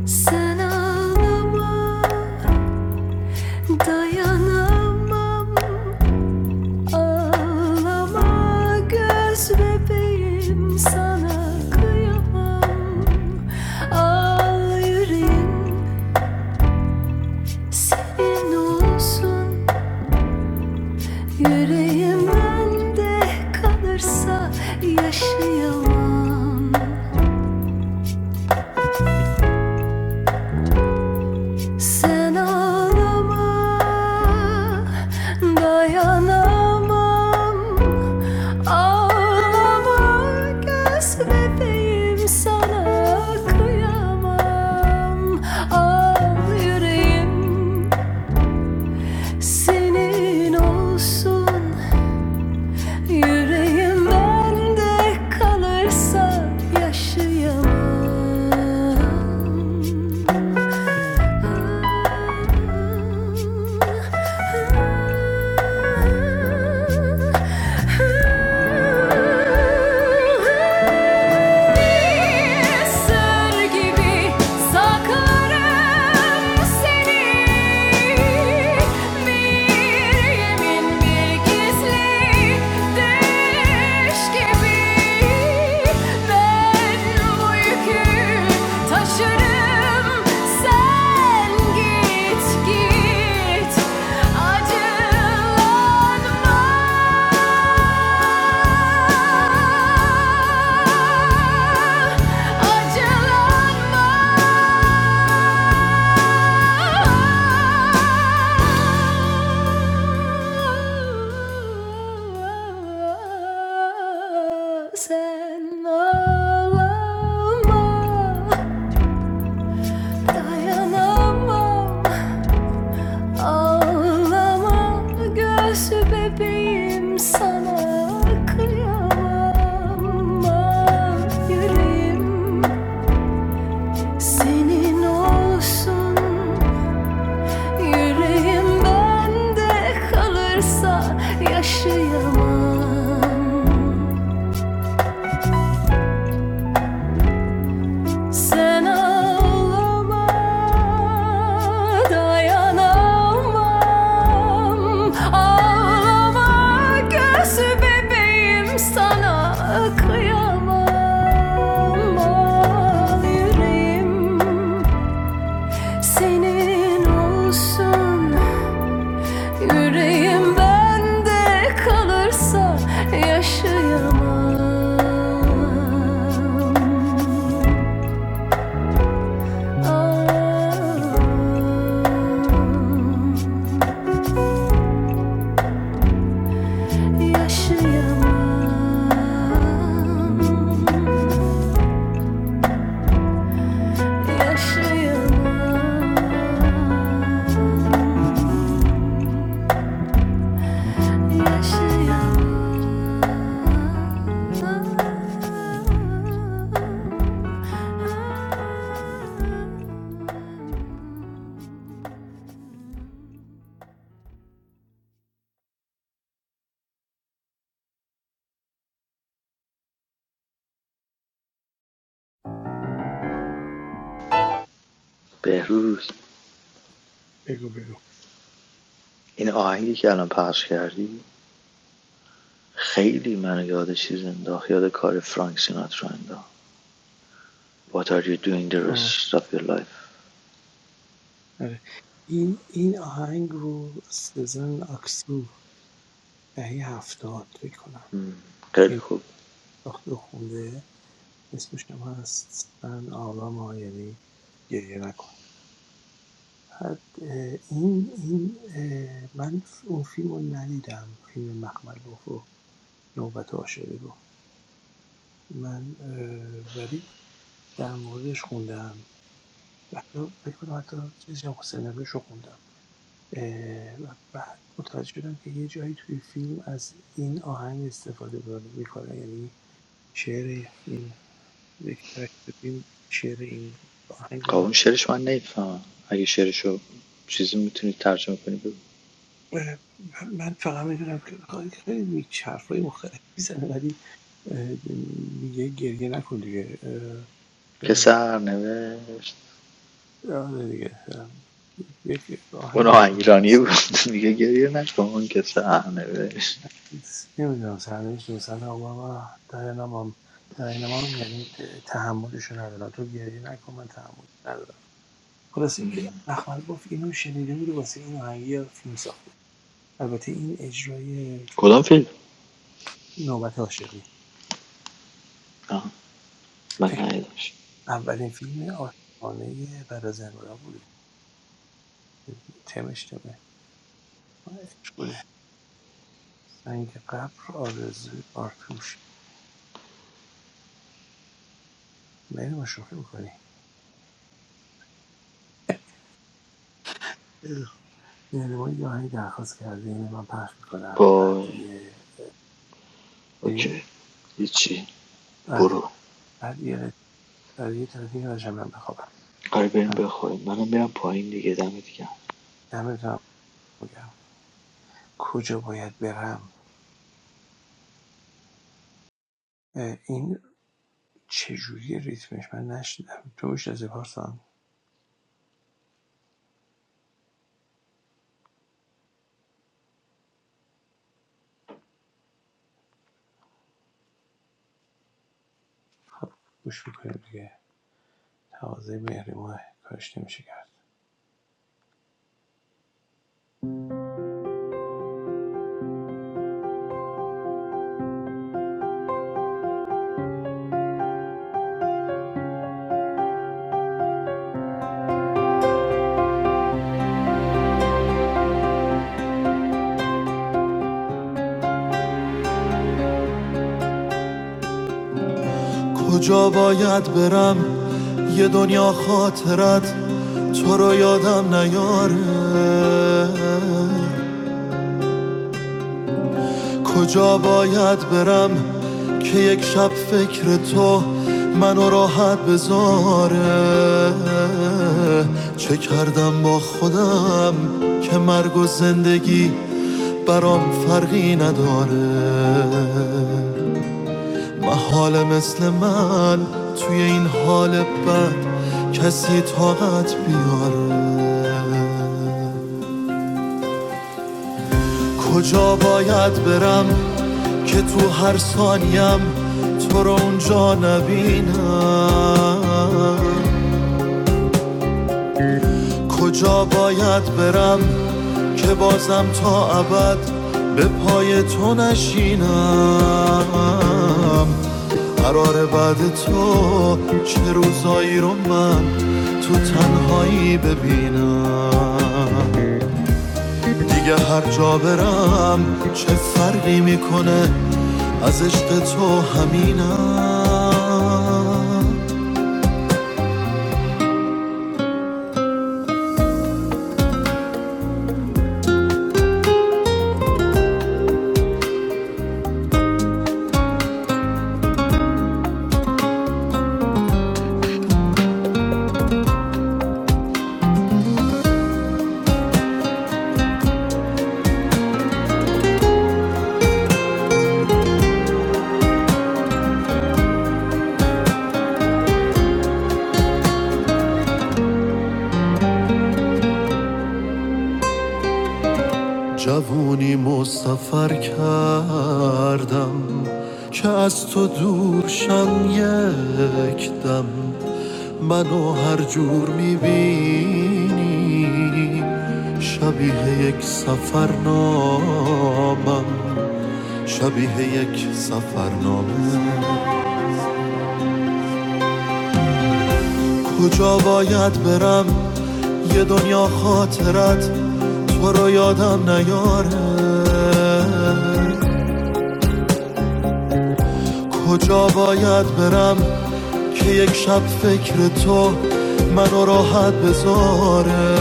S1: sen ağlama dayanamam Ağlama göz bebeğim sana kıyamam Al yüreğim senin olsun Yüreğimden de kalırsa yaşayamam Sen ağlama dayanamam Ağlama göz bebeğim sana kıyamam Al yüreğim senin olsun Yüreğim bende kalırsa yaşayamam Bir sır gibi saklarım seni. Bir yemin, bir gizli düş gibi ben bu Taşırım sen git git acılanma acılanma sen ağlama. Dayanamam, ağlama göğsü bebeğim sana kıyamam Ah, yüreğim senin olsun yüreğim bende kalırsa yaşayamam. Sen ağlama, dayanamam. Ağlama göz bebeğim, sana kıyamam. Al yüreğim, senin olsun. Yüreğim bende kalırsa yaşayamam. Oh, I'm alive. I'm alive. I'm alive. I'm alive. Where should I go?
S3: بهروز
S2: بگو بگو
S3: این آهنگی که الان پخش کردی خیلی منو یاد چیز انداخت یاد کار فرانک سیناترا انداخت What are you doing the
S2: آه
S3: rest of your life
S2: آره این این آهنگ رو سزن اکسو دهه هفتاد فکر کنم
S3: خیلی
S2: این
S3: خوب
S2: ساخته خونده اسمشم هست سن آرام یعنی گریه نکن بعد این این من اون فیلم رو ندیدم فیلم مخمل رو نوبت عاشقی رو من اه، ولی در موردش خوندم حتی فکر کنم حتی چیزی هم سناریوش رو خوندم و بعد متوجه شدم که یه جایی توی فیلم از این آهنگ استفاده میکنه یعنی شعر این یک کرکتر فیلم شعر این آهنگ
S3: خب
S2: رو
S3: اون شعرش من نمیفهمم اگه شعرشو چیزی میتونی ترجمه کنی بگو
S2: اه، من فقط میدونم که خیلی خیلی میچ حرفای مختلف میزنه ولی اه، میگه گریه نکن دیگه اه،
S3: که
S2: نمی‌دونم.
S3: سر نوشت
S2: آره دیگه اه، یک
S3: اون
S2: آهنگ
S3: آهنگ
S2: عاشقونه
S3: ایرانی
S2: است
S3: بود میگه گریه نکن اون که سر نوشت
S2: نمیدونم سرنوشت مثلا اوباما داینامم داینامم یعنی تحملشو ندارم تو گریه نکن من تحملش ندارم خلاصه که احمد گفت اینو شنیده بوده واسه این آهنگی یه فیلم ساخته البته این اجرای
S3: کدام فیلم
S2: نوبت عاشقی
S3: آها. من
S2: فکر
S3: ندیدمش
S2: اولین فیلم عاشقانه بعد از انقلاب بوده تمش تمه آه، عشق بوده سنگ قبر آرزوی آرتوش مریم شوخی میکنی یعنی ما یه آهنگ درخواست کرده اینه من پخش میکنم بعد
S3: وای
S2: یه
S3: اوکی
S2: چی؟
S3: هیچی
S2: آره
S3: برو
S2: بعد یه قط- آره یه دیگه راجع من بخوابم
S3: آره بریم
S2: پس
S3: بخوابیم منم میرم پایین دیگه دمت گرم
S2: دمتون بگم کجا باید برم اه، این چجوری ریتمش من نشدم تو میشه از پارسان خب گوش میکنیم دیگه تقاضای مهری ماه کارش نمیشه کرد
S1: A world of memories. I remember you. کجا باید برم که یک شب فکر تو منو راحت بذاره چه کردم با خودم که مرگ و زندگی برام فرقی نداره محال مثل من توی این حال بد کسی طاقت بیاره کجا باید برم که تو هر ثانیم تو رو اونجا نبینم کجا باید برم که بازم تا ابد به پای تو نشینم قرار بعد تو چه روزایی رو من تو تنهایی ببینم دیگه هر جا برم چه جوونی مسافر کردم که از تو دور شم یک دم Mano har jurmivini, shabi hai ek safarnam, shabi hai ek safarnam. Kujavayat beram, yedoniya khaterat, tarayada nayarna. کجا باید برم که یک شب فکر تو منو راحت بذاره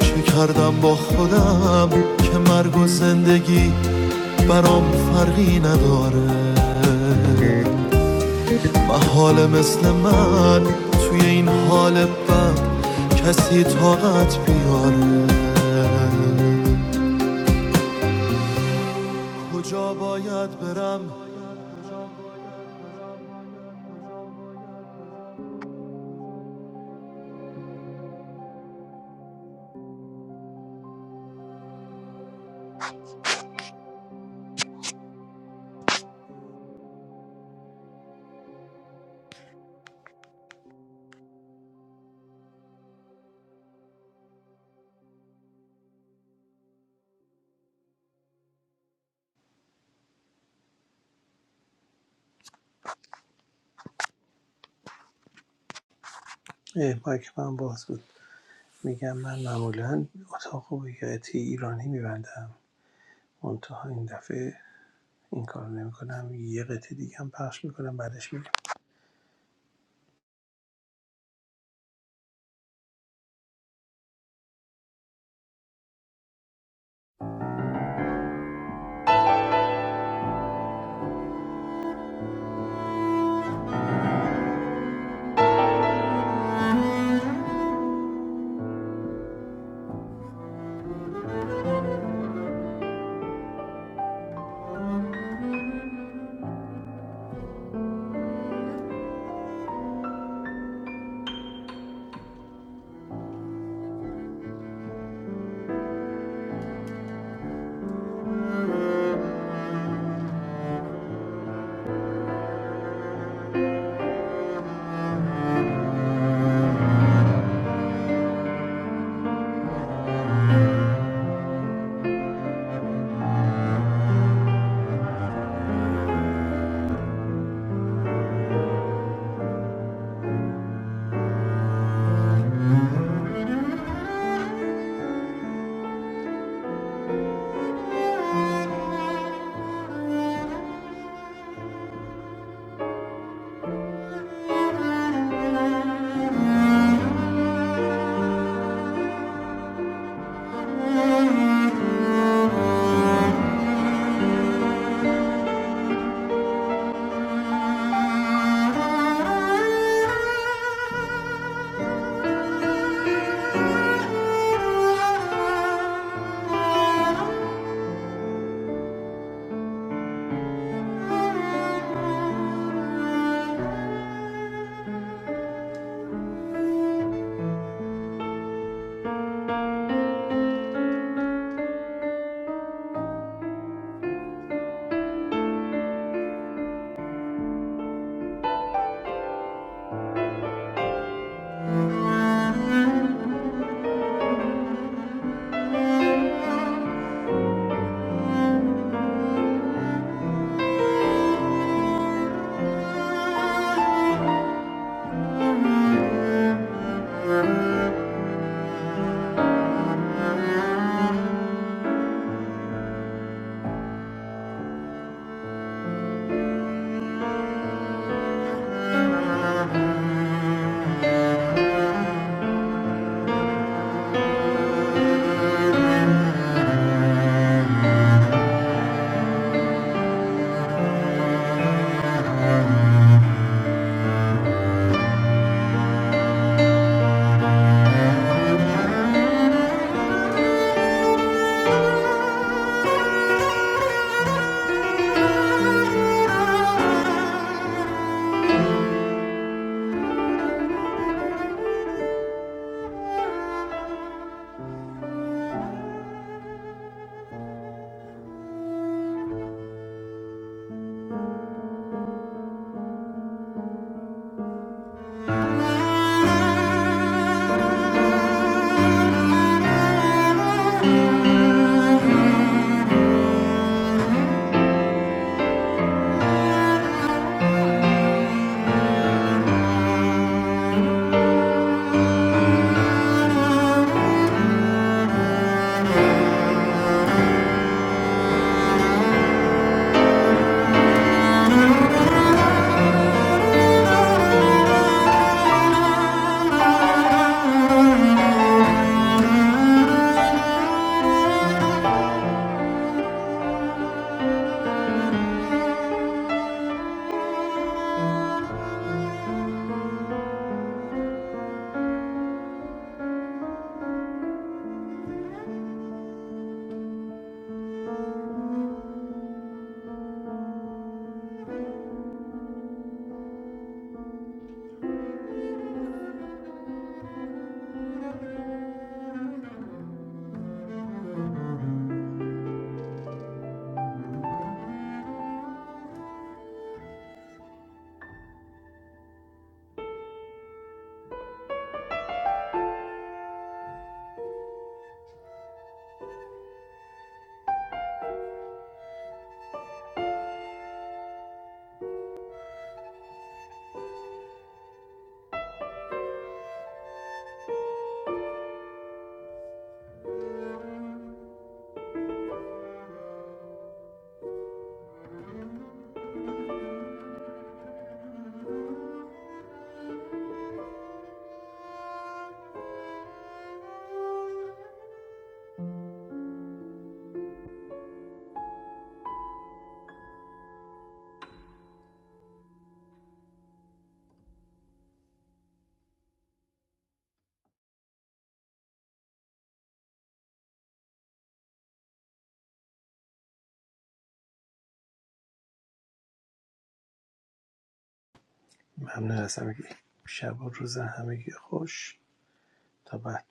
S1: چه کردم با خودم که مرگ و زندگی برام فرقی نداره محال مثل من توی این حال بد کسی طاقت بیاره کجا باید برم
S2: اه، مایک من باز بود میگم من معمولا اتاق و یه قطعه ایرانی می‌بندم منتها این دفعه این کار نمی‌کنم یه قطعه دیگه هم پخش می‌کنم بعدش می‌گم ممنون از همگی شب و روز همگی خوش تا بعد